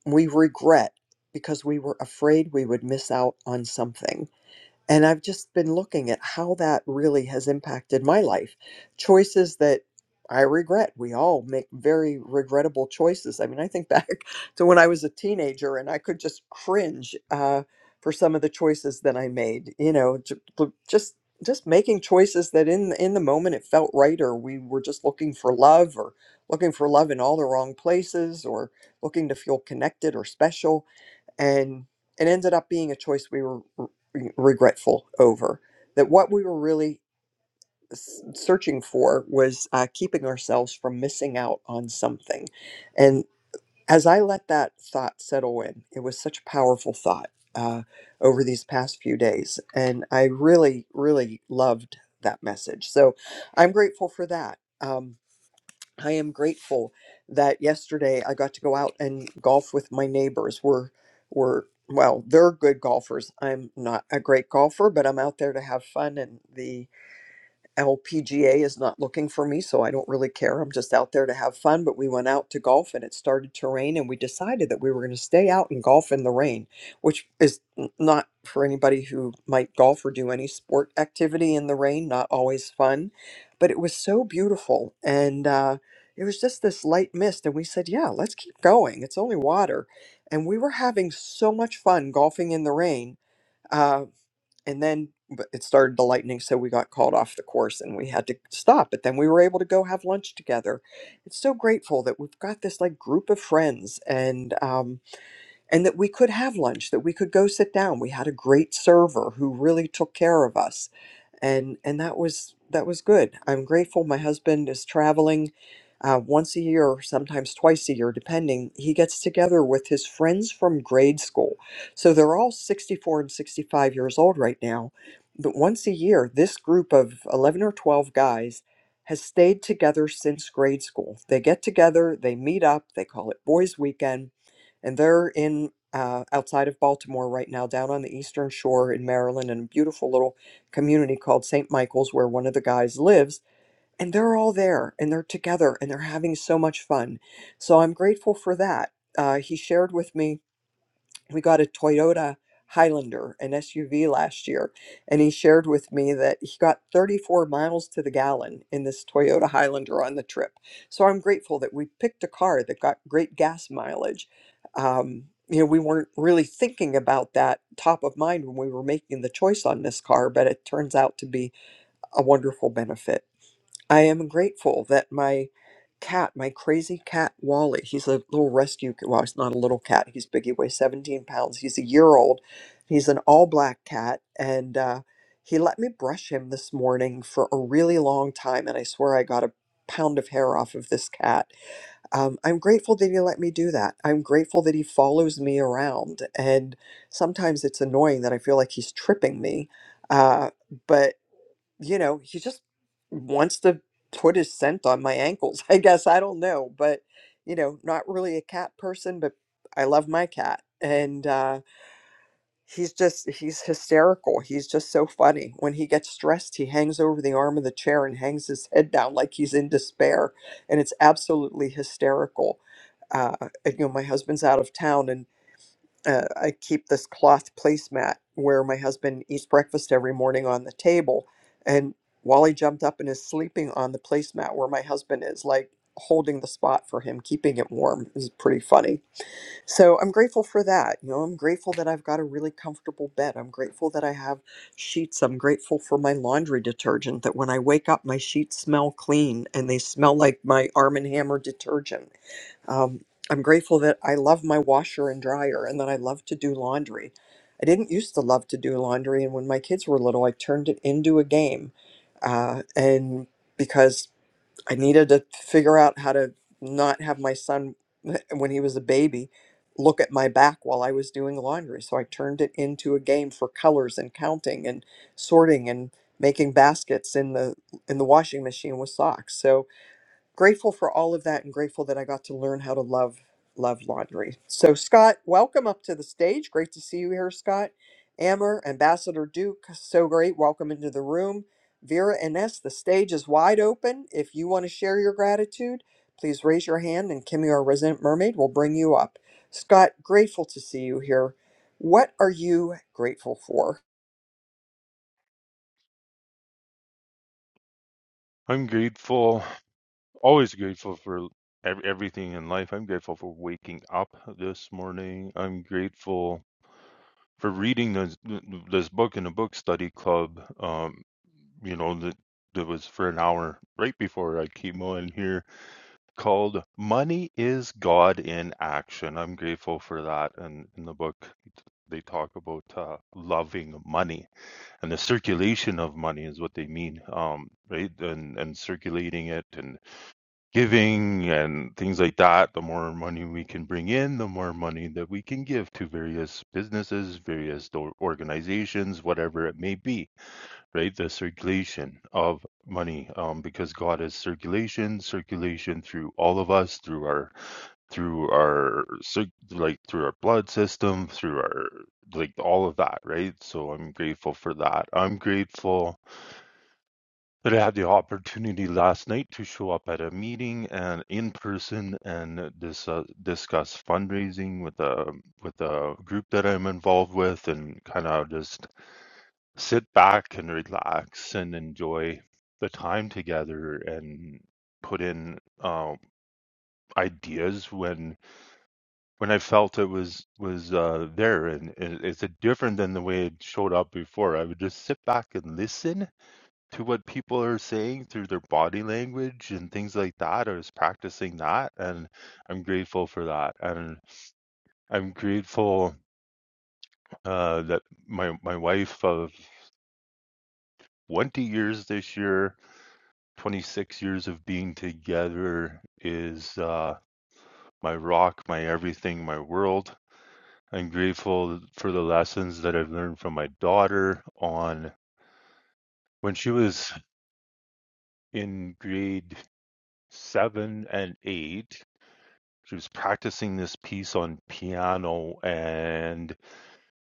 [SPEAKER 12] we regret because we were afraid we would miss out on something And I've just been looking at how that really has impacted my life. Choices that I regret. We all make very regrettable choices. I mean, I think back to when I was a teenager and I could just cringe uh, for some of the choices that I made, you know, ju- ju- just just making choices that in in the moment it felt right or we were just looking for love or looking for love in all the wrong places or looking to feel connected or special and it ended up being a choice we were re- regretful over that what we were really s- searching for was uh, keeping ourselves from missing out on something and as i let that thought settle in it was such a powerful thought uh, over these past few days and i really really loved that message so i'm grateful for that Um, I am grateful that yesterday I got to go out and golf with my neighbors. We're, we're, well, they're good golfers. I'm not a great golfer, but I'm out there to have fun, and the LPGA is not looking for me, so I don't really care. I'm just out there to have fun. But we went out to golf and it started to rain, and we decided that we were going to stay out and golf in the rain, which is n- not for anybody who might golf or do any sport activity in the rain, not always fun. But it was so beautiful. And uh, it was just this light mist. And we said, Yeah, let's keep going. It's only water. And we were having so much fun golfing in the rain. Uh, and then but it started to lightning so we got called off the course and we had to stop but then we were able to go have lunch together it's so grateful that we've got this like group of friends and um and that we could have lunch that we could go sit down we had a great server who really took care of us and and that was that was good. I'm grateful. My husband is traveling uh, once a year, sometimes twice a year, depending. He gets together with his friends from grade school, so they're all 64 and 65 years old right now. But once a year, this group of 11 or 12 guys has stayed together since grade school. They get together, they meet up, they call it Boys Weekend, and they're in. Uh, outside of Baltimore right now, down on the Eastern Shore in Maryland, in a beautiful little community called St. Michael's where one of the guys lives. And they're all there and they're together and they're having so much fun. So I'm grateful for that. Uh, he shared with me, we got a Toyota Highlander, an SUV last year. And he shared with me that he got 34 miles to the gallon in this Toyota Highlander on the trip. So I'm grateful that we picked a car that got great gas mileage. Um, you know, we weren't really thinking about that top of mind when we were making the choice on this car, but it turns out to be a wonderful benefit. I am grateful that my cat, my crazy cat Wally, he's a little rescue. c- Well, he's not a little cat. He's big. He weighs 17 pounds. He's a year old. He's an all black cat. And uh, he let me brush him this morning for a really long time. And I swear I got a pound of hair off of this cat. Um, I'm grateful that he let me do that. I'm grateful that he follows me around. And sometimes it's annoying that I feel like he's tripping me. Uh, you know, he just wants to put his scent on my ankles. I guess I don't know, but you know, not really a cat person, but I love my cat. And uh he's just he's hysterical. He's just so funny. When he gets stressed, he hangs over the arm of the chair and hangs his head down like he's in despair, and it's absolutely hysterical. Uh, you know, my husband's out of town, and uh, I keep this cloth placemat where my husband eats breakfast every morning on the table. And Wally jumped up and is sleeping on the placemat where my husband is, like holding the spot for him, keeping it warm. It was pretty funny. So I'm grateful for that. You know, I'm grateful that I've got a really comfortable bed. I'm grateful that I have sheets. I'm grateful for my laundry detergent, that when I wake up, my sheets smell clean and they smell like my Arm& and Hammer detergent. Um, I'm grateful that I love my washer and dryer and that I love to do laundry. I didn't used to love to do laundry, and when my kids were little, I turned it into a game. Uh, and because I needed to figure out how to not have my son, when he was a baby, look at my back while I was doing laundry. So I turned it into a game for colors and counting and sorting and making baskets in the in the washing machine with socks. So grateful for all of that and grateful that I got to learn how to love love laundry. So Scott, welcome up to the stage. Great to see you here, Scott. Amber, Ambassador Duke, so great. Welcome into the room. Vera Ines, the stage is wide open. If you want to share your gratitude, please raise your hand and Kimmy, our resident mermaid, will bring you up. Scott, grateful to see you here. What are you grateful for?
[SPEAKER 16] I'm grateful, always grateful for ev- everything in life. I'm grateful for waking up this morning. I'm grateful for reading this this book in a book study club. Um, you know that that was for an hour right before I came on here called "Money Is God in Action." I'm grateful for that. And in the book, they talk about uh, loving money and the circulation of money is what they mean, um, right? And and circulating it and giving and things like that, the more money we can bring in, the more money that we can give to various businesses, various do- organizations, whatever it may be, right? The circulation of money, um, because God is circulation, circulation through all of us, through our, through our, cir- like through our blood system, through our, like all of that, right? So I'm grateful for that. I'm grateful that I had the opportunity last night to show up at a meeting and in person and dis- uh, discuss fundraising with a with a group that I'm involved with and kind of just sit back and relax and enjoy the time together and put in uh, ideas when when I felt it was was uh, there and it, it's different than the way it showed up before. I would just sit back and listen to what people are saying through their body language and things like that. I was practicing that, and I'm grateful for that. And I'm grateful uh, that my my wife of 20 years this year, 26 years of being together, is uh, my rock, my everything, my world. I'm grateful for the lessons that I've learned from my daughter on when she was in grade seven and eight she was practicing this piece on piano and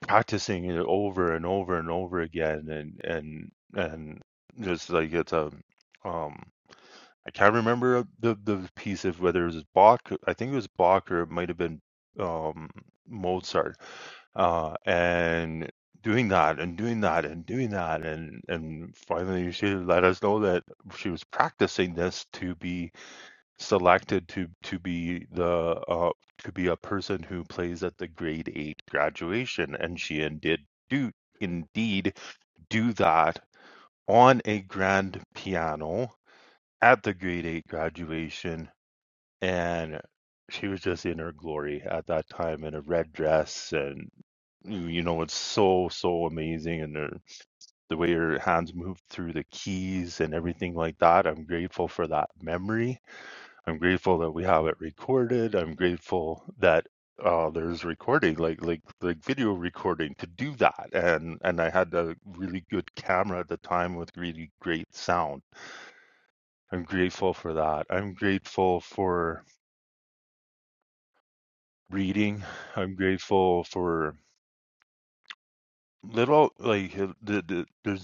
[SPEAKER 16] practicing it over and over and over again and and and just like it's a um I can't remember the the piece of whether it was Bach I think it was Bach or it might have been um Mozart uh and doing that and doing that and doing that and and finally she let us know that she was practicing this to be selected to to be the uh, to be a person who plays at the grade eight graduation, and she did do indeed do that on a grand piano at the grade eight graduation, and she was just in her glory at that time in a red dress and you you know it's so so amazing and her, the way her hands moved through the keys and everything like that i'm grateful for that memory I'm grateful that we have it recorded. I'm grateful that uh, there's recording, like like like video recording, to do that. And and I had a really good camera at the time with really great sound. I'm grateful for that. I'm grateful for reading. I'm grateful for little like uh, the, the, there's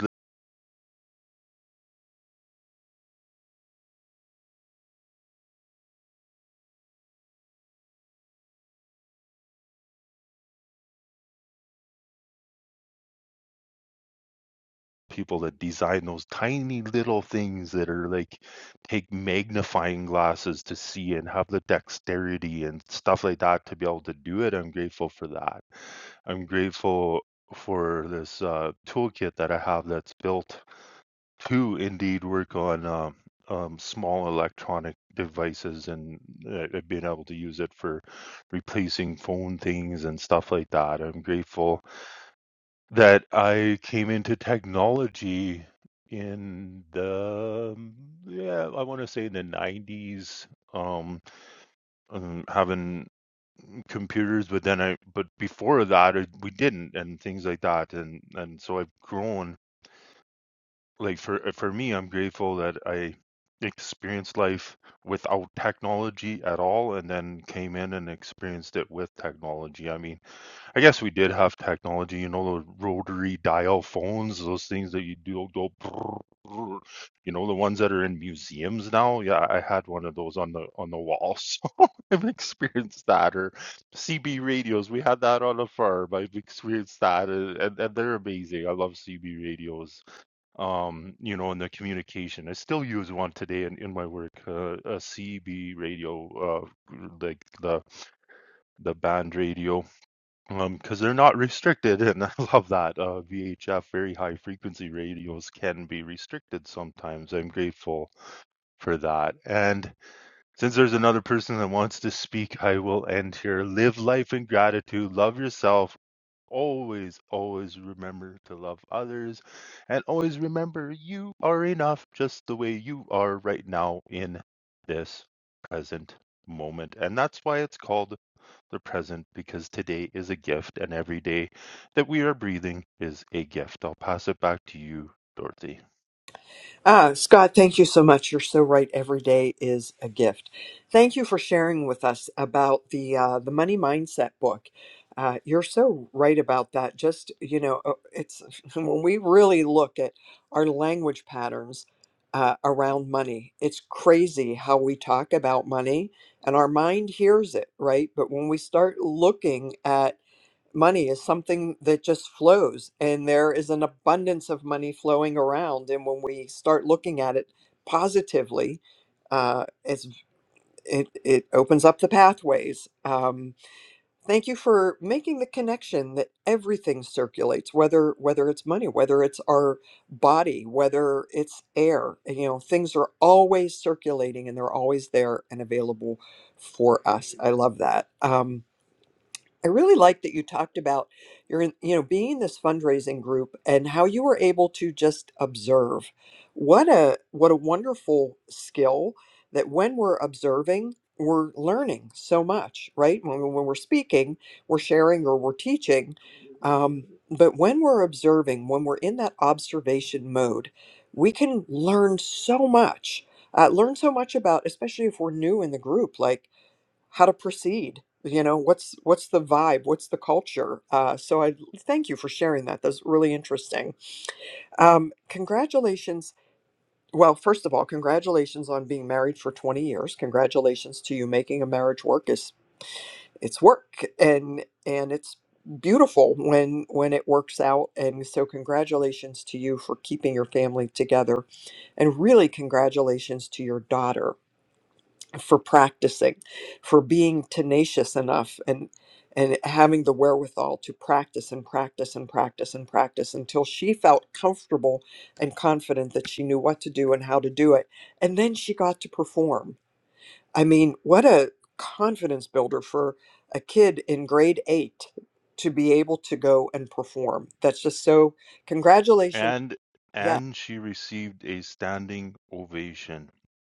[SPEAKER 16] people that design those tiny little things that are like take magnifying glasses to see and have the dexterity and stuff like that to be able to do it. I'm grateful for that. I'm grateful for this uh, toolkit that I have that's built to indeed work on um, um, small electronic devices and uh, uh, being able to use it for replacing phone things and stuff like that. I'm grateful that I came into technology in the um, yeah, I want to say in the 90s um, um having computers but then I but before that it, we didn't and things like that and and so I've grown like for for me I'm grateful that I experienced life without technology at all and then came in and experienced it with technology. I mean I guess we did have technology, you know, the rotary dial phones, those things that you do go, brrrr, you know, the ones that are in museums now. Yeah, I had one of those on the on the wall, so I've experienced that. Or CB radios, we had that on the farm. I've experienced that, uh, and, and they're amazing. I love CB radios. Um, you know, and the communication. I still use one today in, in my work, uh, a CB radio, uh, like the the band radio um, because they're not restricted, and I love that. Uh, VHF, very high frequency radios, can be restricted sometimes. I'm grateful for that. And since there's another person that wants to speak, I will end here. Live life in gratitude, love yourself, Always, always remember to love others and always remember you are enough just the way you are right now in this present moment. And that's why it's called the present because today is a gift and every day that we are breathing is a gift. I'll pass it back to you, Dorothy.
[SPEAKER 12] Ah, Scott, thank you so much. You're so right. Every day is a gift. Thank you for sharing with us about the uh, the money mindset book. Uh, you're so right about that. Just you know, uh, it's when we really look at our language patterns uh, around money. It's crazy how we talk about money, and our mind hears it, right? But when we start looking at money is something that just flows and there is an abundance of money flowing around and when we start looking at it positively uh, it's, it, it opens up the pathways um, thank you for making the connection that everything circulates whether whether it's money whether it's our body whether it's air you know things are always circulating and they're always there and available for us i love that Um, I really like that you talked about your, in- you know, being in this fundraising group and how you were able to just observe. What a what a wonderful skill that when we're observing, we're learning so much, right? When, we- when we're speaking, we're sharing or we're teaching. Um, but when we're observing, when we're in that observation mode, we can learn so much. Uh, learn so much about, especially if we're new in the group, like how to proceed you know what's what's the vibe what's the culture uh, so i thank you for sharing that that's really interesting um, congratulations well first of all congratulations on being married for 20 years congratulations to you making a marriage work is it's work and and it's beautiful when when it works out and so congratulations to you for keeping your family together and really congratulations to your daughter for practicing, for being tenacious enough and and having the wherewithal to practice and practice and practice and practice until she felt comfortable and confident that she knew what to do and how to do it. And then she got to perform. I mean, what a confidence builder for a kid in grade 8 to be able to go and perform. That's just so congratulations.
[SPEAKER 16] And
[SPEAKER 12] yes.
[SPEAKER 16] and she received a standing ovation.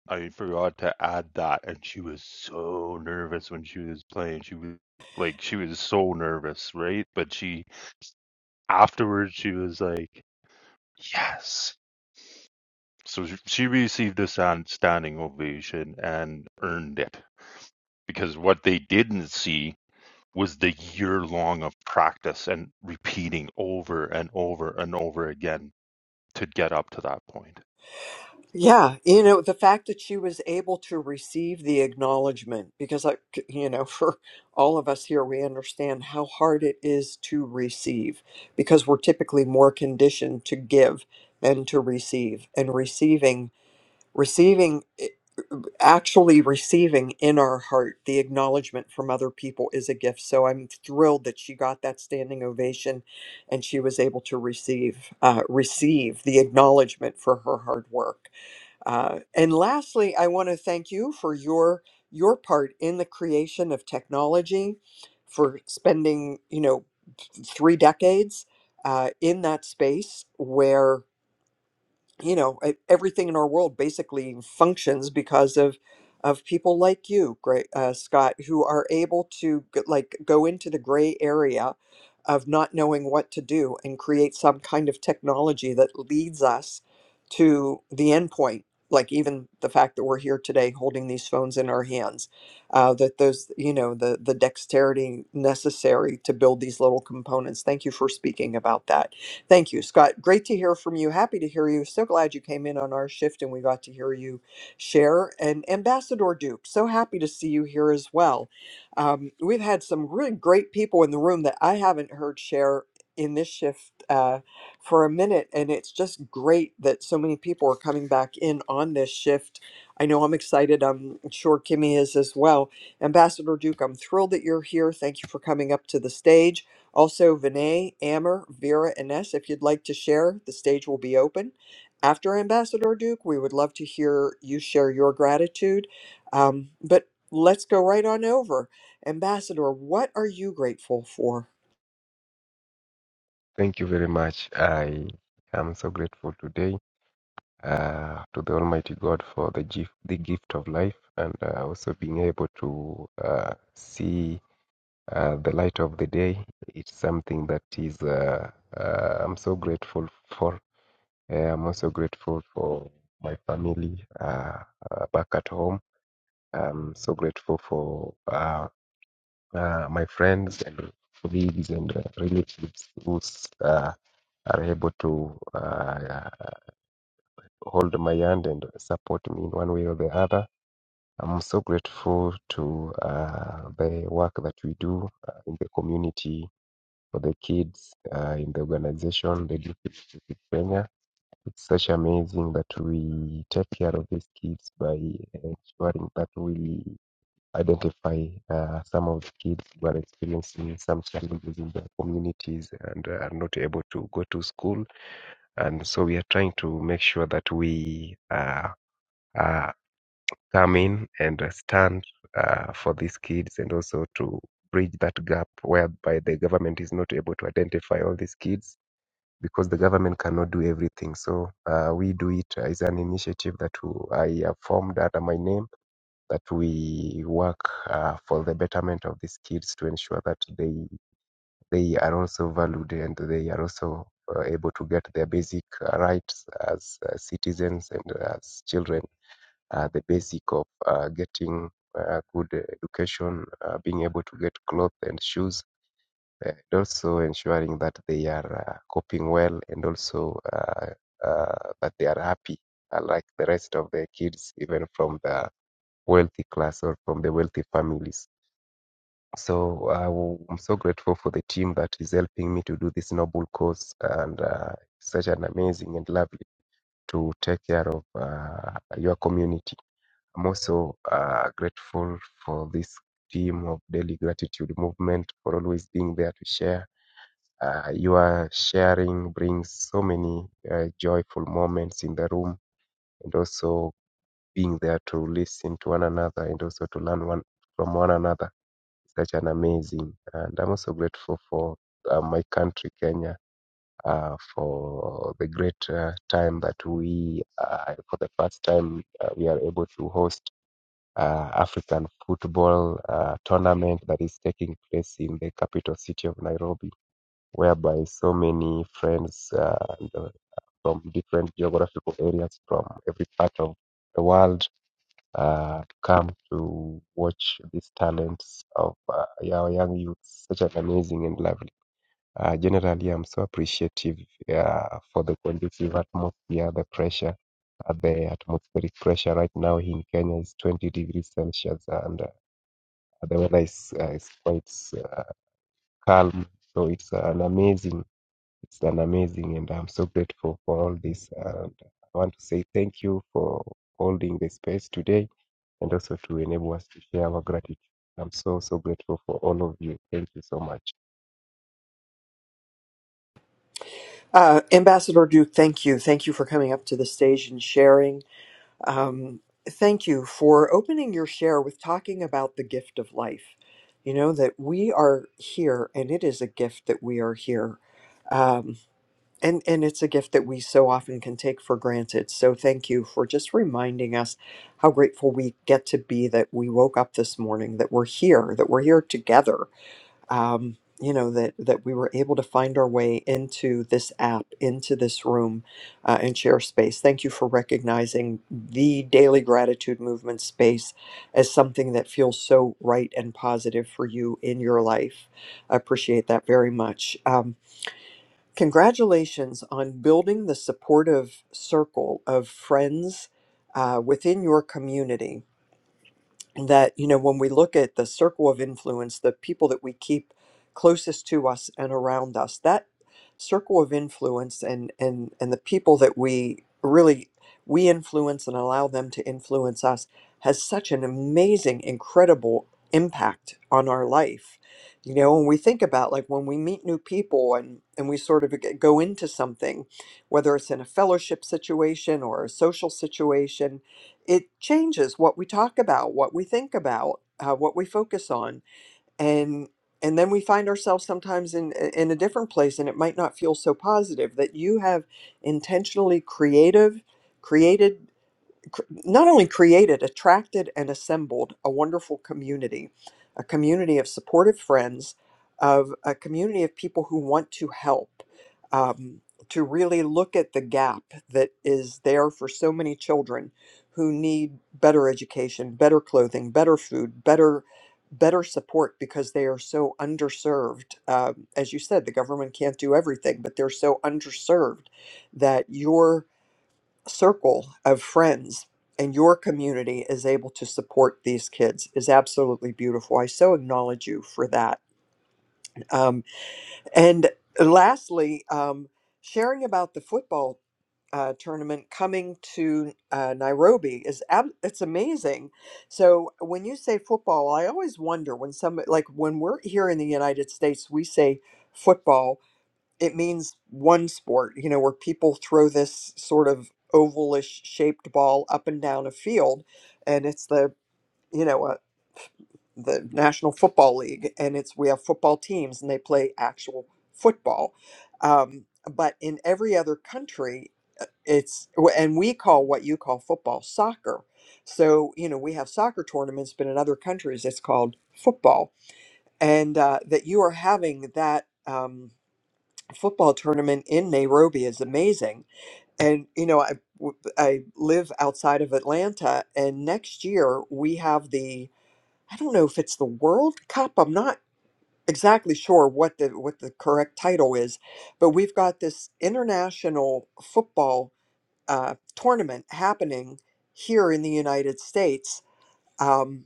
[SPEAKER 16] I forgot to add that, and she was so nervous when she was playing. She was like, she was so nervous, right? But she afterwards, she was like, yes. So she she received a stand, standing ovation and earned it because what they didn't see was the year long of practice and repeating over and over and over again to get up to that point.
[SPEAKER 12] Yeah, you know, the fact that she was able to receive the acknowledgement, because I, c- you know, for all of us here, we understand how hard it is to receive because we're typically more conditioned to give than to receive. And receiving, receiving, eh, actually receiving in our heart the acknowledgement from other people is a gift. So I'm thrilled that she got that standing ovation and she was able to receive, uh, receive the acknowledgement for her hard work. Uh, and lastly, I want to thank you for your your part in the creation of technology, for spending you know three decades uh, in that space where you know e- everything in our world basically functions because of of people like you Gra uh, scott who are able to g- like go into the gray area of not knowing what to do and create some kind of technology that leads us to the end point like even the fact that we're here today holding these phones in our hands uh, that those you know the the dexterity necessary to build these little components thank you for speaking about that Thank you, Scott. Great to hear from you. Happy to hear you. So glad you came in on our shift and we got to hear you share. And Ambassador Duke, so happy to see you here as well. Um, we've had some really great people in the room that I haven't heard share in this shift uh, for a minute. And it's just great that so many people are coming back in on this shift. I know I'm excited. I'm sure Kimmy is as well. Ambassador Duke, I'm thrilled that you're here. Thank you for coming up to the stage. Also, Vinay, Amber, Vera, and Ness, if you'd like to share, the stage will be open. After Ambassador Duke, we would love to hear you share your gratitude. Um, but let's go right on over. Ambassador, what are you grateful for?
[SPEAKER 17] Thank you very much. I am so grateful today uh, to the Almighty God for the gift, the gift of life, and uh, also being able to uh, see uh, the light of the day. It's something that is uh, uh, I'm so grateful for. Uh, I'm also grateful for my family uh, uh, back at home. I'm so grateful for uh, uh, my friends and colleagues and uh, relatives who's. Uh, are able to uh, hold my hand and support me in one way or the other. I'm so grateful to uh, the work that we do uh, in the community for the kids uh, in the organization, the Youth of Kenya. It's such amazing that we take care of these kids by ensuring that we identify uh, some of the kids who are experiencing some challenges in their communities and are not able to go to school and so we are trying to make sure that we uh, uh, come in and stand uh, for these kids and also to bridge that gap whereby the government is not able to identify all these kids because the government cannot do everything so uh, we do it as an initiative that w- i have formed under my name that we work uh, for the betterment of these kids to ensure that they they are also valued and they are also uh, able to get their basic uh, rights as uh, citizens and as children, uh, the basic of uh, getting uh, good education, uh, being able to get clothes and shoes, and also ensuring that they are uh, coping well and also uh, uh, that they are happy, uh, like the rest of the kids, even from the wealthy class or from the wealthy families. So I w- I'm so grateful for the team that is helping me to do this noble cause, and uh, such an amazing and lovely to take care of uh, your community. I'm also uh, grateful for this team of Daily Gratitude Movement for always being there to share. Uh, your sharing brings so many uh, joyful moments in the room, and also being there to listen to one another and also to learn one from one another such an amazing. And I'm also grateful for uh, my country, Kenya, uh, for the great uh, time that we, uh, for the first time, uh, we are able to host uh, African football uh, tournament that is taking place in the capital city of Nairobi, whereby so many friends uh, and, uh, from different geographical areas from every part of the world uh, come to watch these talents of uh, our young youths. Such an amazing and lovely. Uh, generally, I'm so appreciative uh, for the conducive atmosphere, the pressure. Uh, the atmospheric pressure right now in Kenya is 20 degrees Celsius, and uh, the weather is, uh, is quite uh, calm. So it's an amazing, it's an amazing, and I'm so grateful for all this. And I want to say thank you for holding the space today and also to enable us to share our gratitude. I'm so, so grateful for all of you. Thank you so much.
[SPEAKER 12] Uh, Ambassador Duke, thank you. Thank you for coming up to the stage and sharing. Um, thank you for opening your share with talking about the gift of life. You know, that we are here and it is a gift that we are here. Um, And and it's a gift that we so often can take for granted. So thank you for just reminding us how grateful we get to be that we woke up this morning, that we're here, that we're here together. Um, you know that that we were able to find our way into this app, into this room, uh, and share space. Thank you for recognizing the daily gratitude movement space as something that feels so right and positive for you in your life. I appreciate that very much. Um, Congratulations on building the supportive circle of friends uh, within your community that you know when we look at the circle of influence the people that we keep closest to us and around us that circle of influence and and and the people that we really we influence and allow them to influence us has such an amazing incredible impact on our life you know when we think about like when we meet new people and and we sort of g- go into something whether it's in a fellowship situation or a social situation it changes what we talk about, what we think about, uh, what we focus on, and and then we find ourselves sometimes in in a different place, and it might not feel so positive that you have intentionally creative created cr- not only created, attracted, and assembled a wonderful community, a community of supportive friends, of a community of people who want to help, um, to really look at the gap that is there for so many children who need better education, better clothing, better food, better better support because they are so underserved Um as you said the government can't do everything but they're so underserved that your circle of friends and your community is able to support these kids is absolutely beautiful. I so acknowledge you for that. Um, and lastly, um, sharing about the football uh, tournament coming to uh, Nairobi is ab- it's amazing. So when you say football, I always wonder when some like when we're here in the United States, we say football it means one sport, you know, where people throw this sort of ovalish shaped ball up and down a field, and it's the you know uh, the National Football League, and it's we have football teams and they play actual football. Um, but in every other country, uh, it's w- and we call what you call football soccer. So you know we have soccer tournaments, but in other countries it's called football, and uh, that you are having that. Um, football tournament in Nairobi is amazing. And you know, I w- I live outside of Atlanta, and next year we have the I don't know if it's the World Cup. I'm not exactly sure what the what the correct title is, but we've got this international football uh, tournament happening here in the United States. Um,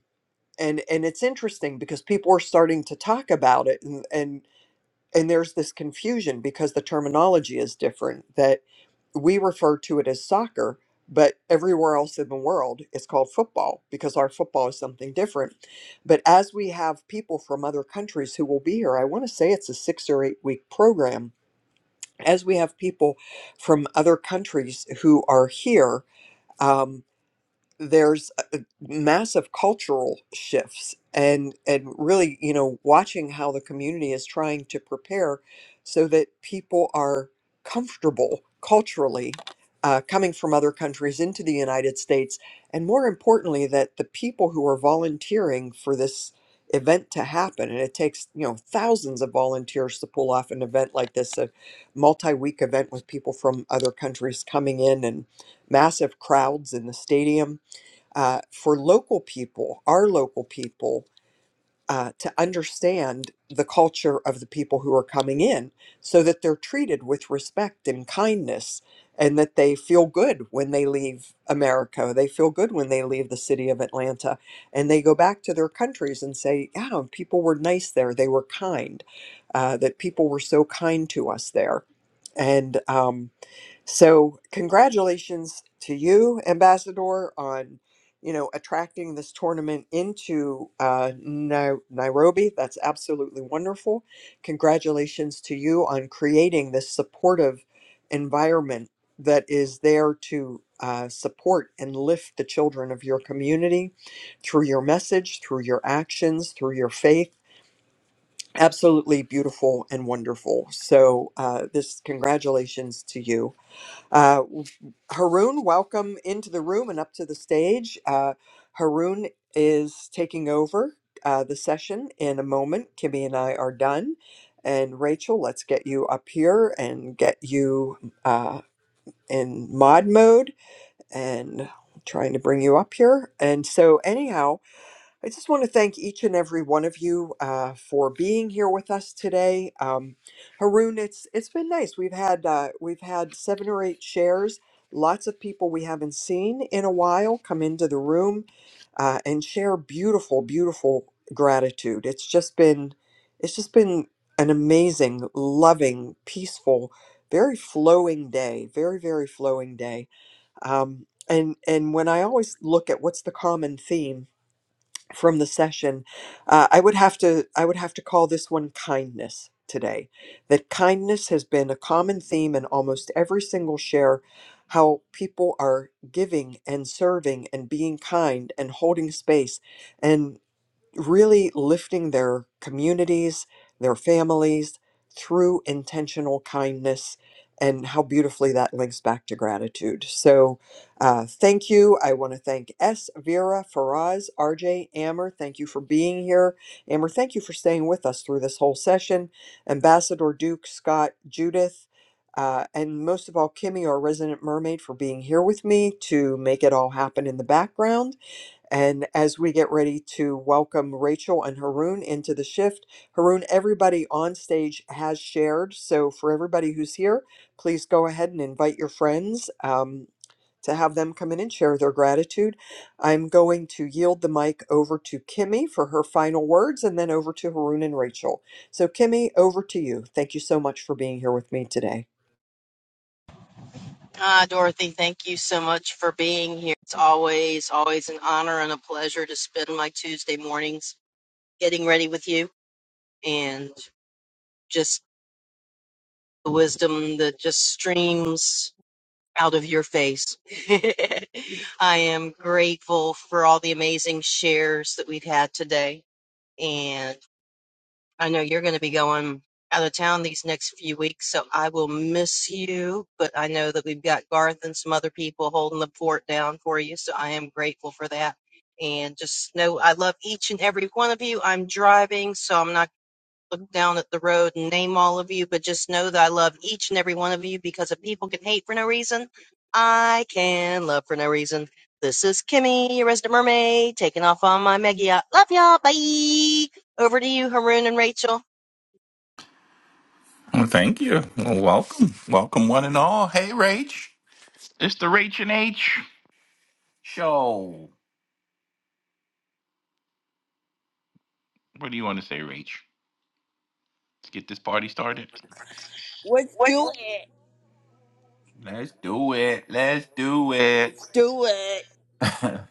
[SPEAKER 12] and, and it's interesting because people are starting to talk about it and, and and there's this confusion because the terminology is different that we refer to it as soccer, but everywhere else in the world it's called football because our football is something different. But as we have people from other countries who will be here, I want to say it's a six or eight week program. As we have people from other countries who are here, um, there's a- massive cultural shifts and and really you know watching how the community is trying to prepare so that people are comfortable culturally uh, coming from other countries into the United States and more importantly that the people who are volunteering for this event to happen and it takes you know thousands of volunteers to pull off an event like this a multi-week event with people from other countries coming in and massive crowds in the stadium uh, for local people, our local people, uh, to understand the culture of the people who are coming in so that they're treated with respect and kindness and that they feel good when they leave America. They feel good when they leave the city of Atlanta and they go back to their countries and say, yeah, people were nice there. They were kind, uh, that people were so kind to us there. And, um, so, congratulations to you, Ambassador, on you know attracting this tournament into uh, Nai- Nairobi. That's absolutely wonderful. Congratulations to you on creating this supportive environment that is there to uh, support and lift the children of your community through your message, through your actions, through your faith. Absolutely beautiful and wonderful. So, uh, this congratulations to you uh, Haroon, welcome into the room and up to the stage. Uh, Haroon is taking over uh, the session in a moment. Kimmy and I are done. And Rachel, let's get you up here and get you uh, in mod mode and trying to bring you up here. And so, anyhow, I just want to thank each and every one of you uh, for being here with us today, um, Haroon. It's it's been nice. We've had uh, we've had seven or eight shares. Lots of people we haven't seen in a while come into the room uh, and share beautiful, beautiful gratitude. It's just been it's just been an amazing, loving, peaceful, very flowing day. Very very flowing day. Um, and and when I always look at what's the common theme from the session uh, i would have to i would have to call this one kindness today that kindness has been a common theme in almost every single share how people are giving and serving and being kind and holding space and really lifting their communities, their families through intentional kindness, and how beautifully that links back to gratitude. So, uh, thank you. I want to thank S. Vera, Faraz, RJ, Amber. Thank you for being here. Amber, thank you for staying with us through this whole session. Ambassador Duke, Scott, Judith. Uh, and most of all, Kimmy, our resident mermaid, for being here with me to make it all happen in the background. And as we get ready to welcome Rachel and Haroon into the shift, Haroon, everybody on stage has shared. So for everybody who's here, please go ahead and invite your friends um, to have them come in and share their gratitude. I'm going to yield the mic over to Kimmy for her final words and then over to Haroon and Rachel. So, Kimmy, over to you. Thank you so much for being here with me today.
[SPEAKER 14] Ah, Dorothy, thank you so much for being here. It's always, always an honor and a pleasure to spend my Tuesday mornings getting ready with you and just the wisdom that just streams out of your face. I am grateful for all the amazing shares that we've had today. and. I know you're going to be going out of town these next few weeks, so I will miss you. But I know that we've got Garth and some other people holding the fort down for you, so I am grateful for that. And just know I love each and every one of you. I'm driving, so I'm not looking down at the road and name all of you, but just know that I love each and every one of you because if people can hate for no reason, I can love for no reason. This is Kimmy, your resident mermaid, taking off on my mega yacht. Love y'all. Bye. Over to you, Haroon and Rachel.
[SPEAKER 18] Well, thank you. Well, welcome. Welcome, one and all. Hey, Rach. It's the Rach and H show. What do you want to say, Rach? Let's get this party started.
[SPEAKER 19] Let's do it.
[SPEAKER 18] Let's do it. Let's do it.
[SPEAKER 19] Do it.
[SPEAKER 18] I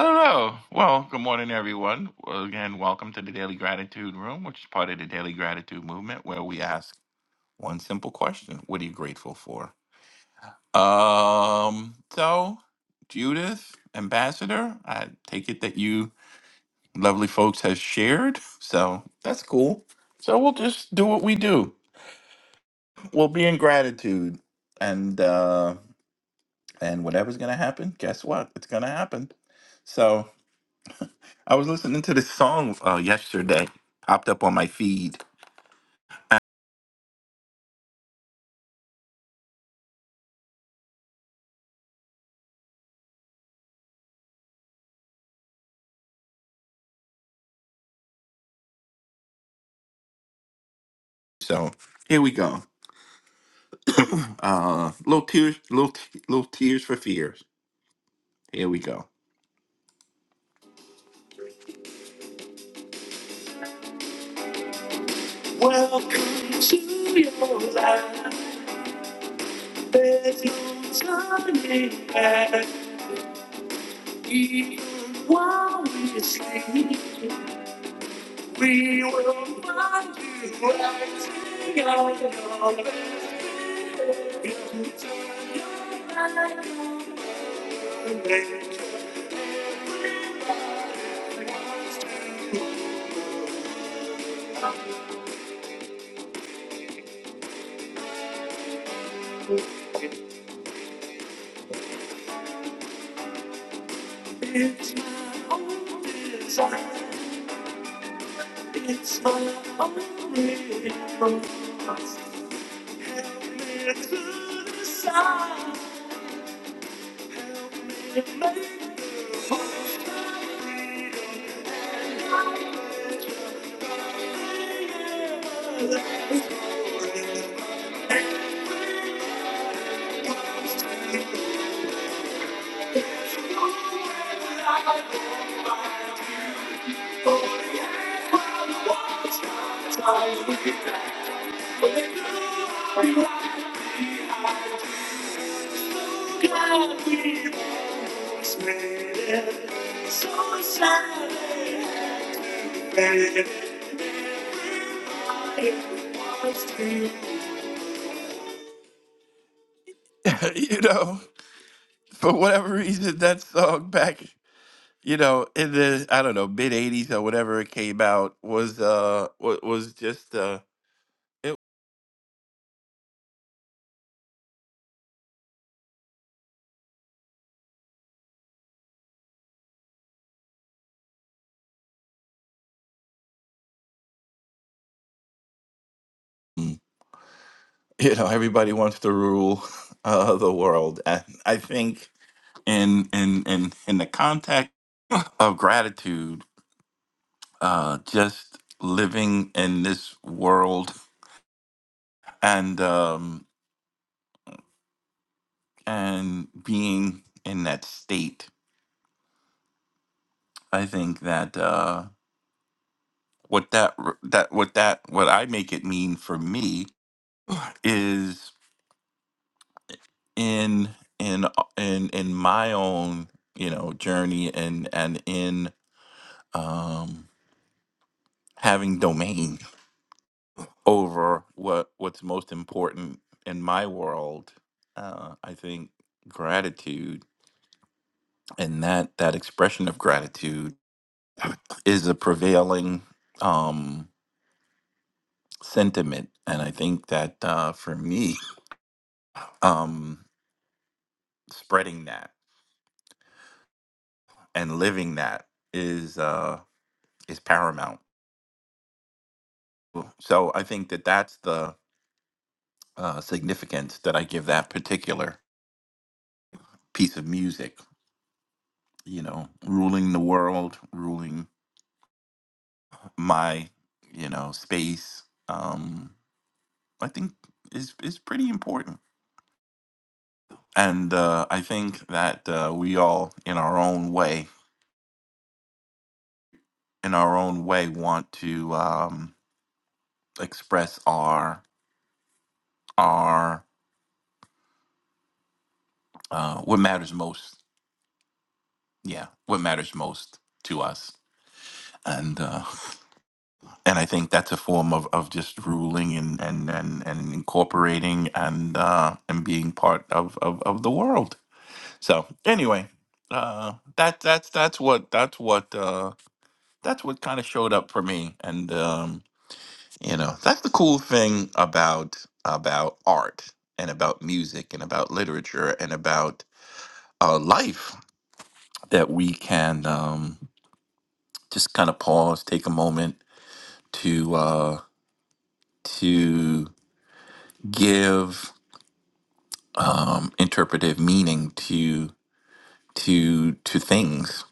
[SPEAKER 18] don't know. Well, good morning, everyone. Well, again, welcome to the Daily Gratitude Room, which is part of the Daily Gratitude Movement, where we ask one simple question What are you grateful for? Um, so, Judith, Ambassador, I take it that you lovely folks have shared. So that's cool. So we'll just do what we do. We'll be in gratitude, and uh, and whatever's gonna happen, guess what? It's gonna happen. So I was listening to this song uh, yesterday, popped up on my feed. So here we go. uh, little tears, little t- little tears for fears. Here we go. Welcome to your life. There's no turning back. While we sleep, we will find you acting on your best behavior. Turn your back on the It's my own desire. It's my only impulse. Help me to decide. Thank you. you know, for whatever reason, that song back, you know, in the I don't know mid '80s or whatever it came out was uh wa- was just uh it, Mm. you know everybody wants to rule uh, the world, and I think in in in in the context of gratitude. uh, just living in this world and um, and being in that state. I think that uh, what that r- that what that what I make it mean for me is in in in in my own you know journey and and in um, having domain over what what's most important in my world. Uh, I think gratitude and that that expression of gratitude is a prevailing um sentiment and i think that uh for me um spreading that and living that is uh is paramount so i think that that's the uh significance that i give that particular piece of music you know ruling the world ruling my you know space um i think is is pretty important And uh, I think that uh, we all, in our own way, in our own way, want to um, express our our uh, what matters most. Yeah, what matters most to us. And uh, and I think that's a form of, of just ruling and and, and, and incorporating and uh, and being part of, of, of the world. So anyway, uh, that that's that's what that's what uh, that's what kind of showed up for me. And um, You know, that's the cool thing about about art and about music and about literature and about uh, life that we can um, just kind of pause, take a moment to uh, to give um, interpretive meaning to to to things,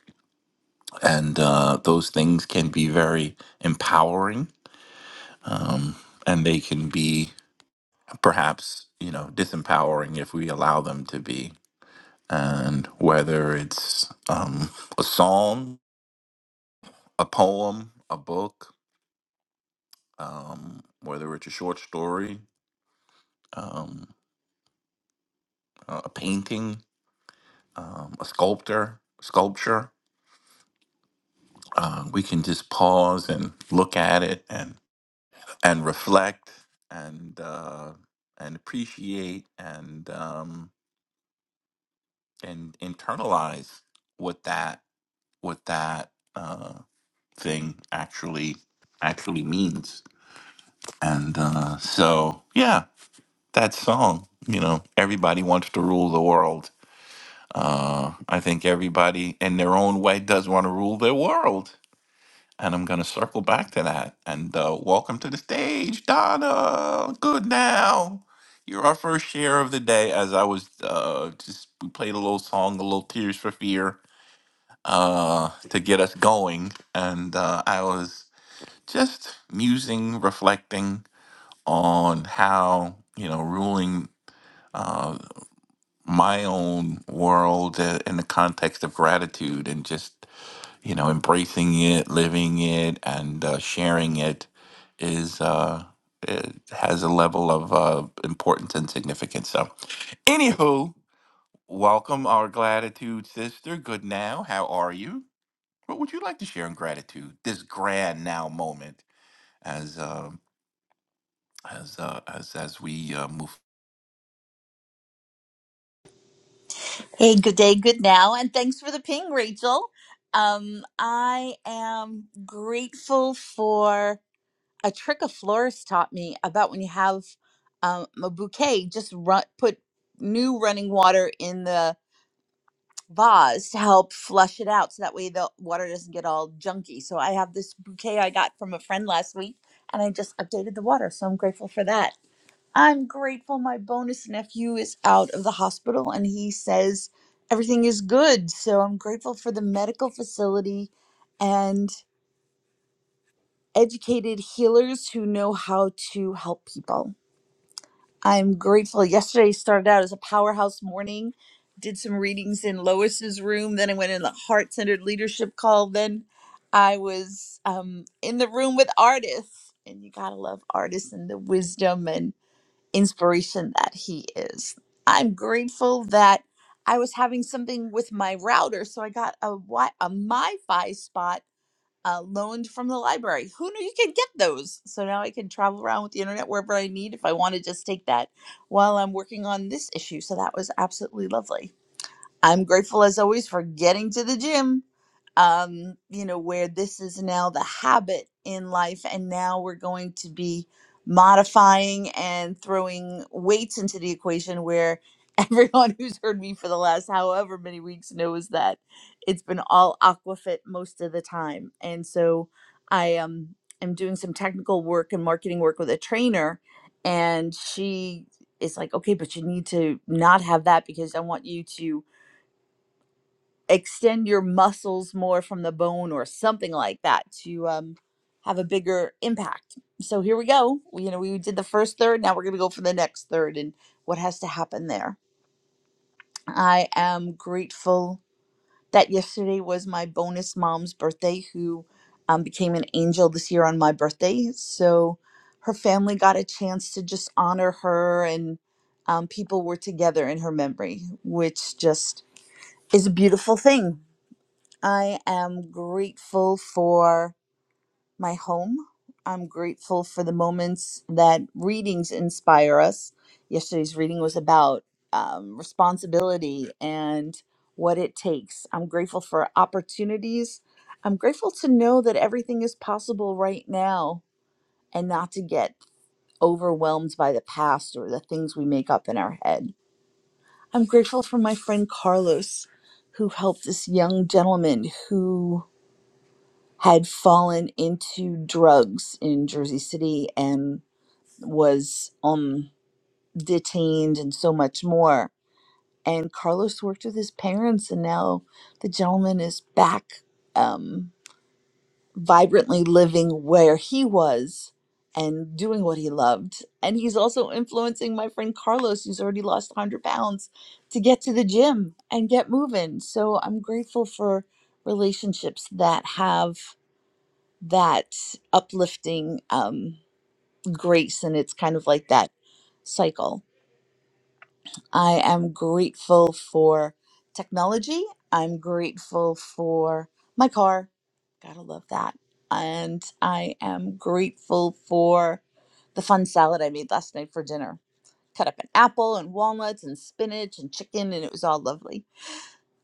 [SPEAKER 18] and uh, those things can be very empowering, um, and they can be perhaps you know disempowering if we allow them to be and whether it's um, a song, a poem, a book, um, whether it's a short story, um, a a painting, um, a sculptor, sculpture, uh, we can just pause and look at it and and reflect and uh, and appreciate and um, and internalize what that what that uh, thing actually actually means And uh, so, yeah, that song, you know, everybody wants to rule the world. Uh, I think everybody in their own way does want to rule their world. And I'm going to circle back to that. And uh, welcome to the stage, Donna. Good now. You're our first share of the day as I was uh, just, we played a little song, a little Tears for Fear uh, to get us going. And uh, I was just musing, reflecting, on how you know ruling uh, my own world uh, in the context of gratitude and just you know embracing it, living it, and uh, sharing it is uh, it has a level of uh, importance and significance. So, anywho, welcome our gratitude sister. Good now, how are you? What would you like to share in gratitude this grand now moment as uh, as uh, as as we uh, move?
[SPEAKER 20] Hey, good day, good now, and thanks for the ping, Rachel. Um, I am grateful for a trick a florist taught me about when you have um, a bouquet, just run, put new running water in the vase to help flush it out so that way the water doesn't get all junky. So I have this bouquet I got from a friend last week and I just updated the water, so I'm grateful for that. I'm grateful my bonus nephew is out of the hospital and he says everything is good. So I'm grateful for the medical facility and educated healers who know how to help people. I'm grateful. Yesterday started out as a powerhouse morning, did some readings in Lois's room, then I went in the heart centered leadership call, then I was um, in the room with artists. And you gotta love artists and the wisdom and inspiration that he is. I'm grateful that I was having something with my router, so I got a Wi- a MiFi spot uh, loaned from the library. Who knew you could get those? So now I can travel around with the internet wherever I need if I want to just take that while I'm working on this issue. So that was absolutely lovely. I'm grateful as always for getting to the gym. Um, you know, where this is now the habit in life, and now we're going to be modifying and throwing weights into the equation where everyone who's heard me for the last however many weeks knows that it's been all aquafit most of the time. And so I um am doing some technical work and marketing work with a trainer and she is like, okay, but you need to not have that because I want you to extend your muscles more from the bone or something like that to um, have a bigger impact. So here we go. We, you know, we did the first third. Now we're going to go for the next third and what has to happen there. I am grateful that yesterday was my bonus mom's birthday, who um, became an angel this year on my birthday. So her family got a chance to just honor her and um, people were together in her memory, which just is a beautiful thing I am grateful for my home. I'm grateful for the moments that readings inspire us. Yesterday's reading was about um, responsibility and what it takes. I'm grateful for opportunities. I'm grateful to know that everything is possible right now and not to get overwhelmed by the past or the things we make up in our head. I'm grateful for my friend Carlos, who helped this young gentleman who had fallen into drugs in Jersey City and was um detained and so much more. And Carlos worked with his parents, and now the gentleman is back, um, vibrantly living where he was and doing what he loved. And he's also influencing my friend Carlos, who's already lost 100 pounds, to get to the gym and get moving. So I'm grateful for relationships that have that uplifting um, grace, and it's kind of like that cycle. I am grateful for technology. I'm grateful for my car. Gotta love that. And I am grateful for the fun salad I made last night for dinner. Cut up an apple and walnuts and spinach and chicken, and it was all lovely.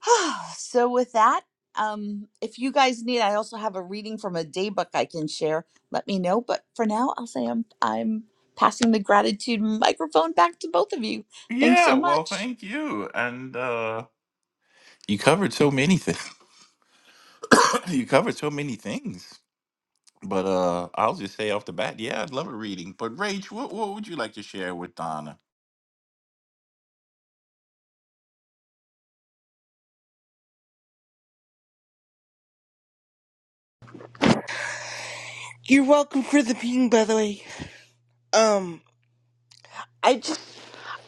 [SPEAKER 20] so with that, um, if you guys need, I also have a reading from a day book I can share. Let me know. But for now, I'll say I'm I'm passing the gratitude microphone back to both of you. Thanks so
[SPEAKER 18] Yeah, well,
[SPEAKER 20] much.
[SPEAKER 18] thank you. And uh you covered so many things. you covered so many things. But uh I'll just say off the bat, yeah, I'd love a reading. But Rach, what what would you like to share with Donna?
[SPEAKER 19] You're welcome for the ping, by the way. Um, I just,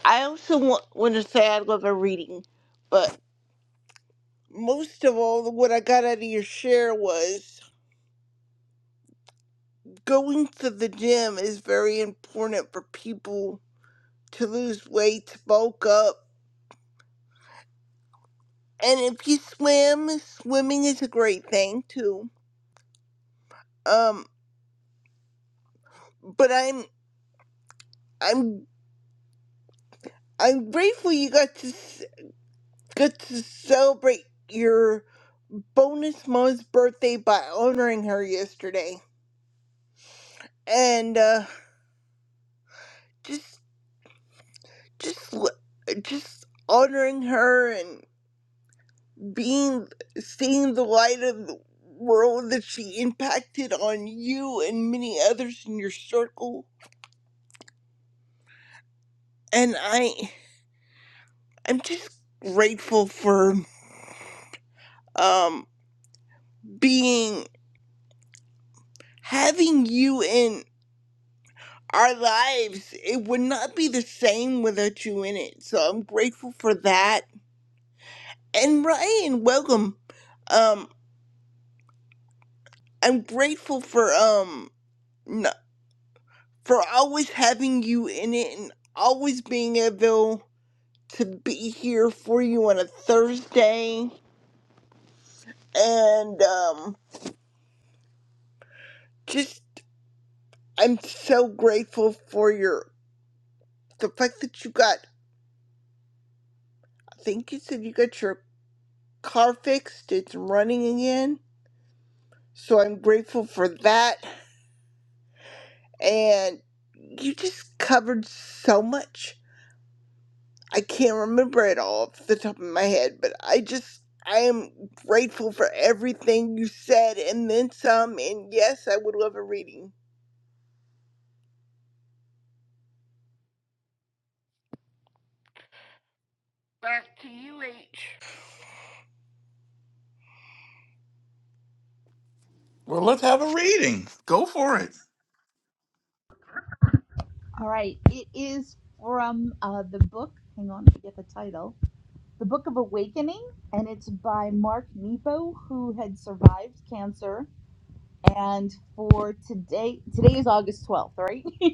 [SPEAKER 19] I also want, want to say I love a reading, but most of all, what I got out of your share was going to the gym is very important for people to lose weight, to bulk up, and if you swim, swimming is a great thing too. Um, but I'm, I'm, I'm grateful you got to, s- got to celebrate your. bonus mom's birthday by honoring her yesterday and uh just just l- just honoring her and being seeing the light of the world that she impacted on you and many others in your circle and i i'm just grateful for um being having you in our lives it would not be the same without you in it so i'm grateful for that and Ryan, welcome. Um, I'm grateful for um n- for always having you in it and always being able to be here for you on a Thursday. And um, just I'm so grateful for your the fact that you got. I think you said you got your car fixed. It's running again, so I'm grateful for that. And you just covered so much I can't remember it all off the top of my head, but I just I am grateful for everything you said and then some and yes, I would love a reading. Back to you, H.
[SPEAKER 18] Well, let's have a reading. Go for it.
[SPEAKER 20] All right, it is from uh, the book. Hang on, let me get the title. The Book of Awakening, and it's by Mark Nepo, who had survived cancer. And for today, today is August twelfth, right?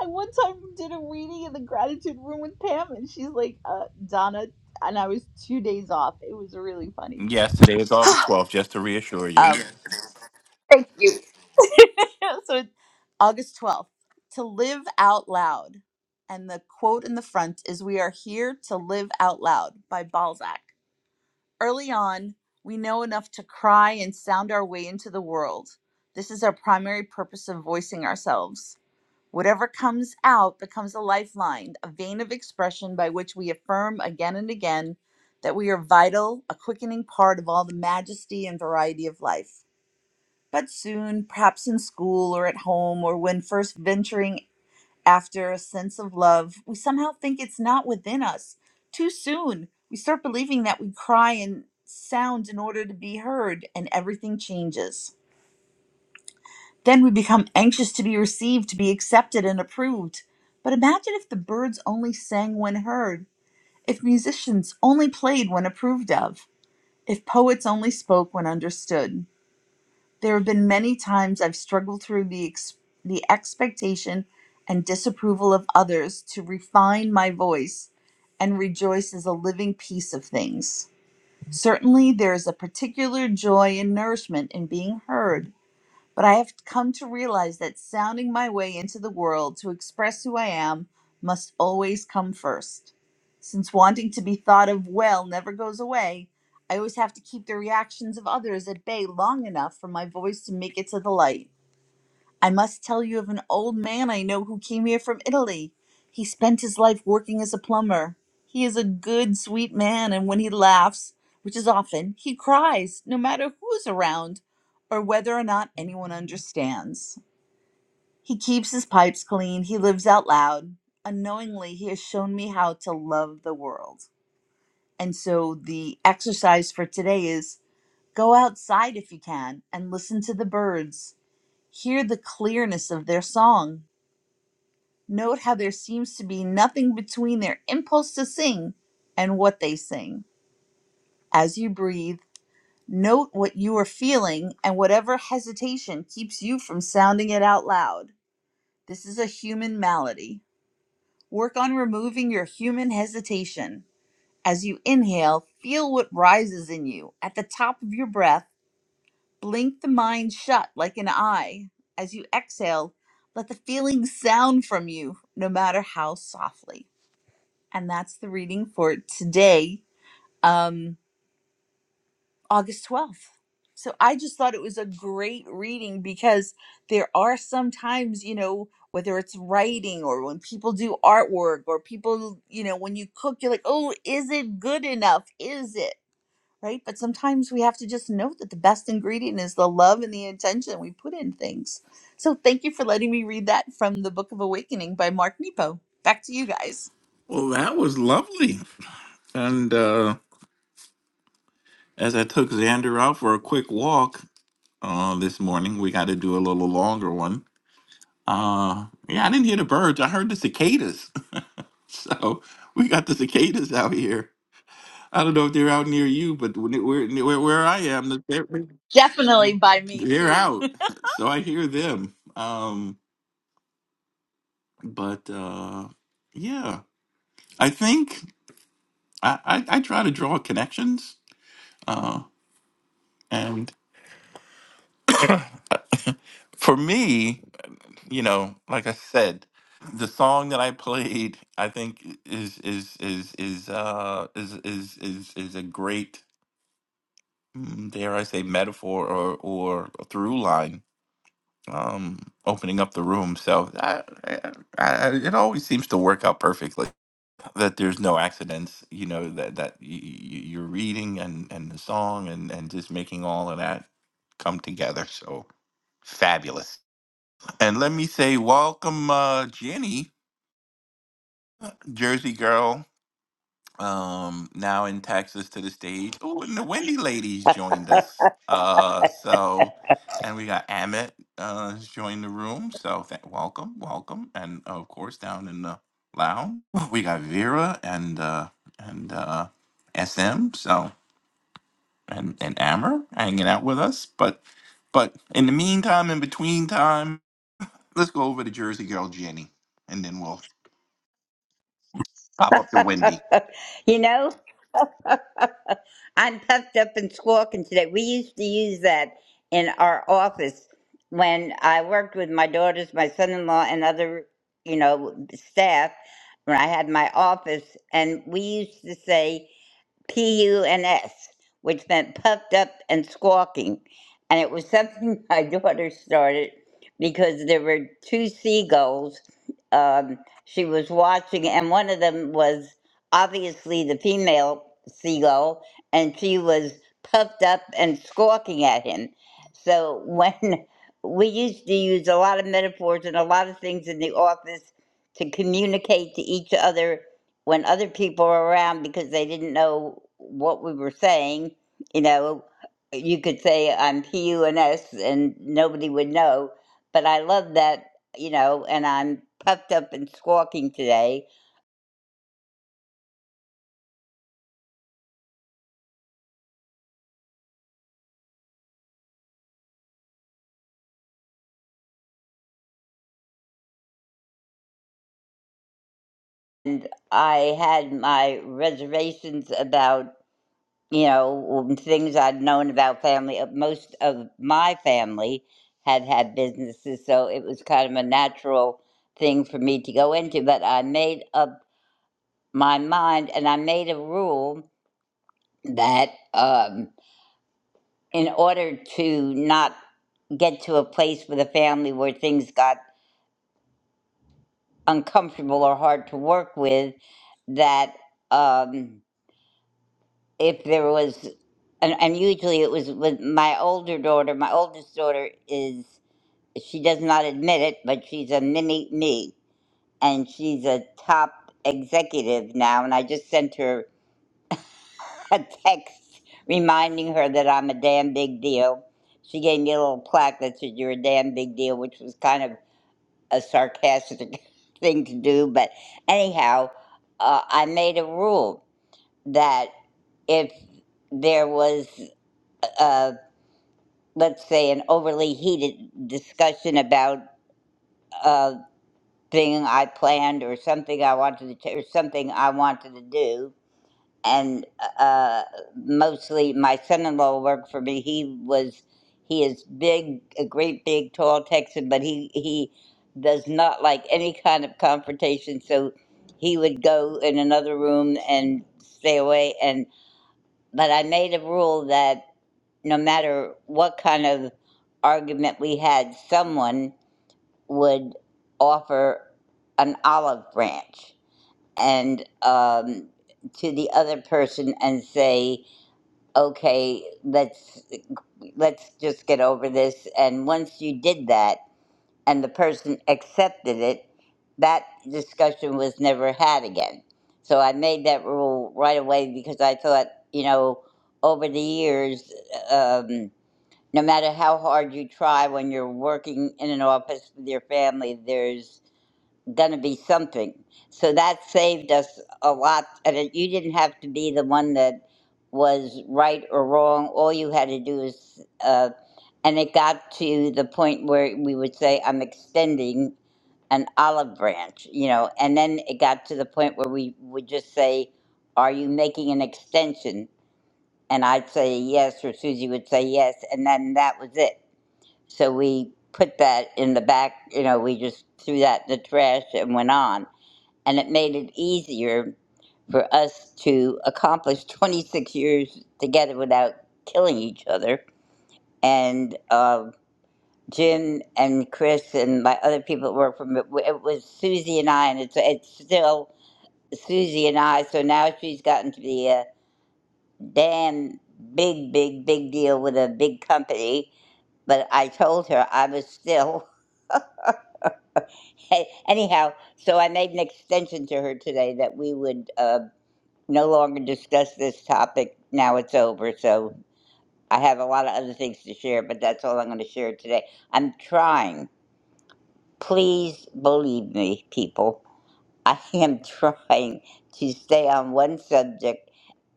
[SPEAKER 20] I one time did a reading in the gratitude room with Pam, and she's like, uh, Donna, and I was two days off. It was really funny.
[SPEAKER 18] Yes, today is August 12th, just to reassure you.
[SPEAKER 20] Um, thank you. so it's August 12th, to live out loud. And the quote in the front is We are here to live out loud by Balzac. Early on, we know enough to cry and sound our way into the world. This is our primary purpose of voicing ourselves. Whatever comes out becomes a lifeline, a vein of expression by which we affirm again and again that we are vital, a quickening part of all the majesty and variety of life. But soon, perhaps in school or at home or when first venturing after a sense of love, we somehow think it's not within us. Too soon, we start believing that we cry and sound in order to be heard, and everything changes. Then we become anxious to be received, to be accepted and approved. But imagine if the birds only sang when heard, if musicians only played when approved of, if poets only spoke when understood. There have been many times I've struggled through the, ex- the expectation and disapproval of others to refine my voice and rejoice as a living piece of things. Certainly, there is a particular joy and nourishment in being heard but I have come to realize that sounding my way into the world to express who I am must always come first. Since wanting to be thought of well never goes away, I always have to keep the reactions of others at bay long enough for my voice to make it to the light. I must tell you of an old man I know who came here from Italy. He spent his life working as a plumber. He is a good, sweet man, and when he laughs, which is often, he cries, no matter who is around or whether or not anyone understands. He keeps his pipes clean, he lives out loud. Unknowingly, he has shown me how to love the world. And so the exercise for today is go outside if you can and listen to the birds. Hear the clearness of their song Note how there seems to be nothing between their impulse to sing and what they sing. As you breathe, note what you are feeling and whatever hesitation keeps you from sounding it out loud. This is a human malady. Work on removing your human hesitation. As you inhale, feel what rises in you. At the top of your breath, blink the mind shut like an eye. As you exhale, let the feeling sound from you, no matter how softly. and that's the reading for today, um, August 12th. So I just thought it was a great reading because there are sometimes, you know, whether it's writing or when people do artwork or people, you know, when you cook, you're like, oh, is it good enough? Is it? Right. But sometimes we have to just know that the best ingredient is the love and the intention we put in things. So thank you for letting me read that from the Book of Awakening by Mark Nepo. Back to you guys.
[SPEAKER 18] Well, that was lovely. And uh as I took Xander out for a quick walk uh this morning, we got to do a little longer one. Uh yeah, I didn't hear the birds. I heard the cicadas. So we got the cicadas out here. I don't know if they're out near you, but when where where, where I am, they're
[SPEAKER 20] Definitely by me
[SPEAKER 18] they're
[SPEAKER 20] too.
[SPEAKER 18] out. So I hear them. Um, but uh, yeah, I think I, I I try to draw connections. Uh, and for me, you know, like I said, the song that I played, I think is is is is uh is is is is a great mm, dare I say, metaphor or or a through line, um, opening up the room. So I, I, I, it always seems to work out perfectly. That there's no accidents, you know. That that y- y- you're reading and and the song and and just making all of that come together. So fabulous. And let me say, welcome, uh, Jenny, Jersey girl. um, now in Texas to the stage. Oh, and the Wendy ladies joined us. Uh, so, and we got Amit uh, has joined the room. So, th- welcome, welcome, and of course down in the lounge we got Vera and uh, and uh, SM. So, and and Amber hanging out with us. But, but in the meantime, in between time, let's go over to Jersey Girl Jenny, and then we'll pop up to Wendy.
[SPEAKER 21] you know, I'm puffed up and squawking today. We used to use that in our office when I worked with my daughters, my son in law, and other, you know, staff when I had my office. And we used to say, P-U-N-S, which meant puffed up and squawking. And it was something my daughter started because there were two seagulls um, she was watching, and one of them was obviously the female seagull, and she was puffed up and squawking at him. So when we used to use a lot of metaphors and a lot of things in the office to communicate to each other when other people were around because they didn't know what we were saying, you know, you could say I'm PUNS and nobody would know. But I love that, you know, and I'm puffed up and squawking today. And I had my reservations about, you know, um, things I'd known about family. Uh, Most of my family had had businesses, so it was kind of a natural thing for me to go into. But I made up my mind and I made a rule that um, in order to not get to a place with a family where things got uncomfortable or hard to work with, that um, if there was, and, and usually it was with my older daughter, my oldest daughter is, she does not admit it, but she's a mini me and she's a top executive now. And I just sent her a text reminding her that I'm a damn big deal. She gave me a little plaque that said, You're a damn big deal, which was kind of a sarcastic thing to do. But anyhow, uh, I made a rule that if there was, uh, let's say, an overly heated discussion about a thing I planned or something I wanted to, or something I wanted to do, and uh, mostly my son-in-law worked for me. He was he is big, a great big tall Texan, but he he does not like any kind of confrontation. So he would go in another room and stay away. And but I made a rule that no matter what kind of argument we had, someone would offer an olive branch and um, to the other person and say okay let's let's just get over this and once you did that and the person accepted it that discussion was never had again so i made that rule right away because i thought you know over the years um, no matter how hard you try when you're working in an office with your family there's going to be something. So that saved us a lot. And it, you didn't have to be the one that was right or wrong. All you had to do is, uh, and it got to the point where we would say, I'm extending an olive branch, you know, and then it got to the point where we would just say, Are you making an extension? And I'd say yes, or Susie would say yes, and then that was it. So we put that in the back, you know, we just threw that in the trash and went on and it made it easier for us to accomplish 26 years together without killing each other. And uh, Jim and Chris and my other people that work for me, it was Susie and I, and it's, it's still Susie and I. So now she's gotten to be a damn big, big, big deal with a big company. But I told her I was still. Anyhow, so I made an extension to her today that we would. uh, no longer discuss this topic. Now it's over. So I have a lot of other things to share, but that's all I'm going to share today. I'm trying. Please believe me, people. I am trying to stay on one subject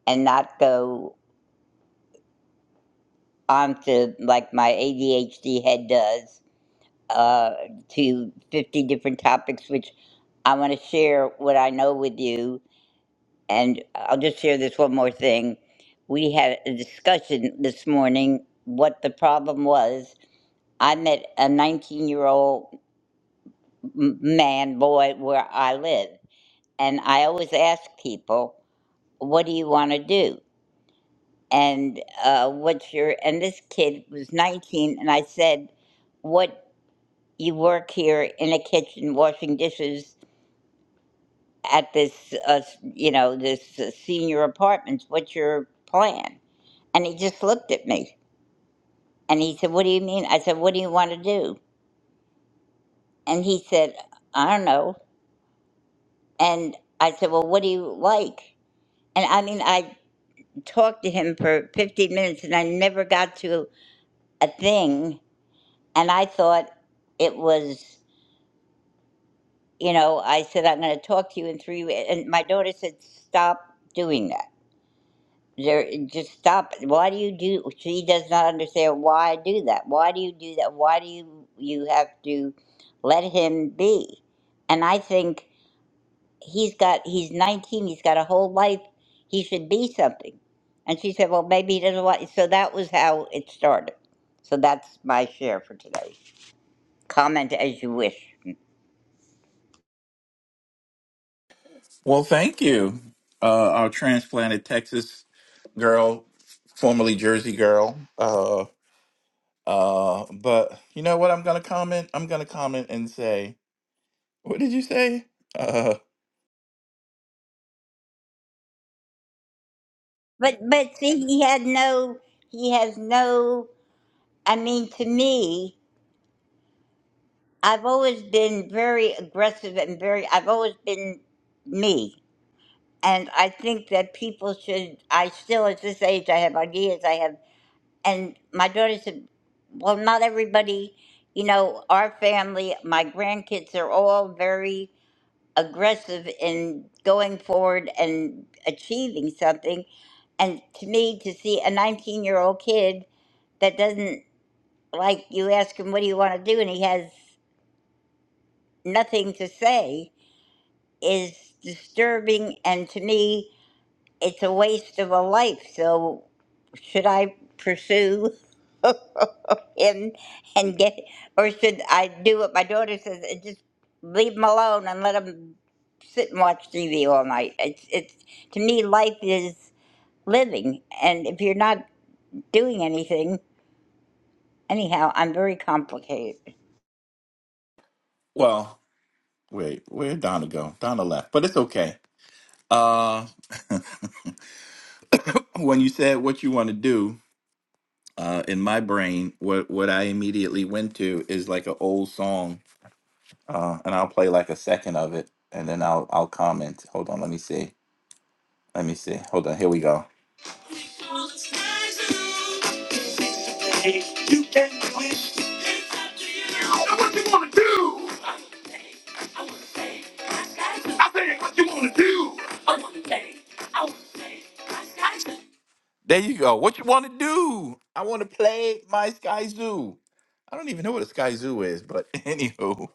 [SPEAKER 21] and not go on to like my ADHD head does uh, to 50 different topics, which I want to share what I know with you And I'll just share this one more thing. We had a discussion this morning what the problem was. I met a 19 year old man, boy, where I live. And I always ask people, what do you want to do? And uh, what's your, and this kid was 19. And I said, what, you work here in a kitchen washing dishes at this, uh, you know, this uh, senior apartments. What's your plan? And he just looked at me and he said, What do you mean? I said, What do you want to do? And he said, I don't know. And I said, Well, what do you like? And I mean, I talked to him for 15 minutes and I never got to a thing. And I thought it was, you know, I said, I'm going to talk to you in three weeks. And my daughter said, Stop doing that. There, just stop. it. Why do you do? She does not understand why I do that. Why do you do that? Why do you you have to let him be? And I think he's got. He's nineteen. He's got a whole life. He should be something. And she said, "Well, maybe he doesn't want." So that was how it started. So that's my share for today. Comment as you wish.
[SPEAKER 18] Well, thank you, uh, our transplanted Texas girl, formerly Jersey girl. Uh, uh, but you know what? I'm going to comment. I'm going to comment and say, what did you say? Uh,
[SPEAKER 21] But but see, he had no. He has no. I mean, to me. I've always been very aggressive and very, I've always been me. And I think that people should, I still, at this age, I have ideas. I have, and my daughter said, well, not everybody, you know, our family, my grandkids are all very aggressive in going forward and achieving something. And to me, to see a 19 year old kid that doesn't, like, you ask him, what do you want to do? And he has nothing to say is disturbing and to me it's a waste of a life so should i pursue him and get or should i do what my daughter says and just leave him alone and let him sit and watch tv all night it's it's to me life is living and if you're not doing anything anyhow i'm very complicated
[SPEAKER 18] well, wait, where'd Donna go? Donna left, but it's okay. Uh, when you said what you want to do, uh, in my brain, what what I immediately went to is like an old song, uh, and I'll play like a second of it, and then I'll I'll comment. Hold on, let me see. Let me see. Hold on. Here we go. You can do It's up to you. Now what you wanna do? I wanna say, I want to say. I got you. I said, what you wanna do? I wanna play. I wanna play my Sky Zoo. There you go. What you wanna do? I wanna play my Sky Zoo. I don't even know what a Sky Zoo is, but anywho,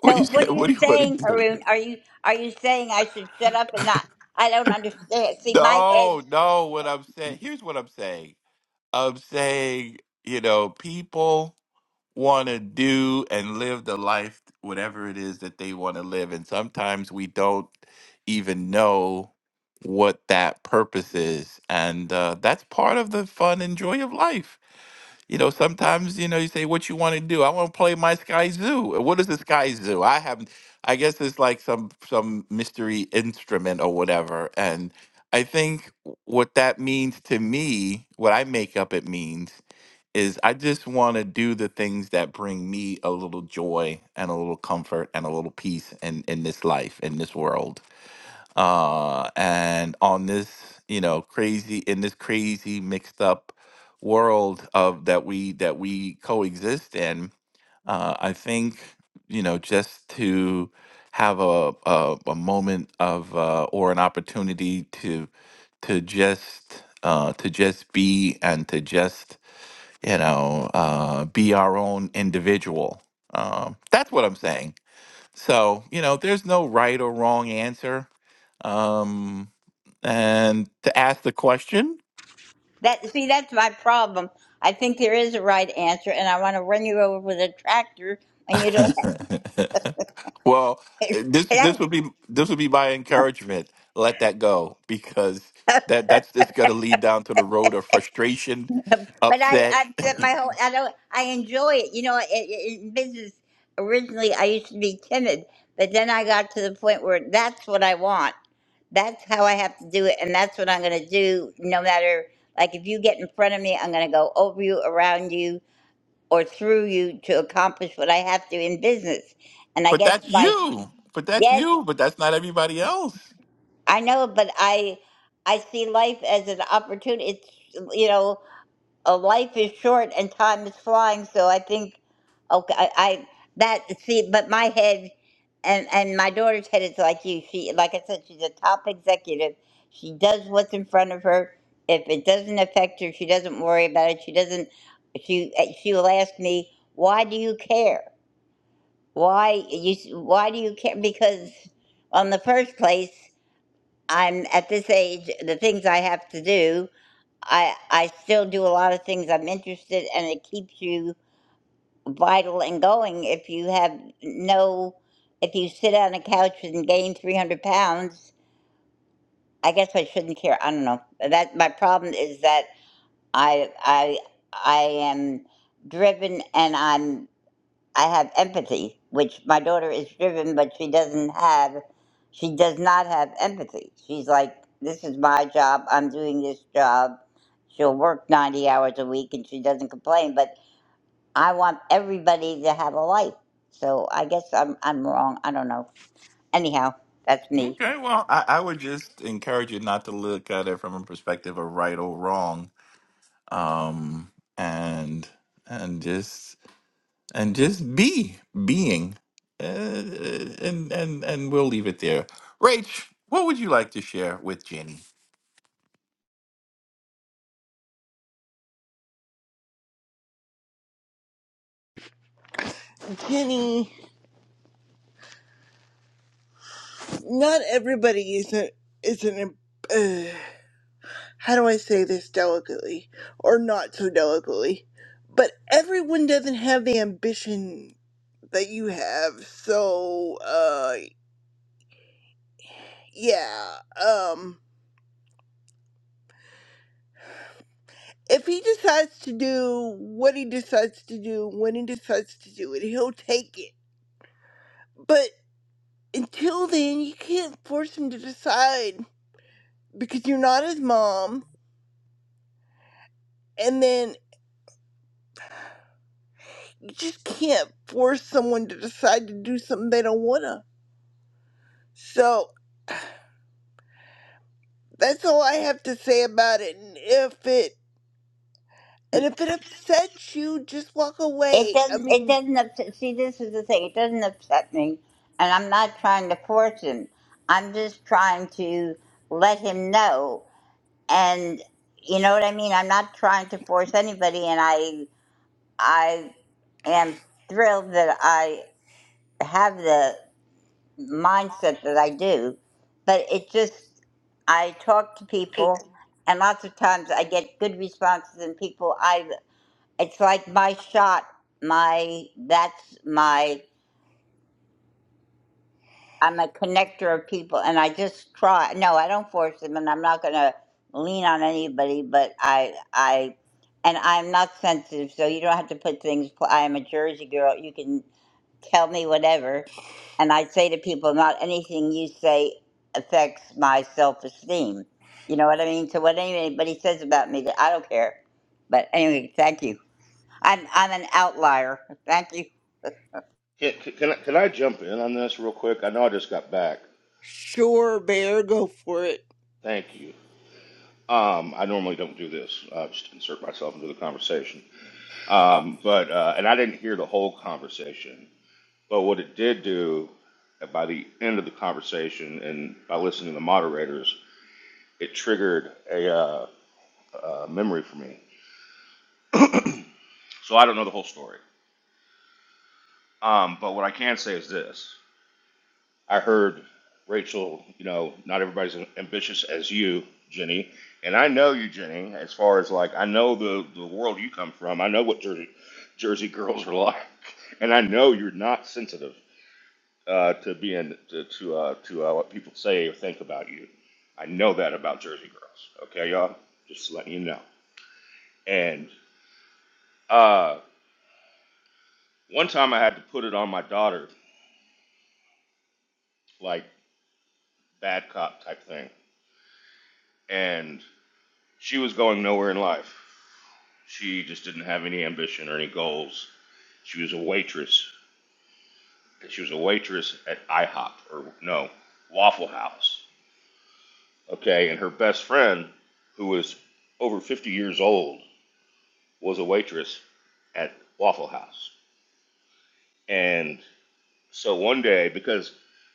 [SPEAKER 18] what you
[SPEAKER 21] so what
[SPEAKER 18] said?
[SPEAKER 21] are
[SPEAKER 18] What
[SPEAKER 21] you
[SPEAKER 18] do you wanna
[SPEAKER 21] saying,
[SPEAKER 18] do?
[SPEAKER 21] Haroon? Are you are you saying I should shut up and not? I don't understand. See, my head
[SPEAKER 18] No, no. What I'm saying? Here's what I'm saying. of saying, you know, people want to do and live the life, whatever it is that they want to live. And sometimes we don't even know what that purpose is. And uh, that's part of the fun and joy of life you know, sometimes you know you say what you want to do. I want to play my Sky Zoo. Uh, What is the Sky Zoo? I haven't. I guess it's like some some mystery instrument or whatever. And I think what that means to me, what I make up it means, is I just want to do the things that bring me a little joy and a little comfort and a little peace in in this life in this world uh, and on this you know crazy in this crazy mixed up world of that we that we coexist in uh, i think you know just to have a a, a moment of uh, or an opportunity to to just uh, to just be and to just you know uh, be our own individual um, that's what i'm saying so, you know, there's no right or wrong answer. Um, and to ask the question,
[SPEAKER 21] That see, that's my problem. I think there is a right answer, and I want to run you over with a tractor, and you don't.
[SPEAKER 18] well,
[SPEAKER 21] but
[SPEAKER 18] eh, this this would be this would be my encouragement. Let that go because that that's just going to lead down to the road of frustration,
[SPEAKER 21] I,
[SPEAKER 18] upset.
[SPEAKER 21] I, that my whole, I don't. I enjoy it. You know, it, it, in business, originally I used to be timid, but then I got to the point where that's what I want. That's how I have to do it, and that's what I'm going to do. No matter, like, if you get in front of me, I'm going to go over you, around you, or through you to accomplish what I have to in business. And I
[SPEAKER 18] but
[SPEAKER 21] guess
[SPEAKER 18] that's
[SPEAKER 21] my
[SPEAKER 18] you. But that's
[SPEAKER 21] Yes,
[SPEAKER 18] you. But that's not everybody else.
[SPEAKER 21] I know, but I I see life as an opportunity. It's you know, a life is short and time is flying. So I think, okay, I, I that see, but my head and and my daughter's head is like you. She, like I said, she's a top executive. She does what's in front of her. If it doesn't affect her, she doesn't worry about it. She doesn't. She she will ask me, "Why do you care? Why you? Why do you care?" Because, on the first place. I'm at this age, the things I have to do, I I still do a lot of things I'm interested and it keeps you vital and going if you have no if you sit on a couch and gain 300 pounds, I guess I shouldn't care. I don't know. That my problem is that I I I am driven and I'm I have empathy, which my daughter is driven, but she doesn't have, she does not have empathy. She's like, this is my job. I'm doing this job. She'll work 90 hours a week and she doesn't complain, but I want everybody to have a life. So I guess I'm, I'm wrong. I don't know. Anyhow, that's me.
[SPEAKER 18] Okay. Well, I, I would just encourage you not to look at it from a perspective of right or wrong um, and and just and just be being, uh, and and and we'll leave it there. Rach, what would you like to share with Jenny?
[SPEAKER 19] Jenny, not everybody is a is an uh, how do I say this delicately or not so delicately, but everyone doesn't have the ambition that you have. So, uh, yeah, um. if he decides to do what he decides to do when he decides to do it, he'll take it. But until then, you can't force him to decide because you're not his mom, and then you just can't force someone to decide to do something they don't wanna. So that's all I have to say about it. And if it and if it upsets you, just walk
[SPEAKER 21] It
[SPEAKER 19] away. I
[SPEAKER 21] doesn't, it
[SPEAKER 19] mean,
[SPEAKER 21] doesn't upset, see, this is the thing. It doesn't upset me and I'm not trying to force him. I'm just trying to let him know and you know what I mean. I'm not trying to force anybody, and I I am thrilled that I have the mindset that I do, but it just I talk to people, and lots of times I get good responses, and people I it's like my shot, my that's my I'm a connector of people, and I just try. No, I don't force them, and I'm not going to lean on anybody. But I, I, and I'm not sensitive, so you don't have to put things. I am a Jersey girl. You can tell me whatever, and I say to people, not anything you say affects my self-esteem. You know what I mean? So what anybody says about me, I don't care. But anyway, thank you. I'm I'm an outlier. Thank you.
[SPEAKER 22] Can, can, I- can I jump in on this real quick? I know I just got back.
[SPEAKER 19] sure, bear, go for it.
[SPEAKER 22] Thank you. Um, I normally don't do this. I just insert myself into the conversation. Um, but uh, and I didn't hear the whole conversation. But what it did do uh, by the end of the conversation and by listening to the moderators, it triggered a uh, uh, memory for me. So I don't know the whole story. Um, but what I can say is this: I heard Rachel, you know, not everybody's ambitious as you, Jenny. And I know you, Jenny, as far as like, I know the, the world you come from. I know what Jersey, Jersey girls are like. And I know you're not sensitive uh, to being, to, to, uh, to uh, what people say or think about you. I know that about Jersey girls. Okay, y'all? Just letting you know. And uh, one time I had to put it on my daughter, like bad cop type thing. And she was going nowhere in life. She just didn't have any ambition or any goals. She was a waitress. She was a waitress at IHOP or no Waffle House. Okay, and her best friend, who was over 50 years old, was a waitress at Waffle House. And so one day, because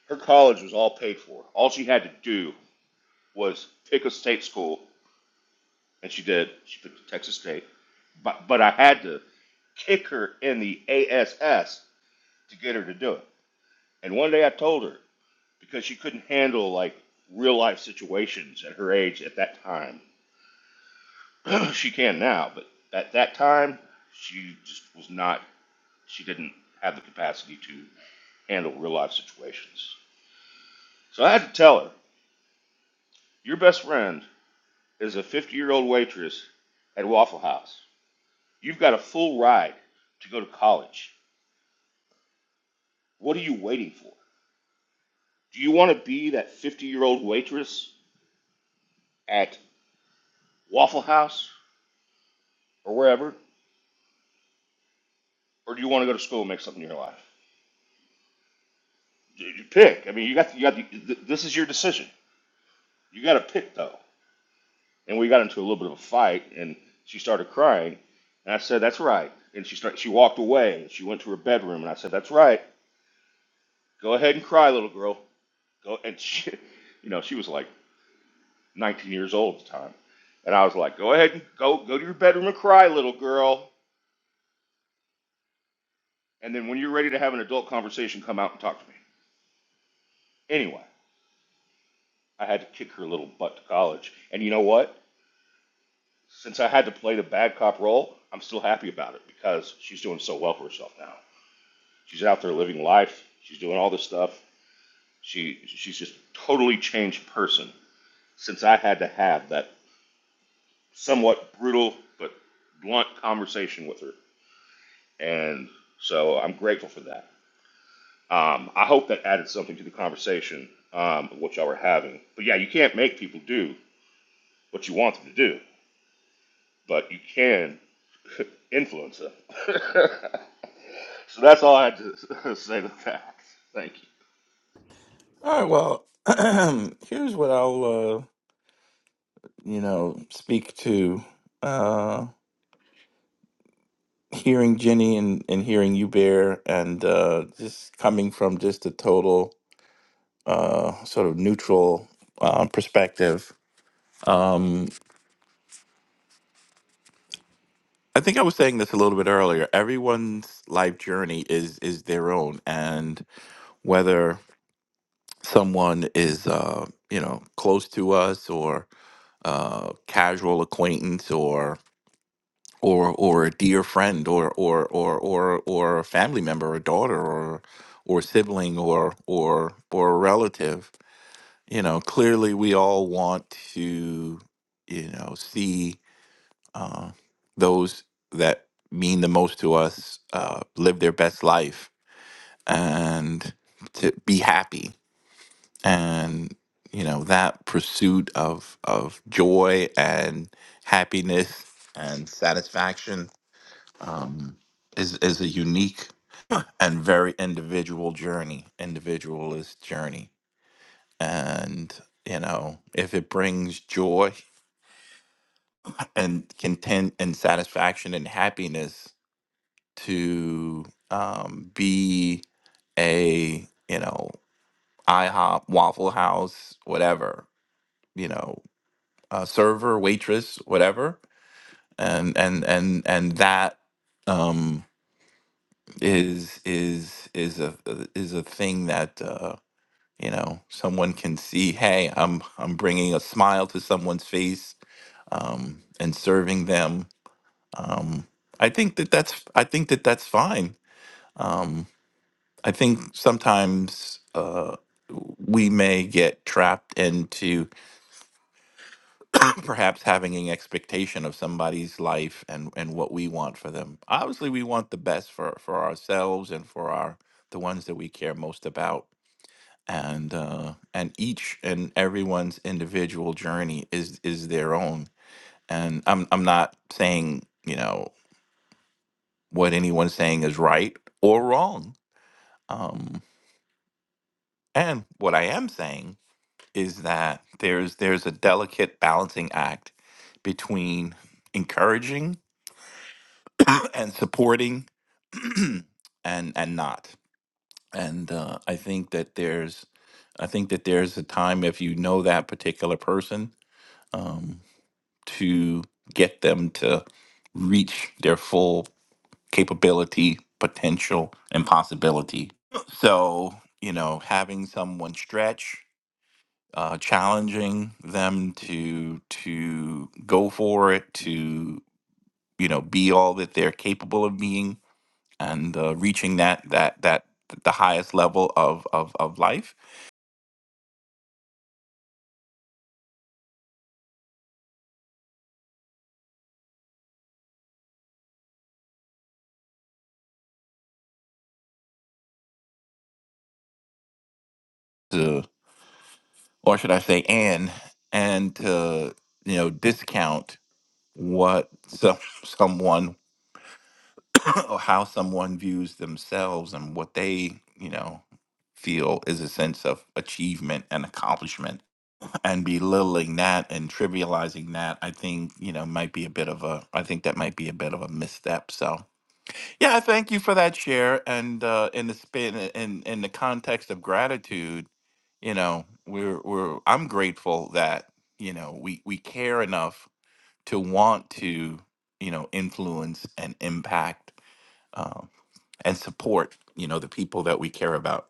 [SPEAKER 22] her college was all paid for, all she had to do was pick a state school, and she did. She picked Texas State. But, but I had to kick her in the ASS to get her to do it. And one day I told her because she couldn't handle like real life situations at her age at that time. she can now, but at that time she just was not. She didn't have the capacity to handle real life situations. So I had to tell her, your best friend is a 50 year old waitress at Waffle House. You've got a full ride to go to college. What are you waiting for? Do you want to be that 50 year old waitress at Waffle House or wherever? or do you want to go to school and make something of your life? You you pick. I mean, you got you got the, this is your decision. You got to pick though. And we got into a little bit of a fight, and she started crying, and I said, "That's right." And she started, she walked away. And she went to her bedroom, and I said, "That's right. Go ahead and cry, little girl. Go." And she, you know, she was like 19 years old at the time, and I was like, "Go ahead and go go to your bedroom and cry, little girl." And then when you're ready to have an adult conversation, come out and talk to me. Anyway, I had to kick her little butt to college, and you know what? Since I had to play the bad cop role, I'm still happy about it because she's doing so well for herself now. She's out there living life. She's doing all this stuff. She she's just a totally changed person since I had to have that somewhat brutal but blunt conversation with her. And so I'm grateful for that. Um, I hope that added something to the conversation um, what y'all were having. But yeah, you can't make people do what you want them to do, but you can influence them. So that's all I had to say to that. Thank you.
[SPEAKER 18] All right. Well, here's what I'll uh, you know speak to uh, hearing Jenny and, and hearing you, Bear, and uh, just coming from just a total uh, sort of neutral uh, perspective. Um, I think I was saying this a little bit earlier. Everyone's life journey is is their own, and whether someone is uh, you know close to us or uh, casual acquaintance or or or a dear friend or or or or or a family member, a daughter or or sibling or or or a relative, you know, clearly we all want to you know see uh, those that mean the most to us uh, live their best life and to be happy and you know that pursuit of of joy and happiness and satisfaction um, is is a unique and very individual journey individualist journey and you know if it brings joy and content and satisfaction and happiness to um, be a you know IHOP, Waffle House, whatever you know, uh, server, waitress, whatever, and and and and that um, is is is a is a thing that uh, you know someone can see. Hey, I'm I'm bringing a smile to someone's face um, and serving them. Um, I think that that's I think that that's fine. um. I think sometimes uh, we may get trapped into perhaps having an expectation of somebody's life and, and what we want for them. Obviously, we want the best for, for ourselves and for our the ones that we care most about. And uh, and each and everyone's individual journey is is their own. And I'm I'm not saying you know what anyone's saying is right or wrong. Um, and what I am saying is that there's there's a delicate balancing act between encouraging and supporting and and not and uh, i think that there's i think that there's a time if you know that particular person um, to get them to reach their full capability potential and possibility so you know having someone stretch uh, challenging them to to go for it, to you know, be all that they're capable of being, and uh, reaching that that that the highest level of of of life, to, or should I say, and and to you know, discount what some someone or how someone views themselves and what they you know feel is a sense of achievement and accomplishment and belittling that and trivializing that, I think, you know, might be a bit of a, I think that might be a bit of a misstep. So, yeah, I thank you for that share. And uh, in the spin, in, in the context of gratitude, you know, we're, we're, I'm grateful that, you know, we, we care enough to want to, you know, influence and impact um, and support you know the people that we care about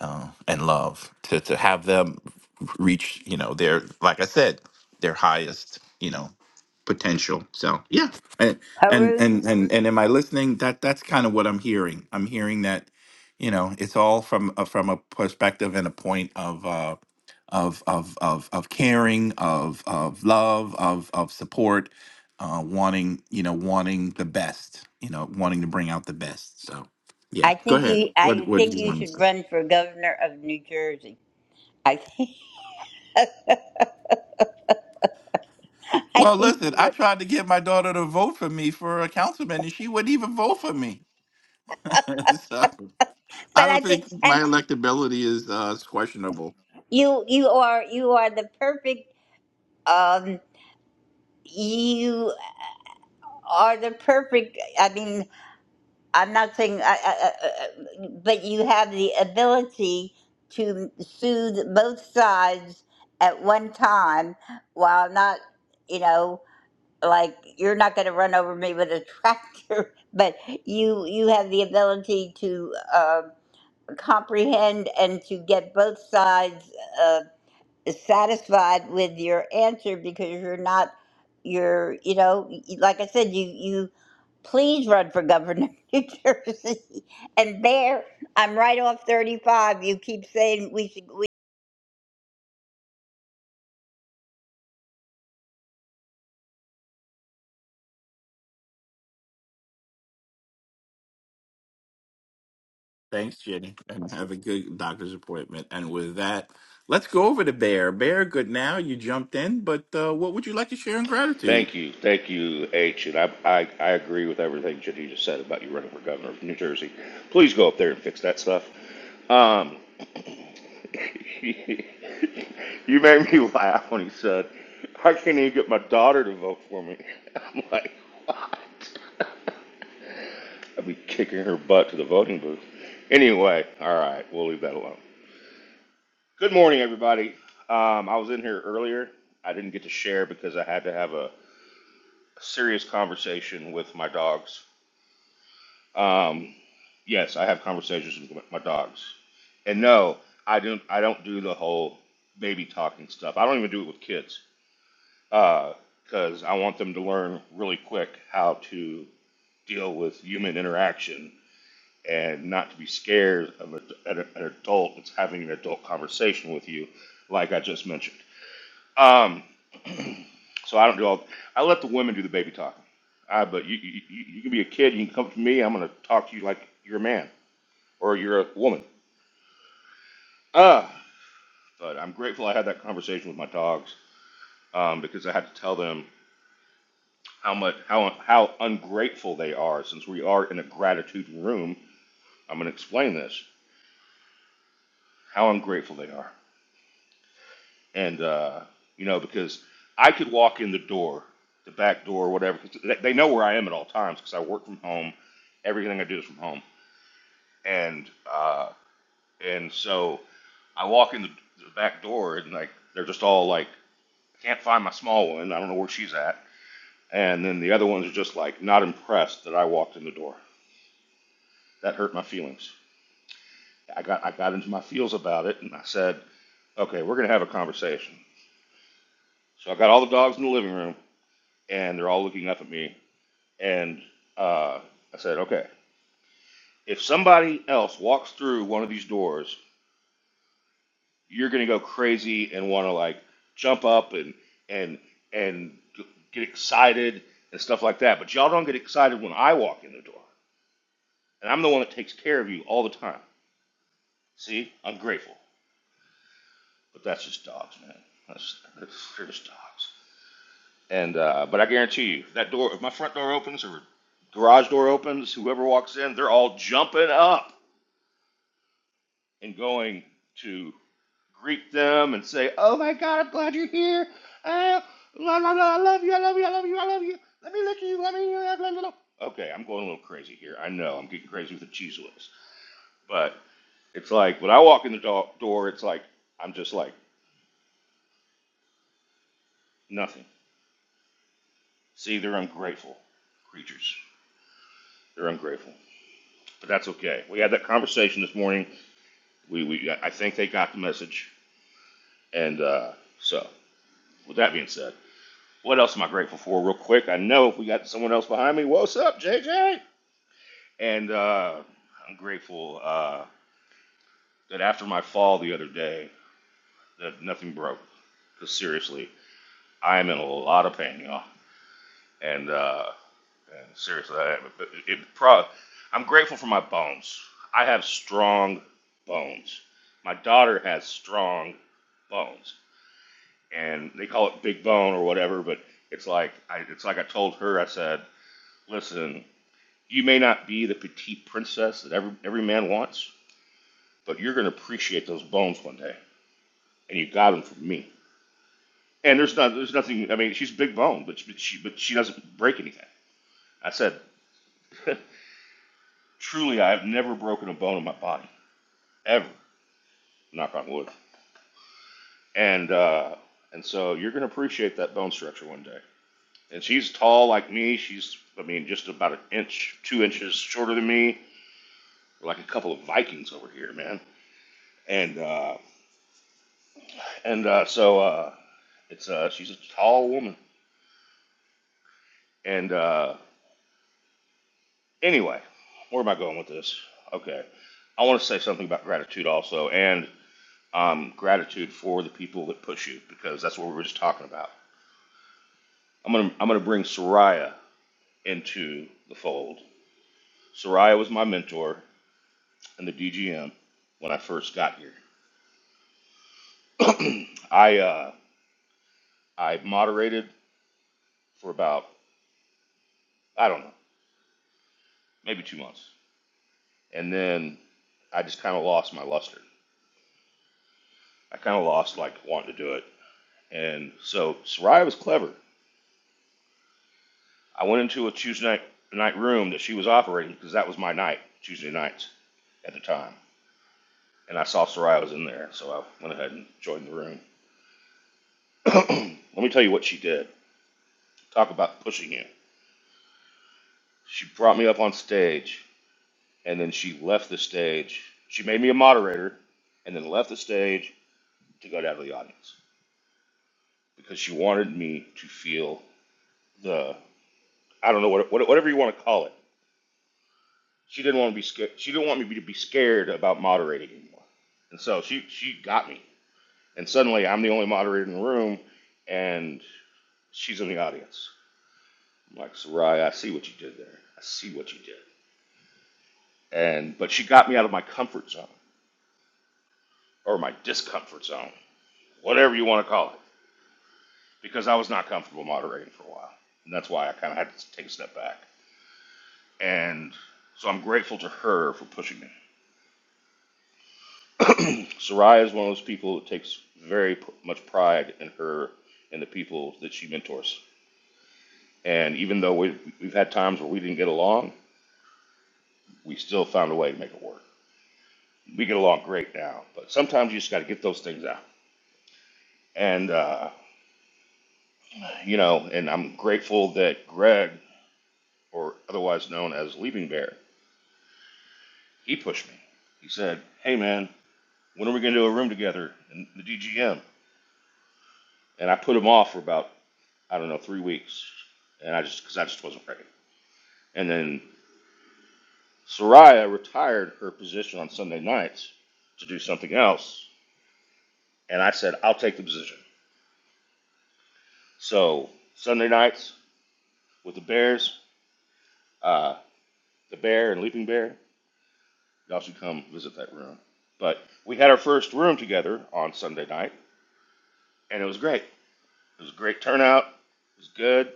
[SPEAKER 18] uh, and love to to have them reach you know their like I said their highest you know potential. So yeah, and and
[SPEAKER 21] Haroon.
[SPEAKER 18] and and, and am I listening? That that's kind of what I'm hearing. I'm hearing that you know it's all from uh, from a perspective and a point of. Uh, of, of, of, of caring of, of love of, of support uh, wanting you know wanting the best, you know wanting to bring out the best. So yeah,
[SPEAKER 21] I
[SPEAKER 18] go
[SPEAKER 21] think
[SPEAKER 18] ahead.
[SPEAKER 21] you.
[SPEAKER 18] What
[SPEAKER 21] I
[SPEAKER 18] what do
[SPEAKER 21] think
[SPEAKER 18] you
[SPEAKER 21] you
[SPEAKER 18] want
[SPEAKER 21] should
[SPEAKER 18] to say?
[SPEAKER 21] run for governor of New Jersey. I think. I
[SPEAKER 18] Well,
[SPEAKER 21] think
[SPEAKER 18] listen,
[SPEAKER 21] you
[SPEAKER 18] I
[SPEAKER 21] would.
[SPEAKER 18] tried to get my daughter to vote for me for a councilman, and she wouldn't even vote for me. so I
[SPEAKER 21] But
[SPEAKER 18] don't
[SPEAKER 21] I think,
[SPEAKER 18] think my
[SPEAKER 21] and
[SPEAKER 18] electability is uh, is questionable.
[SPEAKER 21] you. You are. You are the perfect. Um. You are the perfect. I mean, I'm not saying. I, I, I, I- but you have the ability to soothe both sides at one time, while not. You know. like you're not going to run over me with a tractor but you you have the ability to uh, comprehend and to get both sides uh, satisfied with your answer because you're not you're you know y- like i said you you please run for governor of new jersey and there i'm right off 35 you keep saying we should
[SPEAKER 18] Thanks, Jenny, and have a good doctor's appointment. And with that, let's go over to Bear. Bear, good now. You jumped in, but uh, what would you like to share in gratitude?
[SPEAKER 22] Thank you, thank you, H, and I, I, I agree with everything that you just said about you running for governor of New Jersey. Please go up there and fix that stuff. Um, you made me laugh when he said, "I can't even get my daughter to vote for me." I'm like, "Why?" I'd be kicking her butt to the voting booth. Anyway, all right, we'll leave that alone. Good morning, everybody. Um, I was in here earlier. I didn't get to share because I had to have a serious conversation with my dogs. Um, yes, I have conversations with my my dogs, and no, I don't. I don't do the whole baby talking stuff. I don't even do it with kids because I want them to learn really quick how to deal with human interaction and not to be scared of a, an, an adult that's having an adult conversation with you, like I just mentioned. Um, so I don't do all. I let the women do the baby talking. I but you you, you you can be a kid. You can come to me. I'm gonna talk to you like you're a man or you're a woman. Ah. but I'm grateful I had that conversation with my dogs um, because I had to tell them how much how how ungrateful they are. Since we are in a gratitude room, I'm gonna explain this how ungrateful they are. and uh, you know because I could walk in the door, the back door, whatever. 'cause they they know where I am at all times because I work from home. Everything I do is from home, and uh, and so I walk in the, the back door and like they're just all like, I can't find my small one. I don't know where she's at. And then the other ones are just like not impressed that I walked in the door. That hurt my feelings. I got I got into my feels about it, and I said, okay, we're gonna have a conversation. So I got all the dogs in the living room, and they're all looking up at me And uh, I said, okay, if somebody else walks through one of these doors, you're gonna go crazy and want to like jump up and and and get excited and stuff like that. But y'all don't get excited when I walk in the door, and I'm the one that takes care of you all the time. See, I'm grateful, but that's just dogs, man. That's, that's they're just dogs. And uh, but I guarantee you, that door, if my front door opens or garage door opens, whoever walks in, they're all jumping up and going to greet them and say, "Oh my God, I'm glad you're here. Uh, la la la, I love you, I love you, I love you, I love you. Let me look at you, let me." Uh, blah, blah, blah." Okay, I'm going a little crazy here. I know I'm getting crazy with the cheese whiz, but it's like when I walk in the do- door, it's like I'm just like nothing. See, they're ungrateful creatures. They're ungrateful, but that's okay. We had that conversation this morning. We, we I think they got the message, and uh, so with that being said. What else am I grateful for, real quick? I know we got someone else behind me. What's up, JJ? And uh, I'm grateful uh, that after my fall the other day, that nothing broke. Because seriously, I'm in a lot of pain, y'all. And, uh, and seriously, I, it, it pro- I'm grateful for my bones. I have strong bones. My daughter has strong bones, and they call it big bone or whatever. But it's like I, it's like I told her. I said, "Listen, You may not be the petite princess that every, every man wants, but you're going to appreciate those bones one day. And you got them from me. And there's not, there's nothing. I mean, she's big bone, but she, but she, but she doesn't break anything. I said, truly, I have never broken a bone in my body ever. Knock on wood. And uh, and so you're going to appreciate that bone structure one day. And she's tall like me. She's, I mean, just about an inch, two inches shorter than me. We're like a couple of Vikings over here, man. And uh, and uh, so uh, It's uh, she's a tall woman. And uh, anyway, where am I going with this? Okay, I want to say something about gratitude also, and um, gratitude for the people that push you because that's what we were just talking about. I'm gonna I'm gonna bring Soraya into the fold. Soraya was my mentor in the DGM when I first got here. I uh, I moderated for about I don't know maybe two months, and then I just kind of lost my luster. I kind of lost like wanting to do it. And so Soraya was clever. I went into a Tuesday night, night room that she was operating because that was my night, Tuesday nights at the time. And I saw Soraya was in there, so I went ahead and joined the room. Let me tell you what she did. Talk about pushing you. She brought me up on stage, and then she left the stage. She made me a moderator, and then left the stage to go down to the audience because she wanted me to feel the I don't know what, what whatever you want to call it She didn't want to be scared. She didn't want me to be scared about moderating anymore. And so she she got me. And suddenly I'm the only moderator in the room, and she's in the audience. I'm like Soraya, I see what you did there. I see what you did. And but she got me out of my comfort zone or my discomfort zone, whatever you want to call it, because I was not comfortable moderating for a while, and that's why I kind of had to take a step back. And so I'm grateful to her for pushing me. Soraya is one of those people who takes very p- much pride in her and the people that she mentors. And even though we, we've had times where we didn't get along, we still found a way to make it work. We get along great now, but sometimes you just got to get those things out. And, uh, you know, and I'm grateful that Greg, or otherwise known as Leaping Bear, he pushed me. He said, Hey, man, when are we going to do a room together in the DGM? And I put him off for about, I don't know, three weeks. And I just, because I just wasn't ready. And then Soraya retired her position on Sunday nights to do something else. And I said, I'll take the position. So Sunday nights with the Bears, uh, the Bear and Leaping Bear, y'all should come visit that room. But we had our first room together on Sunday night, and it was great. It was a great turnout. It was good.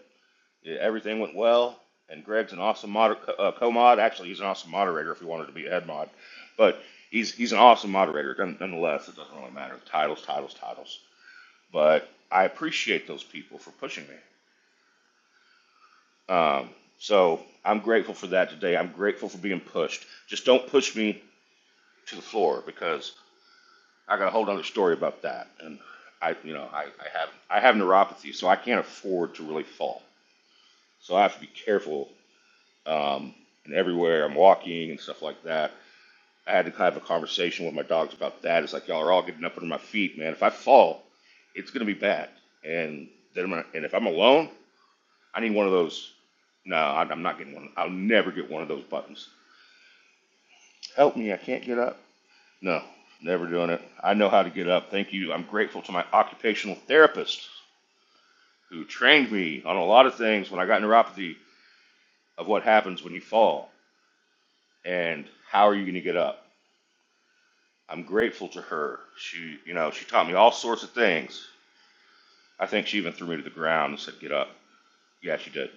[SPEAKER 22] Yeah, Everything went well, and Greg's an awesome mod. uh, co-mod. Actually, he's an awesome moderator if he wanted to be a head mod, but he's he's an awesome moderator none- nonetheless. It doesn't really matter. Titles, titles, titles. But I appreciate those people for pushing me. Um, so I'm grateful for that today. I'm grateful for being pushed. Just don't push me to the floor because I got a whole other story about that. And I, you know, I, I have I have neuropathy, so I can't afford to really fall. So I have to be careful um, and everywhere I'm walking and stuff like that. I had to kind of have a conversation with my dogs about that. It's like y'all are all getting up under my feet, man. If I fall, it's gonna be bad. And then i and if I'm alone, I need one of those. No, I'm not getting one. I'll never get one of those buttons. Help me! I can't get up. No, never doing it. I know how to get up. Thank you. I'm grateful to my occupational therapist who trained me on a lot of things when I got neuropathy of what happens when you fall and how are you going to get up I'm grateful to her. She, you know, she taught me all sorts of things. I think she even threw me to the ground and said, "Get up." Yeah, she did.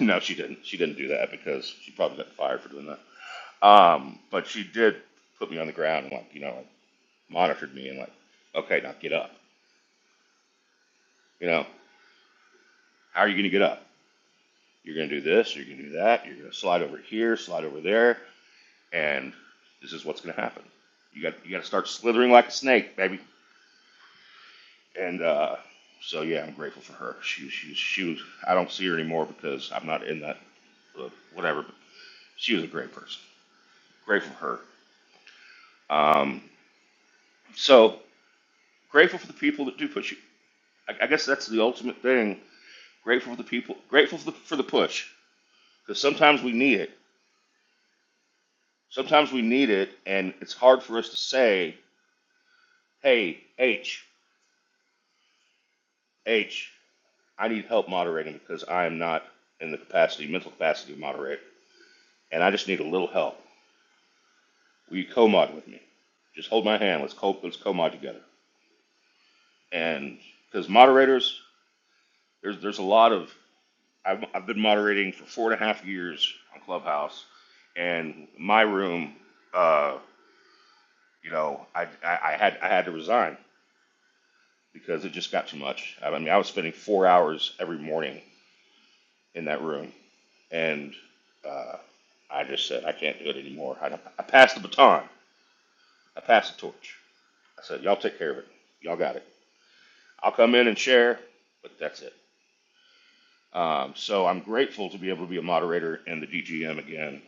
[SPEAKER 22] no, she didn't. She didn't do that because she probably got fired for doing that. Um, but she did put me on the ground and like, you know, like monitored me and like, "Okay, now get up." You know, how are you going to get up? You're going to do this. You're going to do that. You're going to slide over here, slide over there, and this is what's going to happen. You got you got to start slithering like a snake, baby And uh, so yeah, I'm grateful for her. She was- she was- she was. I don't see her anymore because I'm not in that uh, whatever. But she was a great person. Grateful for her. Um, so grateful for the people that do push you. I, I guess that's the ultimate thing. Grateful for the people. Grateful for the, for the push because sometimes we need it. Sometimes we need it, and it's hard for us to say, "Hey, H, H, I need help moderating because I am not in the capacity, mental capacity to moderate, and I just need a little help." Will you co-mod with me? Just hold my hand. Let's co let's co-mod together. And because moderators, there's there's a lot of I've I've been moderating for four and a half years on Clubhouse, and my room, uh, you know, I, I I had I had to resign because it just got too much. I mean, I was spending four hours every morning in that room, and uh, I just said I can't do it anymore. I, I passed the baton. I passed the torch. I said, y'all take care of it. Y'all got it. I'll come in and share, but that's it. Um, so I'm grateful to be able to be a moderator in the DGM again,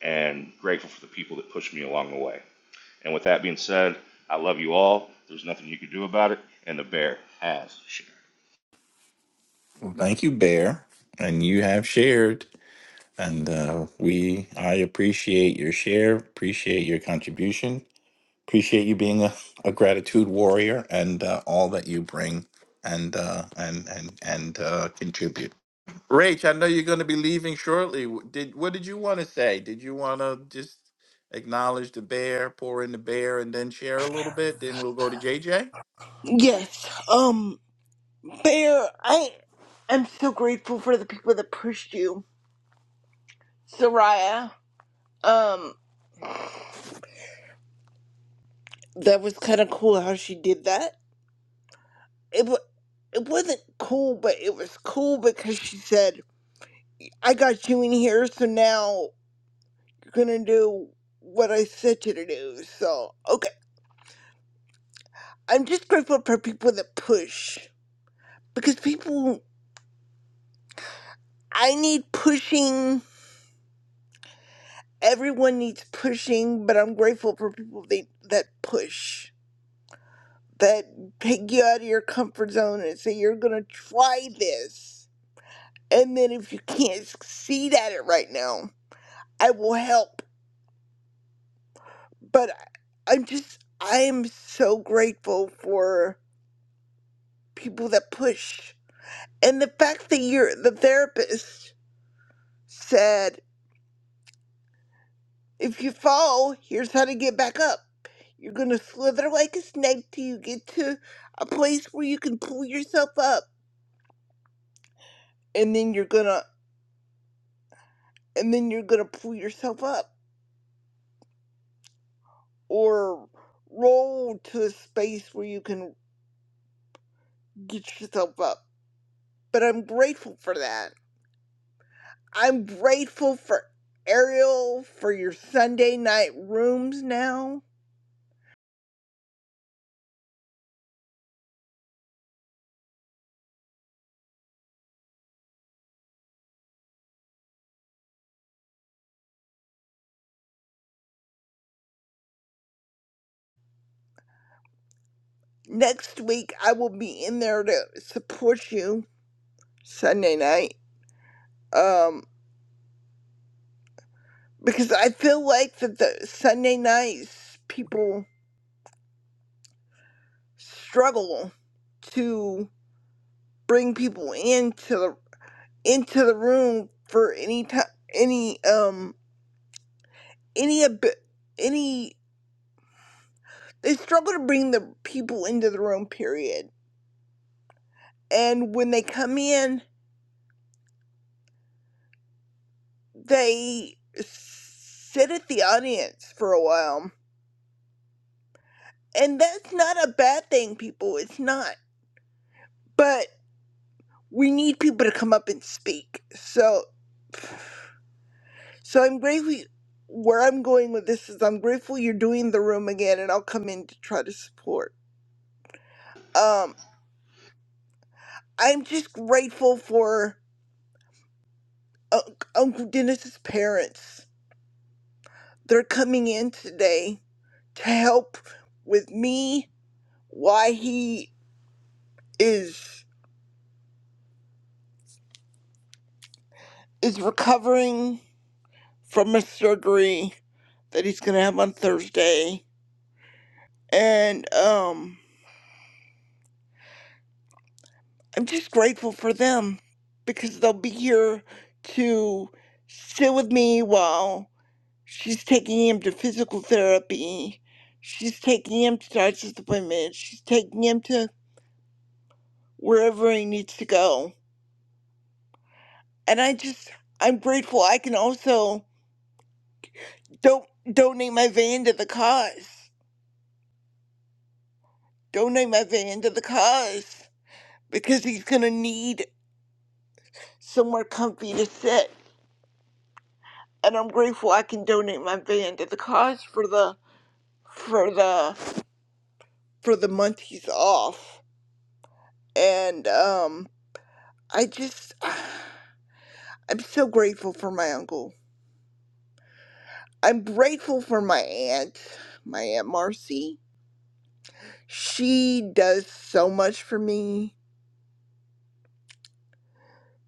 [SPEAKER 22] and grateful for the people that pushed me along the way. And with that being said, I love you all. There's nothing you can do about it, and the bear has shared.
[SPEAKER 18] Well, thank you, Bear. And you have shared. And uh, we, I appreciate your share, appreciate your contribution, appreciate you being a, a gratitude warrior and uh, all that you bring and uh, and and and uh, contribute. Rach, I know you're going to be leaving shortly. W- Did what did you want to say? Did you want to just acknowledge the bear, pour in the bear, and then share a little bit? Then we'll go to JJ.
[SPEAKER 19] Yes. Um. Bear, I am so grateful for the people that pushed you. Soraya, um, that was kind of cool how she did that. It, wa it wasn't cool, but it was cool because she said, I got you in here, so now you're going to do what I said you to do. So, okay. I'm just grateful for people that push because people, I need pushing. Everyone needs pushing, but I'm grateful for people they, that push. that take you out of your comfort zone and say you're gonna try this and then if you can't succeed at it right now i will help but I- i'm just i am so grateful for people that push and the fact that you're the therapist said if you fall here's how to get back up you're gonna slither like a snake till you get to a place where you can pull yourself up and then you're gonna and then you're gonna pull yourself up or roll to a space where you can get yourself up. But I'm grateful for that. I'm grateful for Ariel for your Sunday night rooms now. Next week I will be in there to support you Sunday night. Um because I feel like that the Sunday nights people struggle to bring people into the into the room for any time any um any ab- any they struggle to bring the people into the room period and when they come in they sit at the audience for a while and that's not a bad thing people it's not but we need people to come up and speak so so i'm grateful where i'm going with this is i'm grateful you're doing the room again and i'll come in to try to support um i'm just grateful for Unc uncle dennis's parents They're coming in today to help with me why he is is recovering from a surgery that he's gonna have on Thursday. And um I'm just grateful for them because they'll be here to sit with me while she's taking him to physical therapy. She's taking him to doctor's appointments. She's taking him to wherever he needs to go and I just I'm grateful I can also don't donate my van to the cause. Donate my van to the cause because he's gonna need somewhere comfy to sit. And I'm grateful I can donate my van to the cause for the for the for the month he's off. And um I just I'm so grateful for my uncle. I'm grateful for my aunt, my aunt Marcy. She does so much for me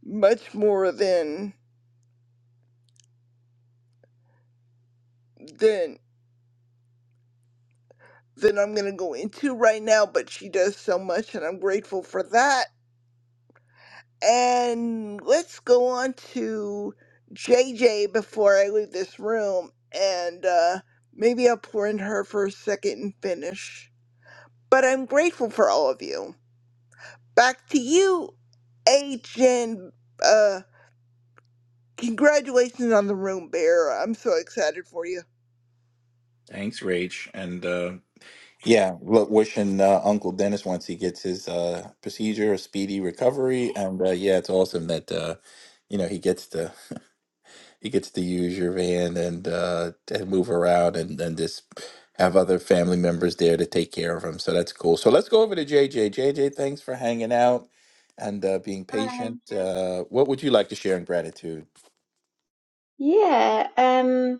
[SPEAKER 19] much more than than than I'm gonna go into right now, but she does so much and I'm grateful for that. And let's go on to JJ before I leave this room and uh maybe I'll pour in her for a second and finish. But I'm grateful for all of you. Back to you, H and uh congratulations on the room bear. I'm so excited for you.
[SPEAKER 18] Thanks, Rach, and uh, Yeah, look, wishing uh, Uncle Dennis once he gets his uh, procedure a speedy recovery, and uh, yeah, it's awesome that uh, you know he gets to he gets to use your van and uh, and move around and and just have other family members there to take care of him. So that's cool. So let's go over to JJ. JJ, thanks for hanging out and uh, being
[SPEAKER 23] Hi.
[SPEAKER 18] patient. Uh, what would you like to share in gratitude?
[SPEAKER 23] Yeah, um,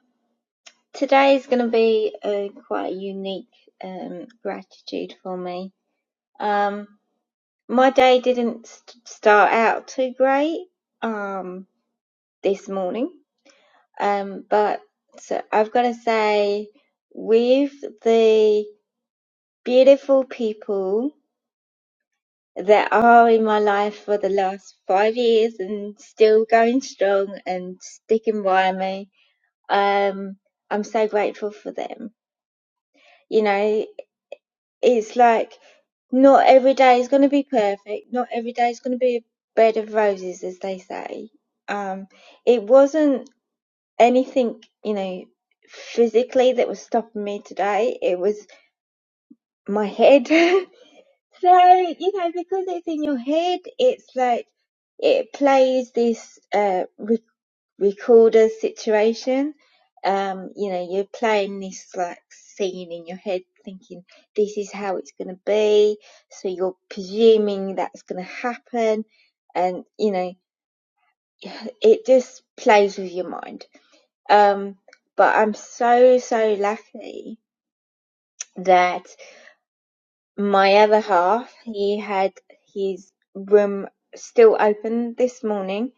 [SPEAKER 23] today is going to be a quite a unique um, gratitude for me. Um, my day didn't st- start out too great um, this morning, um, but so I've got to say, with the beautiful people that are in my life for the last five years and still going strong and sticking by me, um, I'm so grateful for them You know, it's like not every day is going to be perfect. Not every day is going to be a bed of roses, as they say. Um, it wasn't anything, you know, physically that was stopping me today. It was my head. so, you know, because it's in your head, it's like it plays this uh, recorder situation. Um, you know, you're playing this like scene in your head, thinking this is how it's going to be. So you're presuming that's going to happen, and you know, it just plays with your mind. Um, but I'm so so lucky that my other half he had his room still open this morning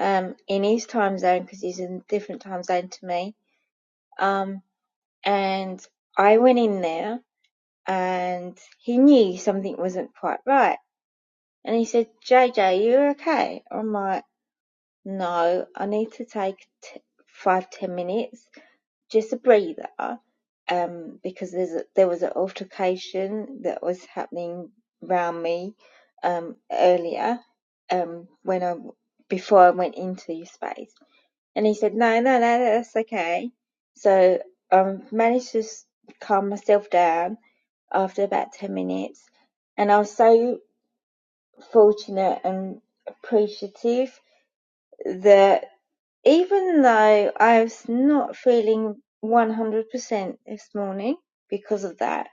[SPEAKER 23] um in his time zone because he's in a different time zone to me um And I went in there and he knew something wasn't quite right. And he said, JJ, you okay? I'm like, no, I need to take t- five, ten minutes, just a breather, um, because there's a, there was an altercation that was happening around me um, earlier um, when I before I went into your space and he said, No, no, no, that's okay. So I um, managed to s- calm myself down after about 10 minutes. And I was so fortunate and appreciative that even though I was not feeling 100% this morning because of that,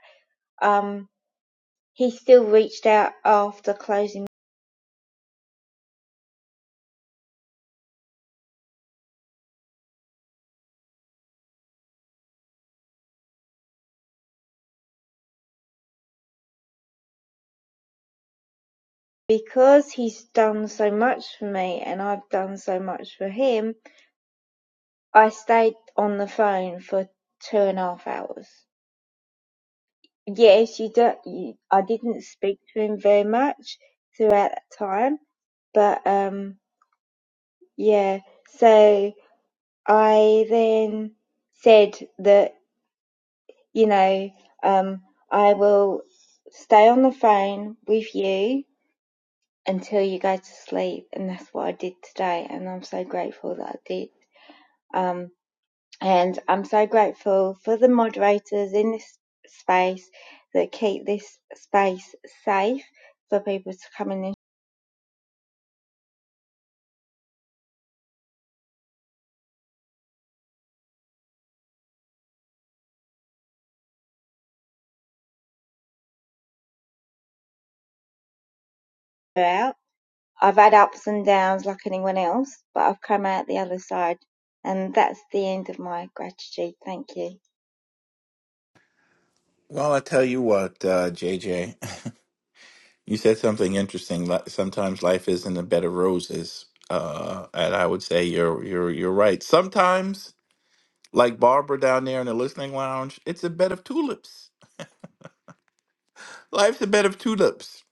[SPEAKER 23] um, he still reached out after closing because he's done so much for me and I've done so much for him I stayed on the phone for two and a half hours. Yes, you don't. You, I didn't speak to him very much throughout that time, but um, yeah. So I then said that you know um, I will stay on the phone with you until you go to sleep, and that's what I did today, and I'm so grateful that I did. Um, And I'm so grateful for the moderators in this space that keep this space safe for people to come in and share out. I've had ups and downs like anyone else, but I've come out the other side. And that's the end of my gratitude. Thank you.
[SPEAKER 18] Well, I tell you what, uh, JJ. You said something interesting. li- Sometimes life isn't a bed of roses, uh, and I would say you're you're you're right. Sometimes, like Barbara down there in the listening lounge, it's a bed of tulips. Life's a bed of tulips.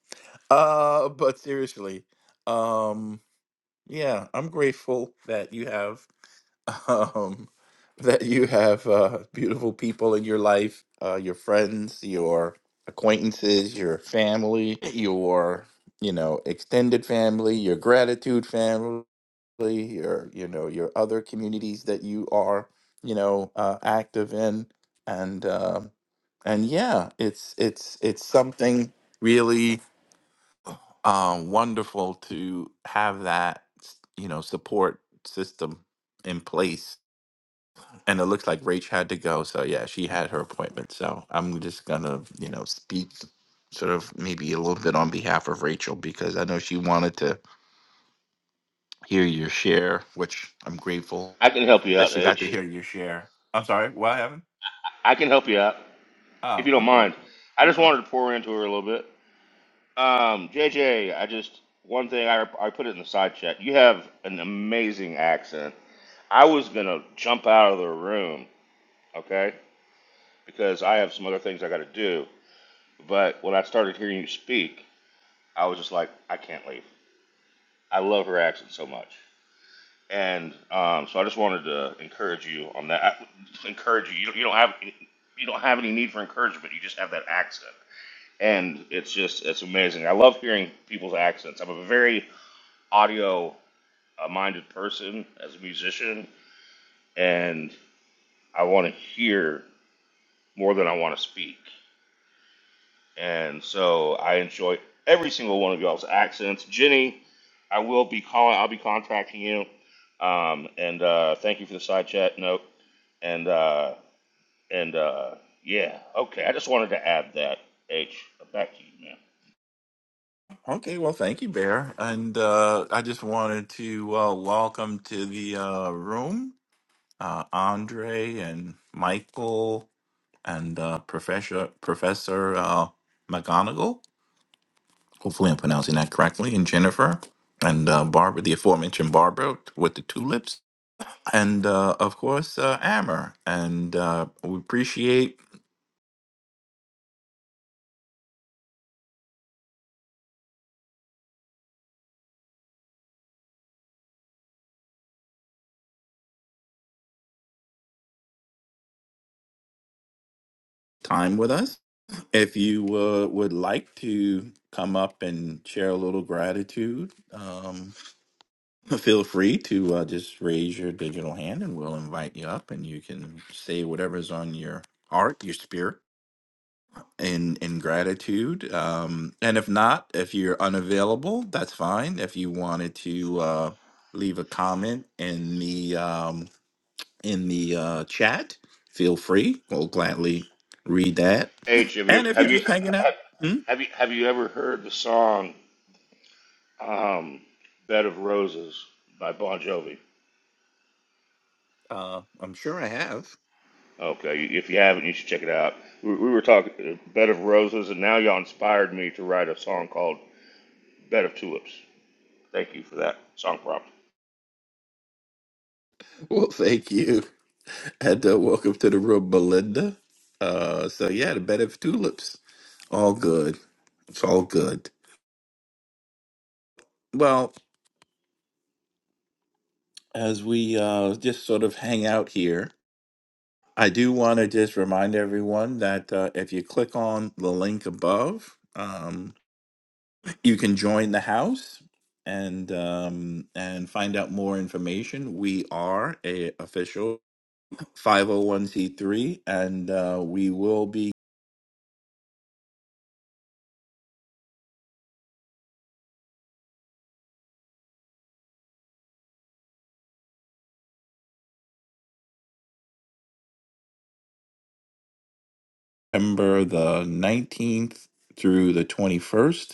[SPEAKER 18] Uh, but seriously, um, yeah, I'm grateful that you have um, that you have uh, beautiful people in your life, uh, your friends, your acquaintances, your family, your you know extended family, your gratitude family, your you know your other communities that you are you know uh, active in, and um and yeah, it's it's it's something really uh, wonderful to have that s- you know support system in place and it looks like Rach had to go. So yeah, she had her appointment. So I'm just gonna, you know, speak sort of maybe a little bit on behalf of Rachel because I know she wanted to hear your share, which I'm grateful
[SPEAKER 22] I can help you
[SPEAKER 18] that
[SPEAKER 22] out,
[SPEAKER 18] she got to hear
[SPEAKER 22] H.
[SPEAKER 18] your share. I'm sorry, what happened?
[SPEAKER 22] I can help you out if
[SPEAKER 18] Oh,
[SPEAKER 22] you don't
[SPEAKER 18] okay.
[SPEAKER 22] mind. I just
[SPEAKER 18] No.
[SPEAKER 22] wanted to pour into her a little bit. Um, JJ, I just one thing I, I put it in the side chat. You have an amazing accent. I was gonna jump out of the room, okay? because I have some other things I got to do. But when I started hearing you speak, I was just like, I can't leave. I love her accent so much, and um, so I just wanted to encourage you on that. I, encourage you. You don't, you don't have you don't have any need for encouragement. You just have that accent, and it's just it's amazing. I love hearing people's accents. I'm a very audio uh, minded person as a musician, and I want to hear more than I want to speak. And so I enjoy every single one of y'all's accents. Jenny, I will be calling, I'll be contacting you. Um, and uh, thank you for the side chat note. And uh, and uh, yeah, okay. I just wanted to add that. H, back to you, man.
[SPEAKER 18] Okay, well thank you, Bear. And uh I just wanted to uh welcome to the uh room uh Andre and Michael and uh Professor Professor uh McGonagall Hopefully, I'm pronouncing that correctly. And Jennifer and uh, Barbara, the aforementioned Barbara with the tulips. And uh, of course, uh, Amber. And uh, we appreciate time with us. If you uh, would like to come up and share a little gratitude, um, feel free to uh, just raise your digital hand and we'll invite you up and you can say whatever's on your heart, your spirit in in gratitude. Um, and if not, if you're unavailable, that's fine. If you wanted to uh, leave a comment in the um, in the uh, chat, feel free. We'll gladly read that.
[SPEAKER 22] H, have you
[SPEAKER 18] And if you're
[SPEAKER 22] have
[SPEAKER 18] just
[SPEAKER 22] you
[SPEAKER 18] hanging out, hmm?
[SPEAKER 22] have you have you ever heard the song um, "Bed of Roses" by Bon Jovi?
[SPEAKER 18] uh, I'm sure I have.
[SPEAKER 22] Okay, if you haven't, you should check it out. We, we were talking uh, "Bed of Roses," and now y'all inspired me to write a song called Bed of Tulips. Thank you for that song prompt.
[SPEAKER 18] Well, thank you, and uh, welcome to the room, Belinda. Uh, so yeah, the bed of tulips, all good. It's all good. Well, as we uh, just sort of hang out here, I do want to just remind everyone that uh, if you click on the link above, um, you can join the house and um, and find out more information. We are a official 501c3, and uh, we will be September the 19th through the 21st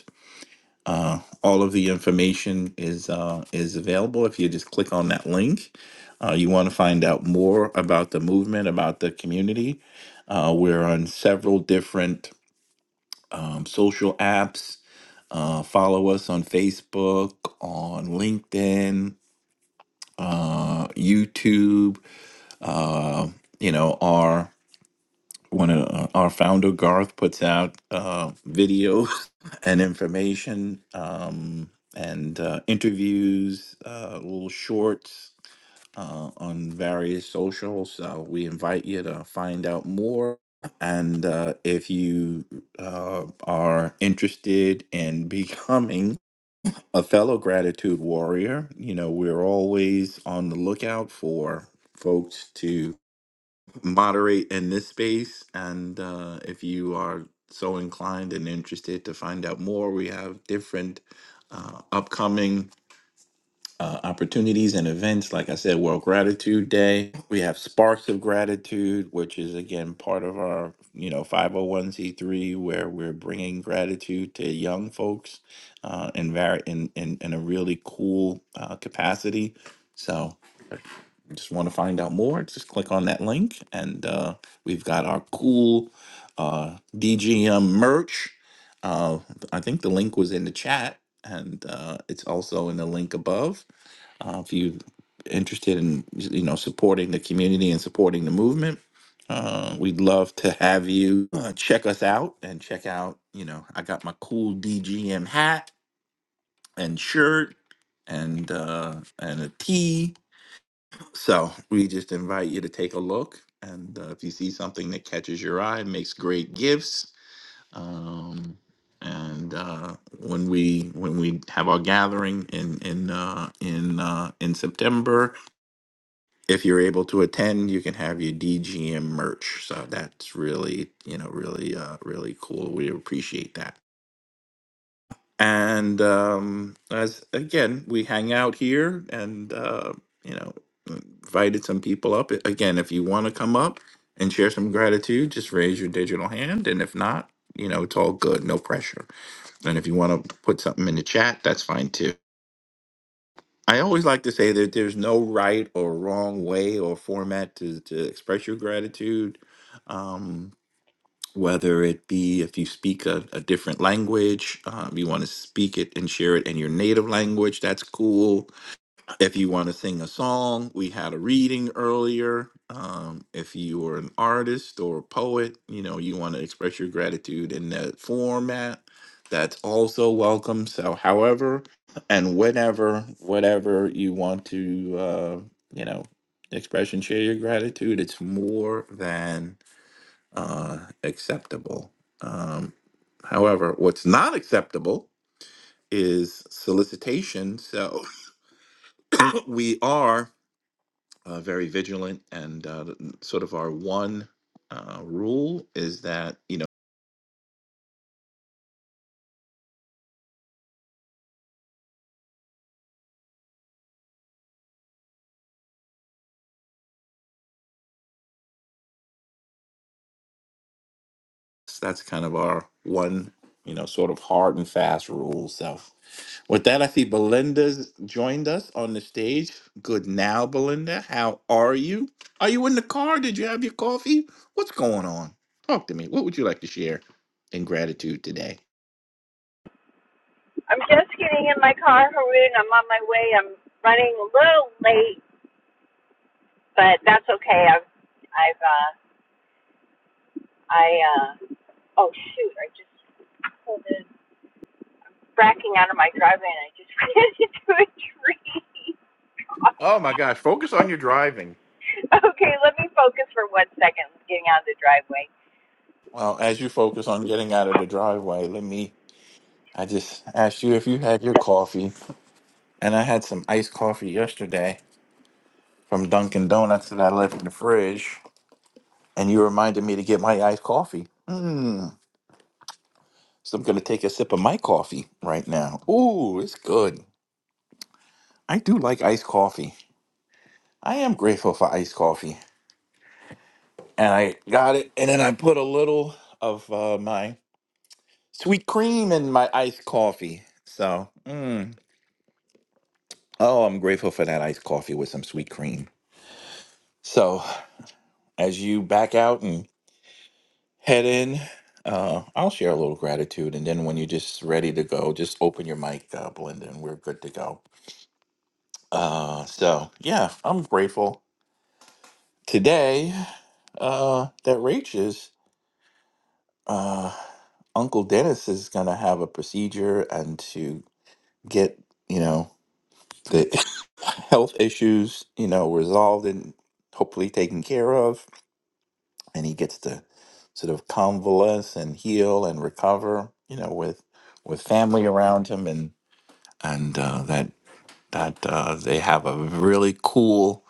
[SPEAKER 18] Uh, all of the information is uh, is available if you just click on that link. Uh, you want to find out more about the movement, about the community. Uh, we're on several different um, social apps. Uh, follow us on Facebook, on LinkedIn, uh, YouTube. Uh, you know, our one of uh, our founder Garth puts out uh, videos and information um, and uh, interviews, uh, little shorts uh, on various socials. So we invite you to find out more. And uh, if you uh, are interested in becoming a fellow gratitude warrior, you know we're always on the lookout for folks to moderate in this space. And uh, if you are so inclined and interested to find out more, we have different uh, upcoming uh, opportunities and events. Like I said, World Gratitude Day. We have Sparks of Gratitude, which is again part of our you know 501c3, where we're bringing gratitude to young folks uh, in, vari- in in in a really cool uh, capacity. So just want to find out more, just click on that link. And uh, we've got our cool uh, DGM merch. Uh, I think the link was in the chat, and uh, it's also in the link above. Uh, if you're interested in you know supporting the community and supporting the movement, uh, we'd love to have you uh, check us out and check out. You know, I got my cool DGM hat and shirt and uh, and a tee so we just invite you to take a look, and uh, if you see something that catches your eye, makes great gifts. Um, and uh, when we when we have our gathering in in uh, in uh, in September, if you're able to attend, you can have your DGM merch. So that's really you know really uh, really cool. We appreciate that and um, as again we hang out here and uh, you know invited some people up again if you want to come up and share some gratitude just raise your digital hand and if not you know it's all good no pressure and if you want to put something in the chat that's fine too i always like to say that there's no right or wrong way or format to, to express your gratitude um, whether it be if you speak a, a different language, um, you want to speak it and share it in your native language, that's cool. If you want to sing a song, we had a reading earlier. Um, if you are an artist or a poet, you know, you want to express your gratitude in that format, that's also welcome. So, however and whenever, whatever you want to, uh, you know, express and share your gratitude, it's more than uh, acceptable. Um, however, what's not acceptable is solicitation. So we are uh, very vigilant, and uh, sort of our one uh, rule is that you know. So that's kind of our one, you know, sort of hard and fast rule. So with that, I see Belinda's joined us on the stage. Good now, Belinda. How are you? Are you in the car? Did you have your coffee? What's going on? Talk to me. What would you like to share in gratitude today?
[SPEAKER 24] I'm just getting in my car, Haroon. I'm on my way. I'm running a little late, but that's okay. I've, I've, uh, I, uh, oh shoot, I just pulled in, bracking out of my driveway and I just ran into a tree.
[SPEAKER 18] Oh my gosh, focus on your driving.
[SPEAKER 24] okay, let me focus for one second getting out of the driveway.
[SPEAKER 18] Well, as you focus on getting out of the driveway, let me. I just asked you if you had your coffee, and I had some iced coffee yesterday from Dunkin' Donuts that I left in the fridge. and you reminded me to get my iced coffee. Mm. So I'm going to take a sip of my coffee right now. Ooh, it's good. I do like iced coffee. I am grateful for iced coffee. And I got it, and then I put a little of uh, my sweet cream in my iced coffee. So, mm. oh, I'm grateful for that iced coffee with some sweet cream. So, as you back out and head in, uh, I'll share a little gratitude. And then when you're just ready to go, just open your mic, uh, Belinda, and we're good to go. Uh, so yeah, I'm grateful today. Uh, that Rach is uh, Uncle Dennis is gonna have a procedure and to get you know the health issues you know resolved and hopefully taken care of, and he gets to sort of convalesce and heal and recover. You know, with with family around him and and uh, that that uh, they have a really cool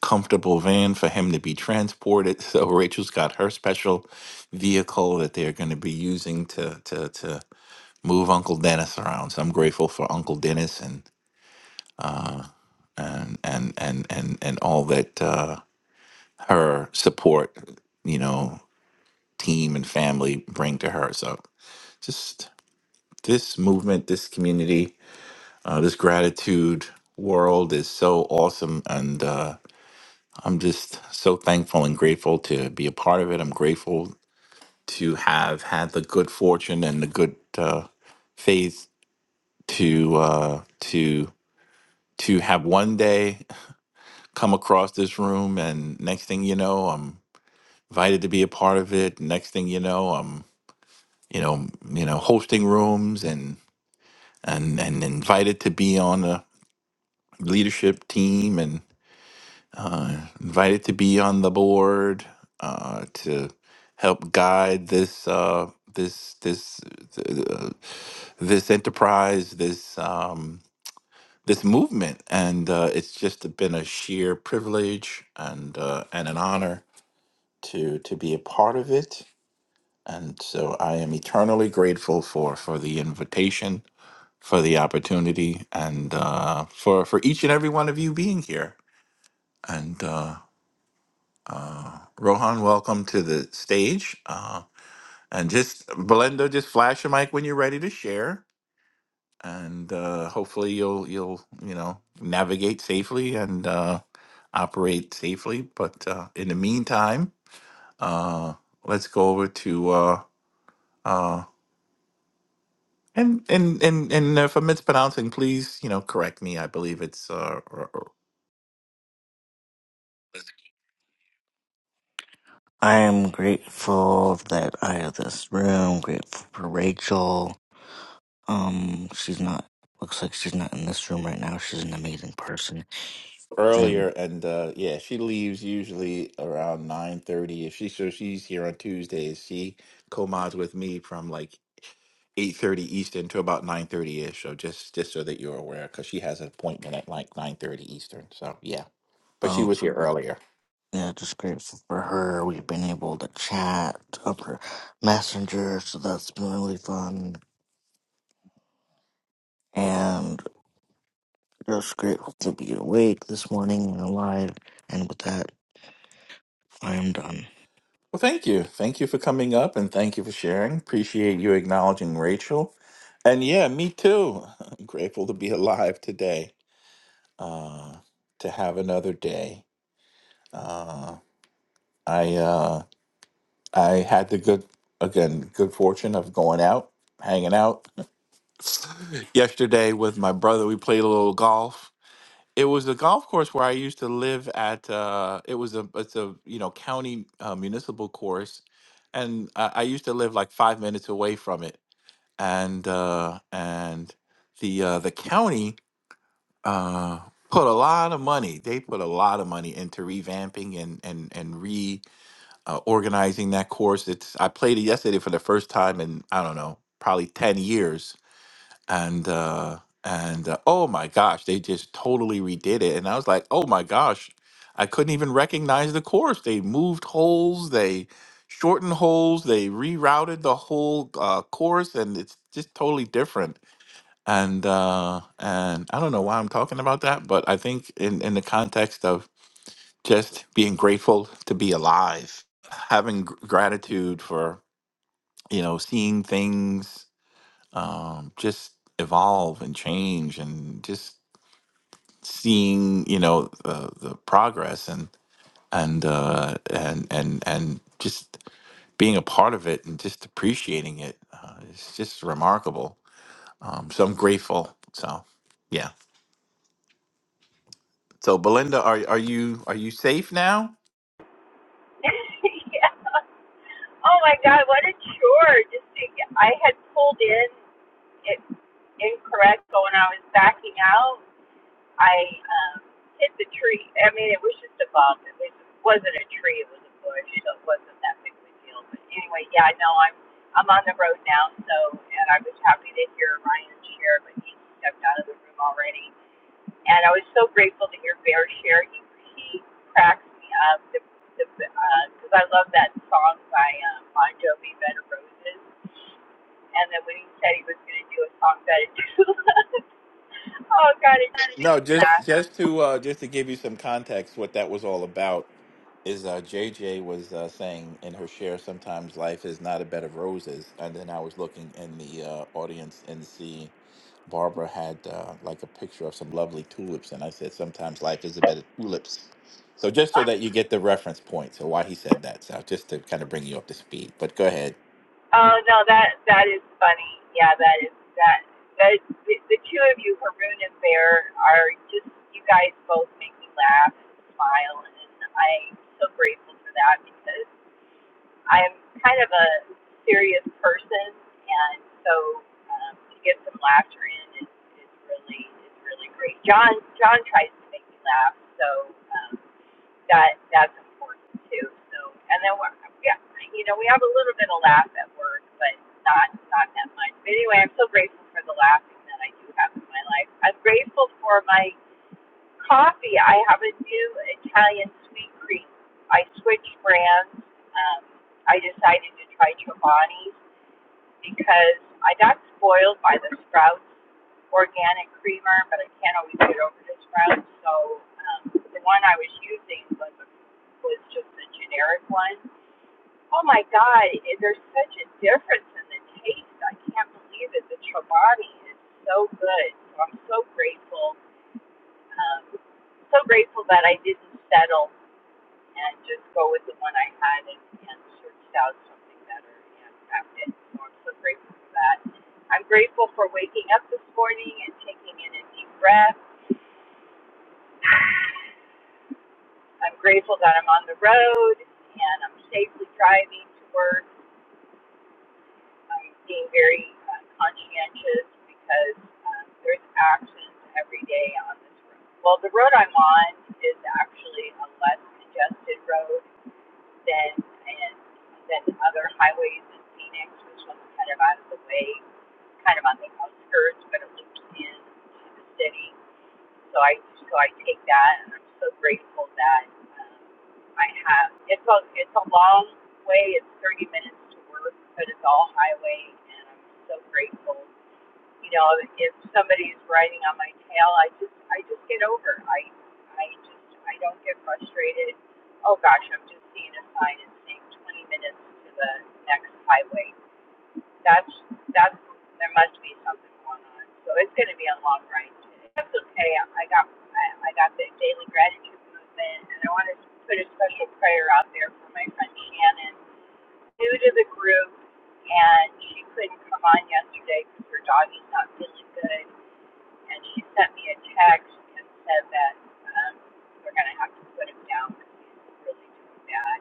[SPEAKER 18] comfortable van for him to be transported. So Rachel's got her special vehicle that they're going to be using to to to move Uncle Dennis around. So I'm grateful for Uncle Dennis and and and and and, and all that uh, her support, you know, team and family bring to her. So just this movement, this community, uh, this gratitude world is so awesome and uh, i'm just so thankful and grateful to be a part of it i'm grateful to have had the good fortune and the good uh, faith to uh, to to have one day come across this room, and next thing you know, I'm invited to be a part of it. Next thing you know, I'm you know you know hosting rooms and and and invited to be on a leadership team invited to be on the board uh, to help guide this uh, this this th- uh, this enterprise, this um, this movement, and uh, it's just been a sheer privilege and uh, and an honor to to be a part of it. And so I am eternally grateful for for the invitation, for the opportunity, and uh, for for each and every one of you being here. And uh, Uh, Rohan, welcome to the stage. Uh, and just Belendo, just flash your mic when you're ready to share, and uh, hopefully you'll you'll you know navigate safely and uh, operate safely. But uh, in the meantime, uh, let's go over to uh, uh, and and and and if I'm mispronouncing, please you know correct me. I believe it's uh,
[SPEAKER 25] I am grateful that I have this room. Grateful for Rachel. Um, she's not. Looks like she's not in this room right now. She's an amazing person.
[SPEAKER 18] earlier
[SPEAKER 25] And
[SPEAKER 18] and uh yeah she leaves usually around nine thirty. if she so she's here on tuesdays she co-mods with me from like eight thirty eastern to about nine thirty ish so just just so that you're aware because she has an appointment at like nine thirty eastern so yeah but she
[SPEAKER 25] oh
[SPEAKER 18] was here earlier
[SPEAKER 25] yeah, just grateful for her. We've been able to chat over Messenger, so that's been really fun. And just grateful to be awake this morning and alive. And with that, I am done.
[SPEAKER 18] well thank you thank you for coming up and thank you for sharing appreciate you acknowledging rachel and yeah me too grateful to be alive today uh to have another day Uh, I uh, I had the good again good fortune of going out, hanging out yesterday with my brother. We played a little golf. It was the golf course where I used to live at. Uh, it was a it's a you know county uh, municipal course, and I, I used to live like five minutes away from it. And uh, and the uh, the county uh, put a lot of money. They put a lot of money into revamping and and and re uh, organizing that course. It's I played it yesterday for the first time in I don't know probably ten years, and uh, and uh, oh my gosh, they just totally redid it, and I was like, oh my gosh, I couldn't even recognize the course. They moved holes, they shortened holes, they rerouted the whole uh, course, and it's just totally different. And uh, and I don't know why I'm talking about that, but I think in in the context of just being grateful to be alive, having gr- gratitude for you know seeing things um, just evolve and change, and just seeing you know the, the progress and and uh, and and and just being a part of it and just appreciating it. Uh, it's just remarkable. Um, so I'm grateful. So yeah. So Belinda, are are you are you safe now?
[SPEAKER 24] yeah. Oh my god, what a chore! Just to, I had pulled in it incorrect, so when I was backing out, I um, hit the tree. I mean, it was just a bump. It was, wasn't a tree. It was a bush, so it wasn't that big of a deal. But anyway, yeah, I know I'm I'm on the road now. So, and I was happy to hear Ryan share, but he stepped out of the room already. And I was so grateful to hear Bear share. He he cracks me up because the, uh I love that song by um, Bon Jovi, Bed of Roses. And then when he said he was going to do a song, Bed of Tulips, oh God, it just made
[SPEAKER 18] No,
[SPEAKER 24] me
[SPEAKER 18] just
[SPEAKER 24] laugh.
[SPEAKER 18] just to uh, just to give you some context, what that was all about is uh, JJ was uh, saying in her share, sometimes life is not a bed of roses, and then I was looking in the uh, audience and see Barbara had uh, like a picture of some lovely tulips, and I said sometimes life is a bed of tulips. So just so that you get the reference point, so why he said that, so just to kind of bring you up to speed. But go ahead.
[SPEAKER 24] Oh no, that that is funny. Yeah, that is that that the, the two of you, Haroon and Bear, are just you guys both make me laugh and smile, and I'm so grateful for that because I'm kind of a serious person, and so um, to get some laughter in is, is really is really great. John John tries to make me laugh, so um, that that's important too. So, and then we're, yeah, you know, we have a little bit of laugh at work, but not not that much. But anyway, I'm so grateful for the laughing that I do have in my life. I'm grateful for my coffee. I have a new Italian sweet cream. I switched brands. Um, I decided to try Chobani, because I got spoiled by the Sprouts organic creamer, but I can't always get over the Sprouts. So um, the one I was using was was just the generic one. Oh my God, there's such a difference in the taste. I can't believe it. The Chobani is so good. So I'm so grateful. Um, so grateful that I didn't settle and just go with the one I had and, and searched out something better and found it. So I'm so grateful for that. I'm grateful for waking up this morning and taking in a deep breath. I'm grateful that I'm on the road and I'm safely driving to work. I'm being very uh, conscientious because um, there's accidents every day on this road. Well, the road I'm on is actually a less congested road than and than other highways in Phoenix, which was kind of out of the way, kind of on the outskirts, but it looped in the city. So I so I take that, and I'm so grateful that um, I have. It's a it's a long way. It's 30 minutes to work, but it's all highway, and I'm so grateful you know, if somebody's riding on my tail, I just I just get over. I I just I don't get frustrated. Oh gosh, I'm just seeing a sign and saying 20 minutes to the next highway. That's that's there must be something going on. So it's going to be a long ride today. That's okay. I got I, I got the daily gratitude movement, and I want to put a special prayer out there for my friend Shannon new to the group, and she couldn't come on yesterday because her doggy's not feeling good. And she sent me a text and said that um, we're going to have to put him down because he's really doing bad.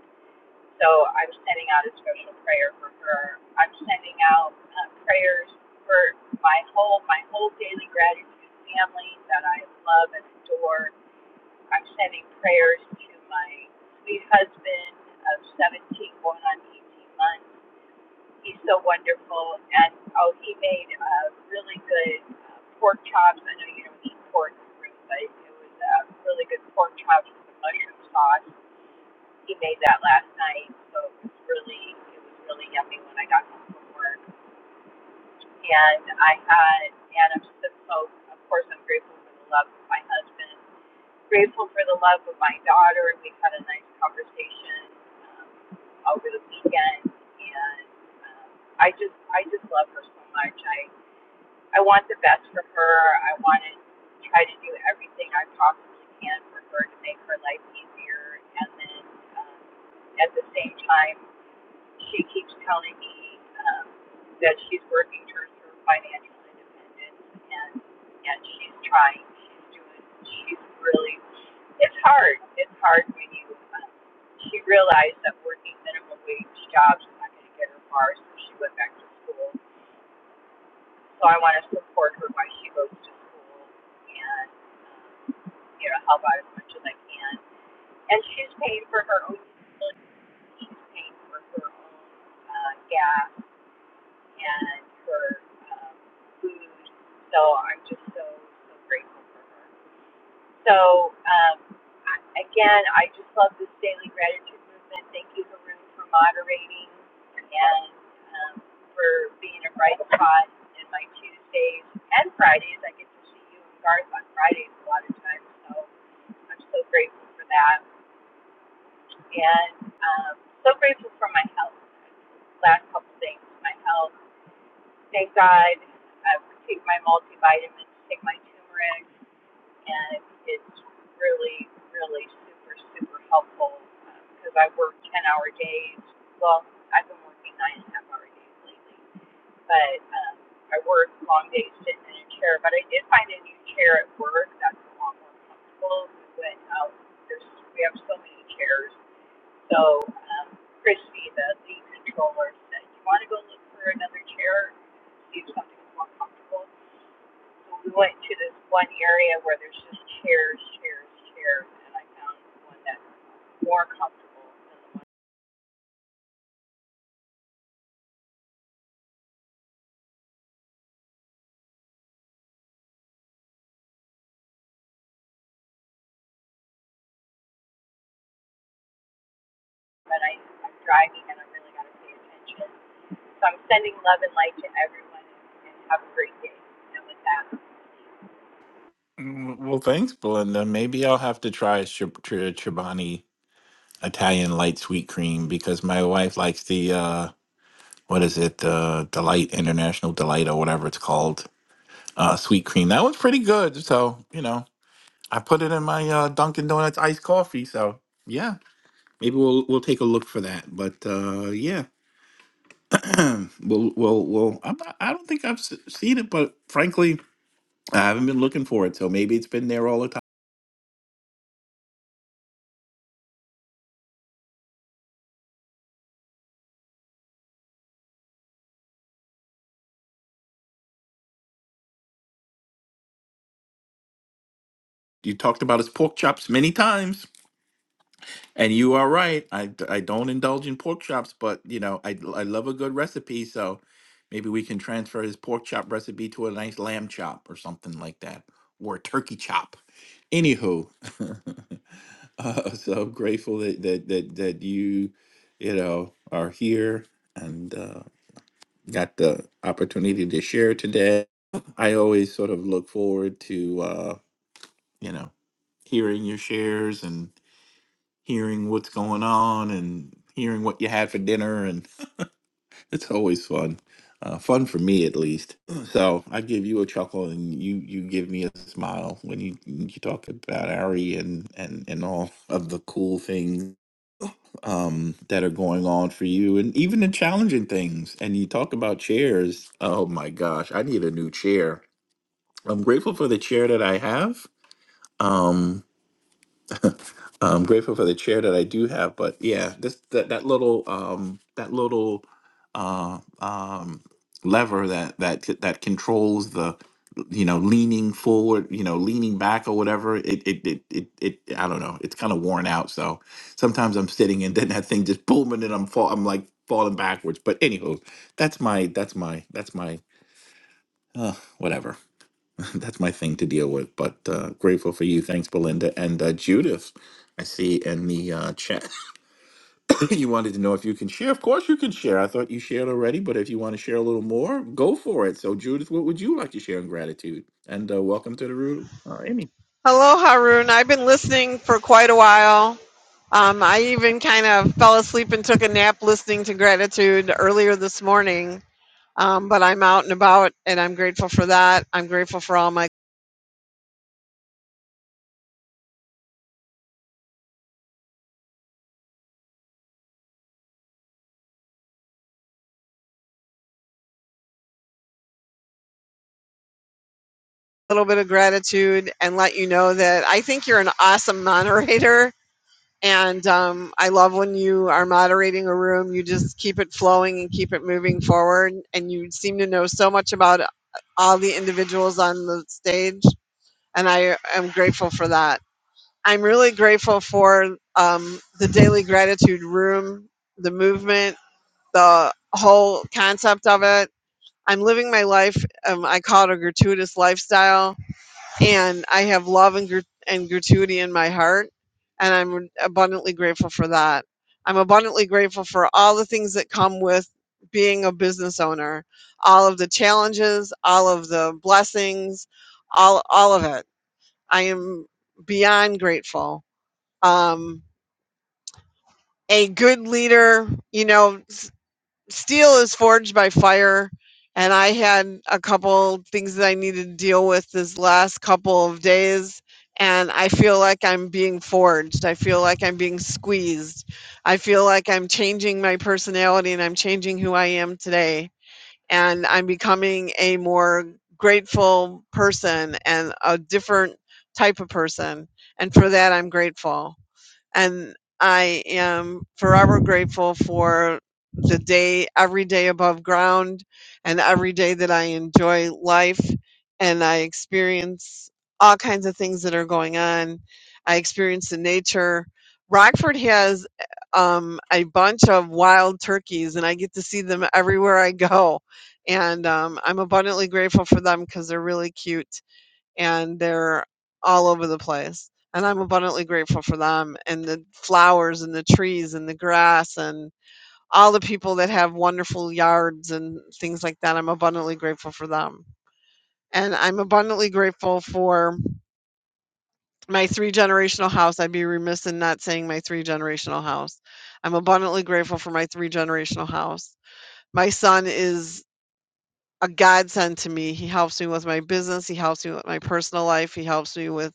[SPEAKER 24] So I'm sending out a special prayer for her. I'm sending out uh, prayers for my whole my whole daily gratitude family that I love and adore. I'm sending prayers to my sweet husband of 17 going on 18 months He's so wonderful. And oh, he made uh, really good uh, pork chops. I know you don't eat pork, right, but it was uh, really good pork chops with the mushroom sauce. He made that last night, so it was really it was really yummy when I got home from work. And I had and I'm so so of course I'm grateful for the love of my husband grateful for the love of my daughter, and we had a nice conversation um, over the weekend. And um, I just, I just love her so much. I, I want the best for her. I want to try to do everything I possibly can for her to make her life easier, and then um, at the same time she keeps telling me um, that she's working towards her financial independence, and yet she's trying. She's doing. She's really. It's hard. It's hard when you. Um, she realized that working minimum wage jobs is not going to get her far, so she went back to school. So I want to support her while she goes to school, and um, you know help out as much as I can. And she's paying for her own She's paying for her own uh, gas and for um, food. So I'm just so so grateful for her. So um, I, again, I just love this daily gratitude movement. Thank you, Haroon, for moderating and um, for being a bright spot in my Tuesdays and Fridays. I get to see you in Garth on Fridays a lot of times, so I'm so grateful for that. And um, so grateful for my health. Last couple things, my health Thank God I take my multivitamins, take my turmeric, and it's really, really super, super helpful because um, I work 10 hour days. Well, I've been working nine and a half hour days lately, but um, I work long days sitting in a chair. But I did find a new chair at work that's a lot more comfortable. We went out, there's, we have so many chairs so um, Christy, the lead controller, said, "You want to go look for another chair, see if something's more comfortable." So we went to this one area where there's just chairs, chairs, chairs, and I found one that's more comfortable than the one. But I, I'm driving and I really got to pay attention. So I'm sending love and light to everyone, and have a great day. And with that.
[SPEAKER 18] Mm, Well, thanks, Belinda. Maybe I'll have to try Chib- Chir- Chobani Italian light sweet cream because my wife likes the uh what is it the delight international delight or whatever it's called uh sweet cream that one's pretty good so you know I put it in my uh, Dunkin' Donuts iced coffee so yeah maybe we'll we'll take a look for that but uh yeah we'll we'll we'll I'm not, I don't think I've s- seen it but frankly I haven't been looking for it so maybe it's been there all the time you talked about his pork chops many times And you are right. I, d- I don't indulge in pork chops, but you know, I I love a good recipe. So maybe we can transfer his pork chop recipe to a nice lamb chop or something like that, or a turkey chop. Anywho, uh, so grateful that, that that that you, you know, are here and uh, got the opportunity to share today. I always sort of look forward to uh, you know hearing your shares and hearing what's going on and hearing what you had for dinner and it's always fun uh, fun for me at least so i give you a chuckle and you you give me a smile when you you talk about ari and and and all of the cool things um that are going on for you and even the challenging things and you talk about chairs oh my gosh i need a new chair i'm grateful for the chair that i have Um, I'm grateful for the chair that I do have, but yeah, this that, that little um that little uh um lever that that c- that controls the you know leaning forward, you know leaning back or whatever. It it it it, it I don't know. It's kind of worn out, so sometimes I'm sitting and then that thing just booming and then I'm fall I'm like falling backwards. But anywho, that's my that's my that's my uh, whatever. that's my thing to deal with. But uh, grateful for you. Thanks, Belinda and uh, Judith. I see in the uh, chat you wanted to know if you can share. Of course, you can share. I thought you shared already, but if you want to share a little more, go for it. So, Judith, what would you like to share in gratitude? And uh, welcome to the room, uh, Amy.
[SPEAKER 8] Hello, Haroon. I've been listening for quite a while. Um, I even kind of fell asleep and took a nap listening to gratitude earlier this morning. Um, but I'm out and about and I'm grateful for that. I'm grateful for all my little bit of gratitude and let you know that I think you're an awesome moderator And um, I love when you are moderating a room, you just keep it flowing and keep it moving forward. And you seem to know so much about uh, all the individuals on the stage. And I am grateful for that. I'm really grateful for um, the daily gratitude room, the movement, the whole concept of it. I'm living my life, um, I call it a gratuitous lifestyle and I have love and, grat- and gratuity in my heart, and I'm abundantly grateful for that. I'm abundantly grateful for all the things that come with being a business owner, all of the challenges, all of the blessings, all all of it. I am beyond grateful. Um, a good leader, you know, steel is forged by fire and i had a couple things that i needed to deal with this last couple of days and i feel like i'm being forged i feel like i'm being squeezed i feel like i'm changing my personality and i'm changing who i am today and i'm becoming a more grateful person and a different type of person and for that i'm grateful and I am forever grateful for the day, every day above ground, and every day that I enjoy life and I experience all kinds of things that are going on. I experience the nature. Rockford has um, a bunch of wild turkeys, and I get to see them everywhere I go. And um, I'm abundantly grateful for them because they're really cute and they're all over the place. And I'm abundantly grateful for them and the flowers and the trees and the grass and all the people that have wonderful yards and things like that. I'm abundantly grateful for them. And I'm abundantly grateful for my three generational house. I'd be remiss in not saying my three generational house. I'm abundantly grateful for my three generational house. My son is a godsend to me. He helps me with my business. He helps me with my personal life. He helps me with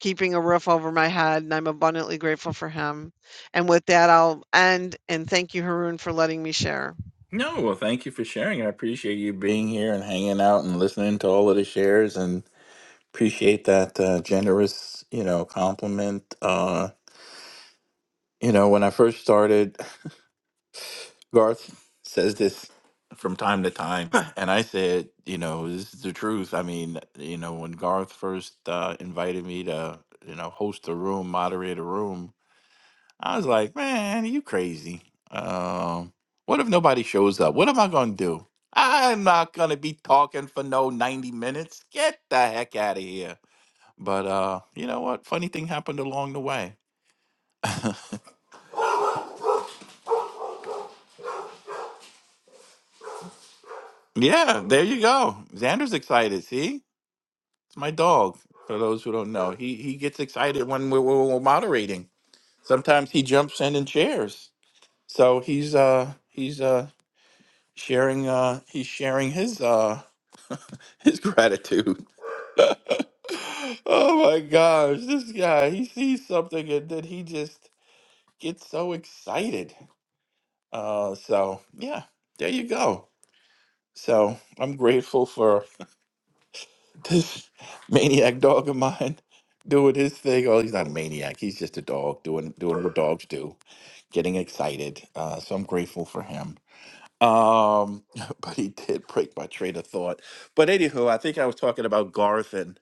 [SPEAKER 8] keeping a roof over my head. And I'm abundantly grateful for him. And with that, I'll end and thank you, Haroon, for letting me share.
[SPEAKER 18] No, well, thank you for sharing. I appreciate you being here and hanging out and listening to all of the shares, and appreciate that uh, generous, you know, compliment. Uh, you know, when I first started. Garth says this from time to time, and I said, you know, this is the truth. I mean, you know, when Garth first uh, invited me to, you know, host a room, moderate a room, I was like, man, you crazy. Um, what if nobody shows up? What am I gonna do? I'm not gonna be talking for no 90 minutes. Get the heck out of here. But uh, you know what? Funny thing happened along the way. Yeah, there you go. Xander's excited. See? my dog. For those who don't know, he he gets excited when we're, we're, we're moderating. Sometimes he jumps in and shares. So he's uh he's uh sharing uh he's sharing his uh his gratitude. oh my gosh, this guy he sees something and then he just gets so excited. Uh, so yeah, there you go. So I'm grateful this maniac dog of mine doing his thing. Oh, he's not a maniac. He's just a dog doing doing what dogs do, getting excited. Uh, so I'm grateful for him. Um, but he did break my train of thought. But anywho, I think I was talking about Garth and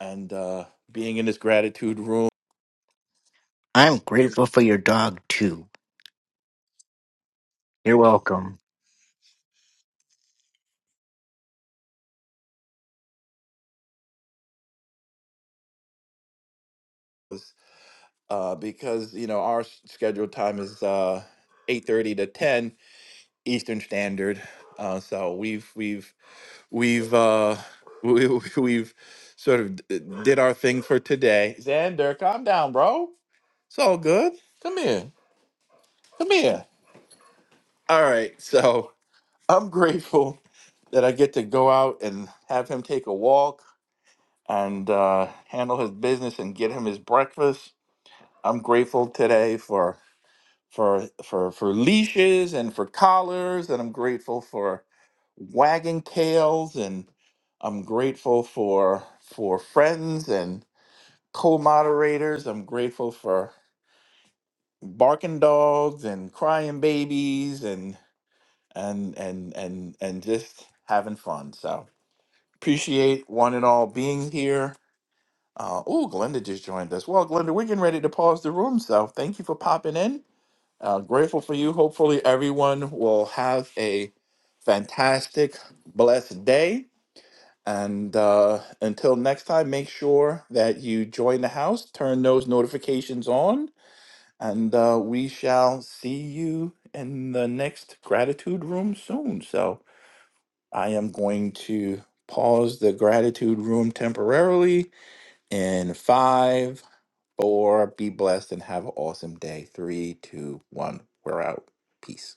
[SPEAKER 18] and uh, being in this gratitude room
[SPEAKER 25] I'm grateful for your dog too. You're welcome.
[SPEAKER 18] uh, because you know our s- scheduled time is uh, 8:30 to 10 Eastern Standard. Uh, so we've we've we've uh we, we- we've sort of d- uh, did our thing for today xander calm down bro it's all good come here come here all right so i'm grateful that i get to go out and have him take a walk and uh, handle his business and get him his breakfast i'm grateful today for for for leashes and for collars and I'm grateful for wagging tails and I'm grateful for for friends and co-moderators. I'm grateful for barking dogs and crying babies and and and and and just having fun. So appreciate one and all being here. Uh, oh, Glenda just joined us. Well, Glenda, we're getting ready to pause the room, so thank you for popping in. Uh, grateful for you. Hopefully, everyone will have a fantastic, blessed day. And uh, until next time, make sure that you join the house, turn those notifications on, and uh, we shall see you in the next gratitude room soon. So I am going to pause the gratitude room temporarily in five, four, be blessed and have an awesome day. Three, two, one, we're out. Peace.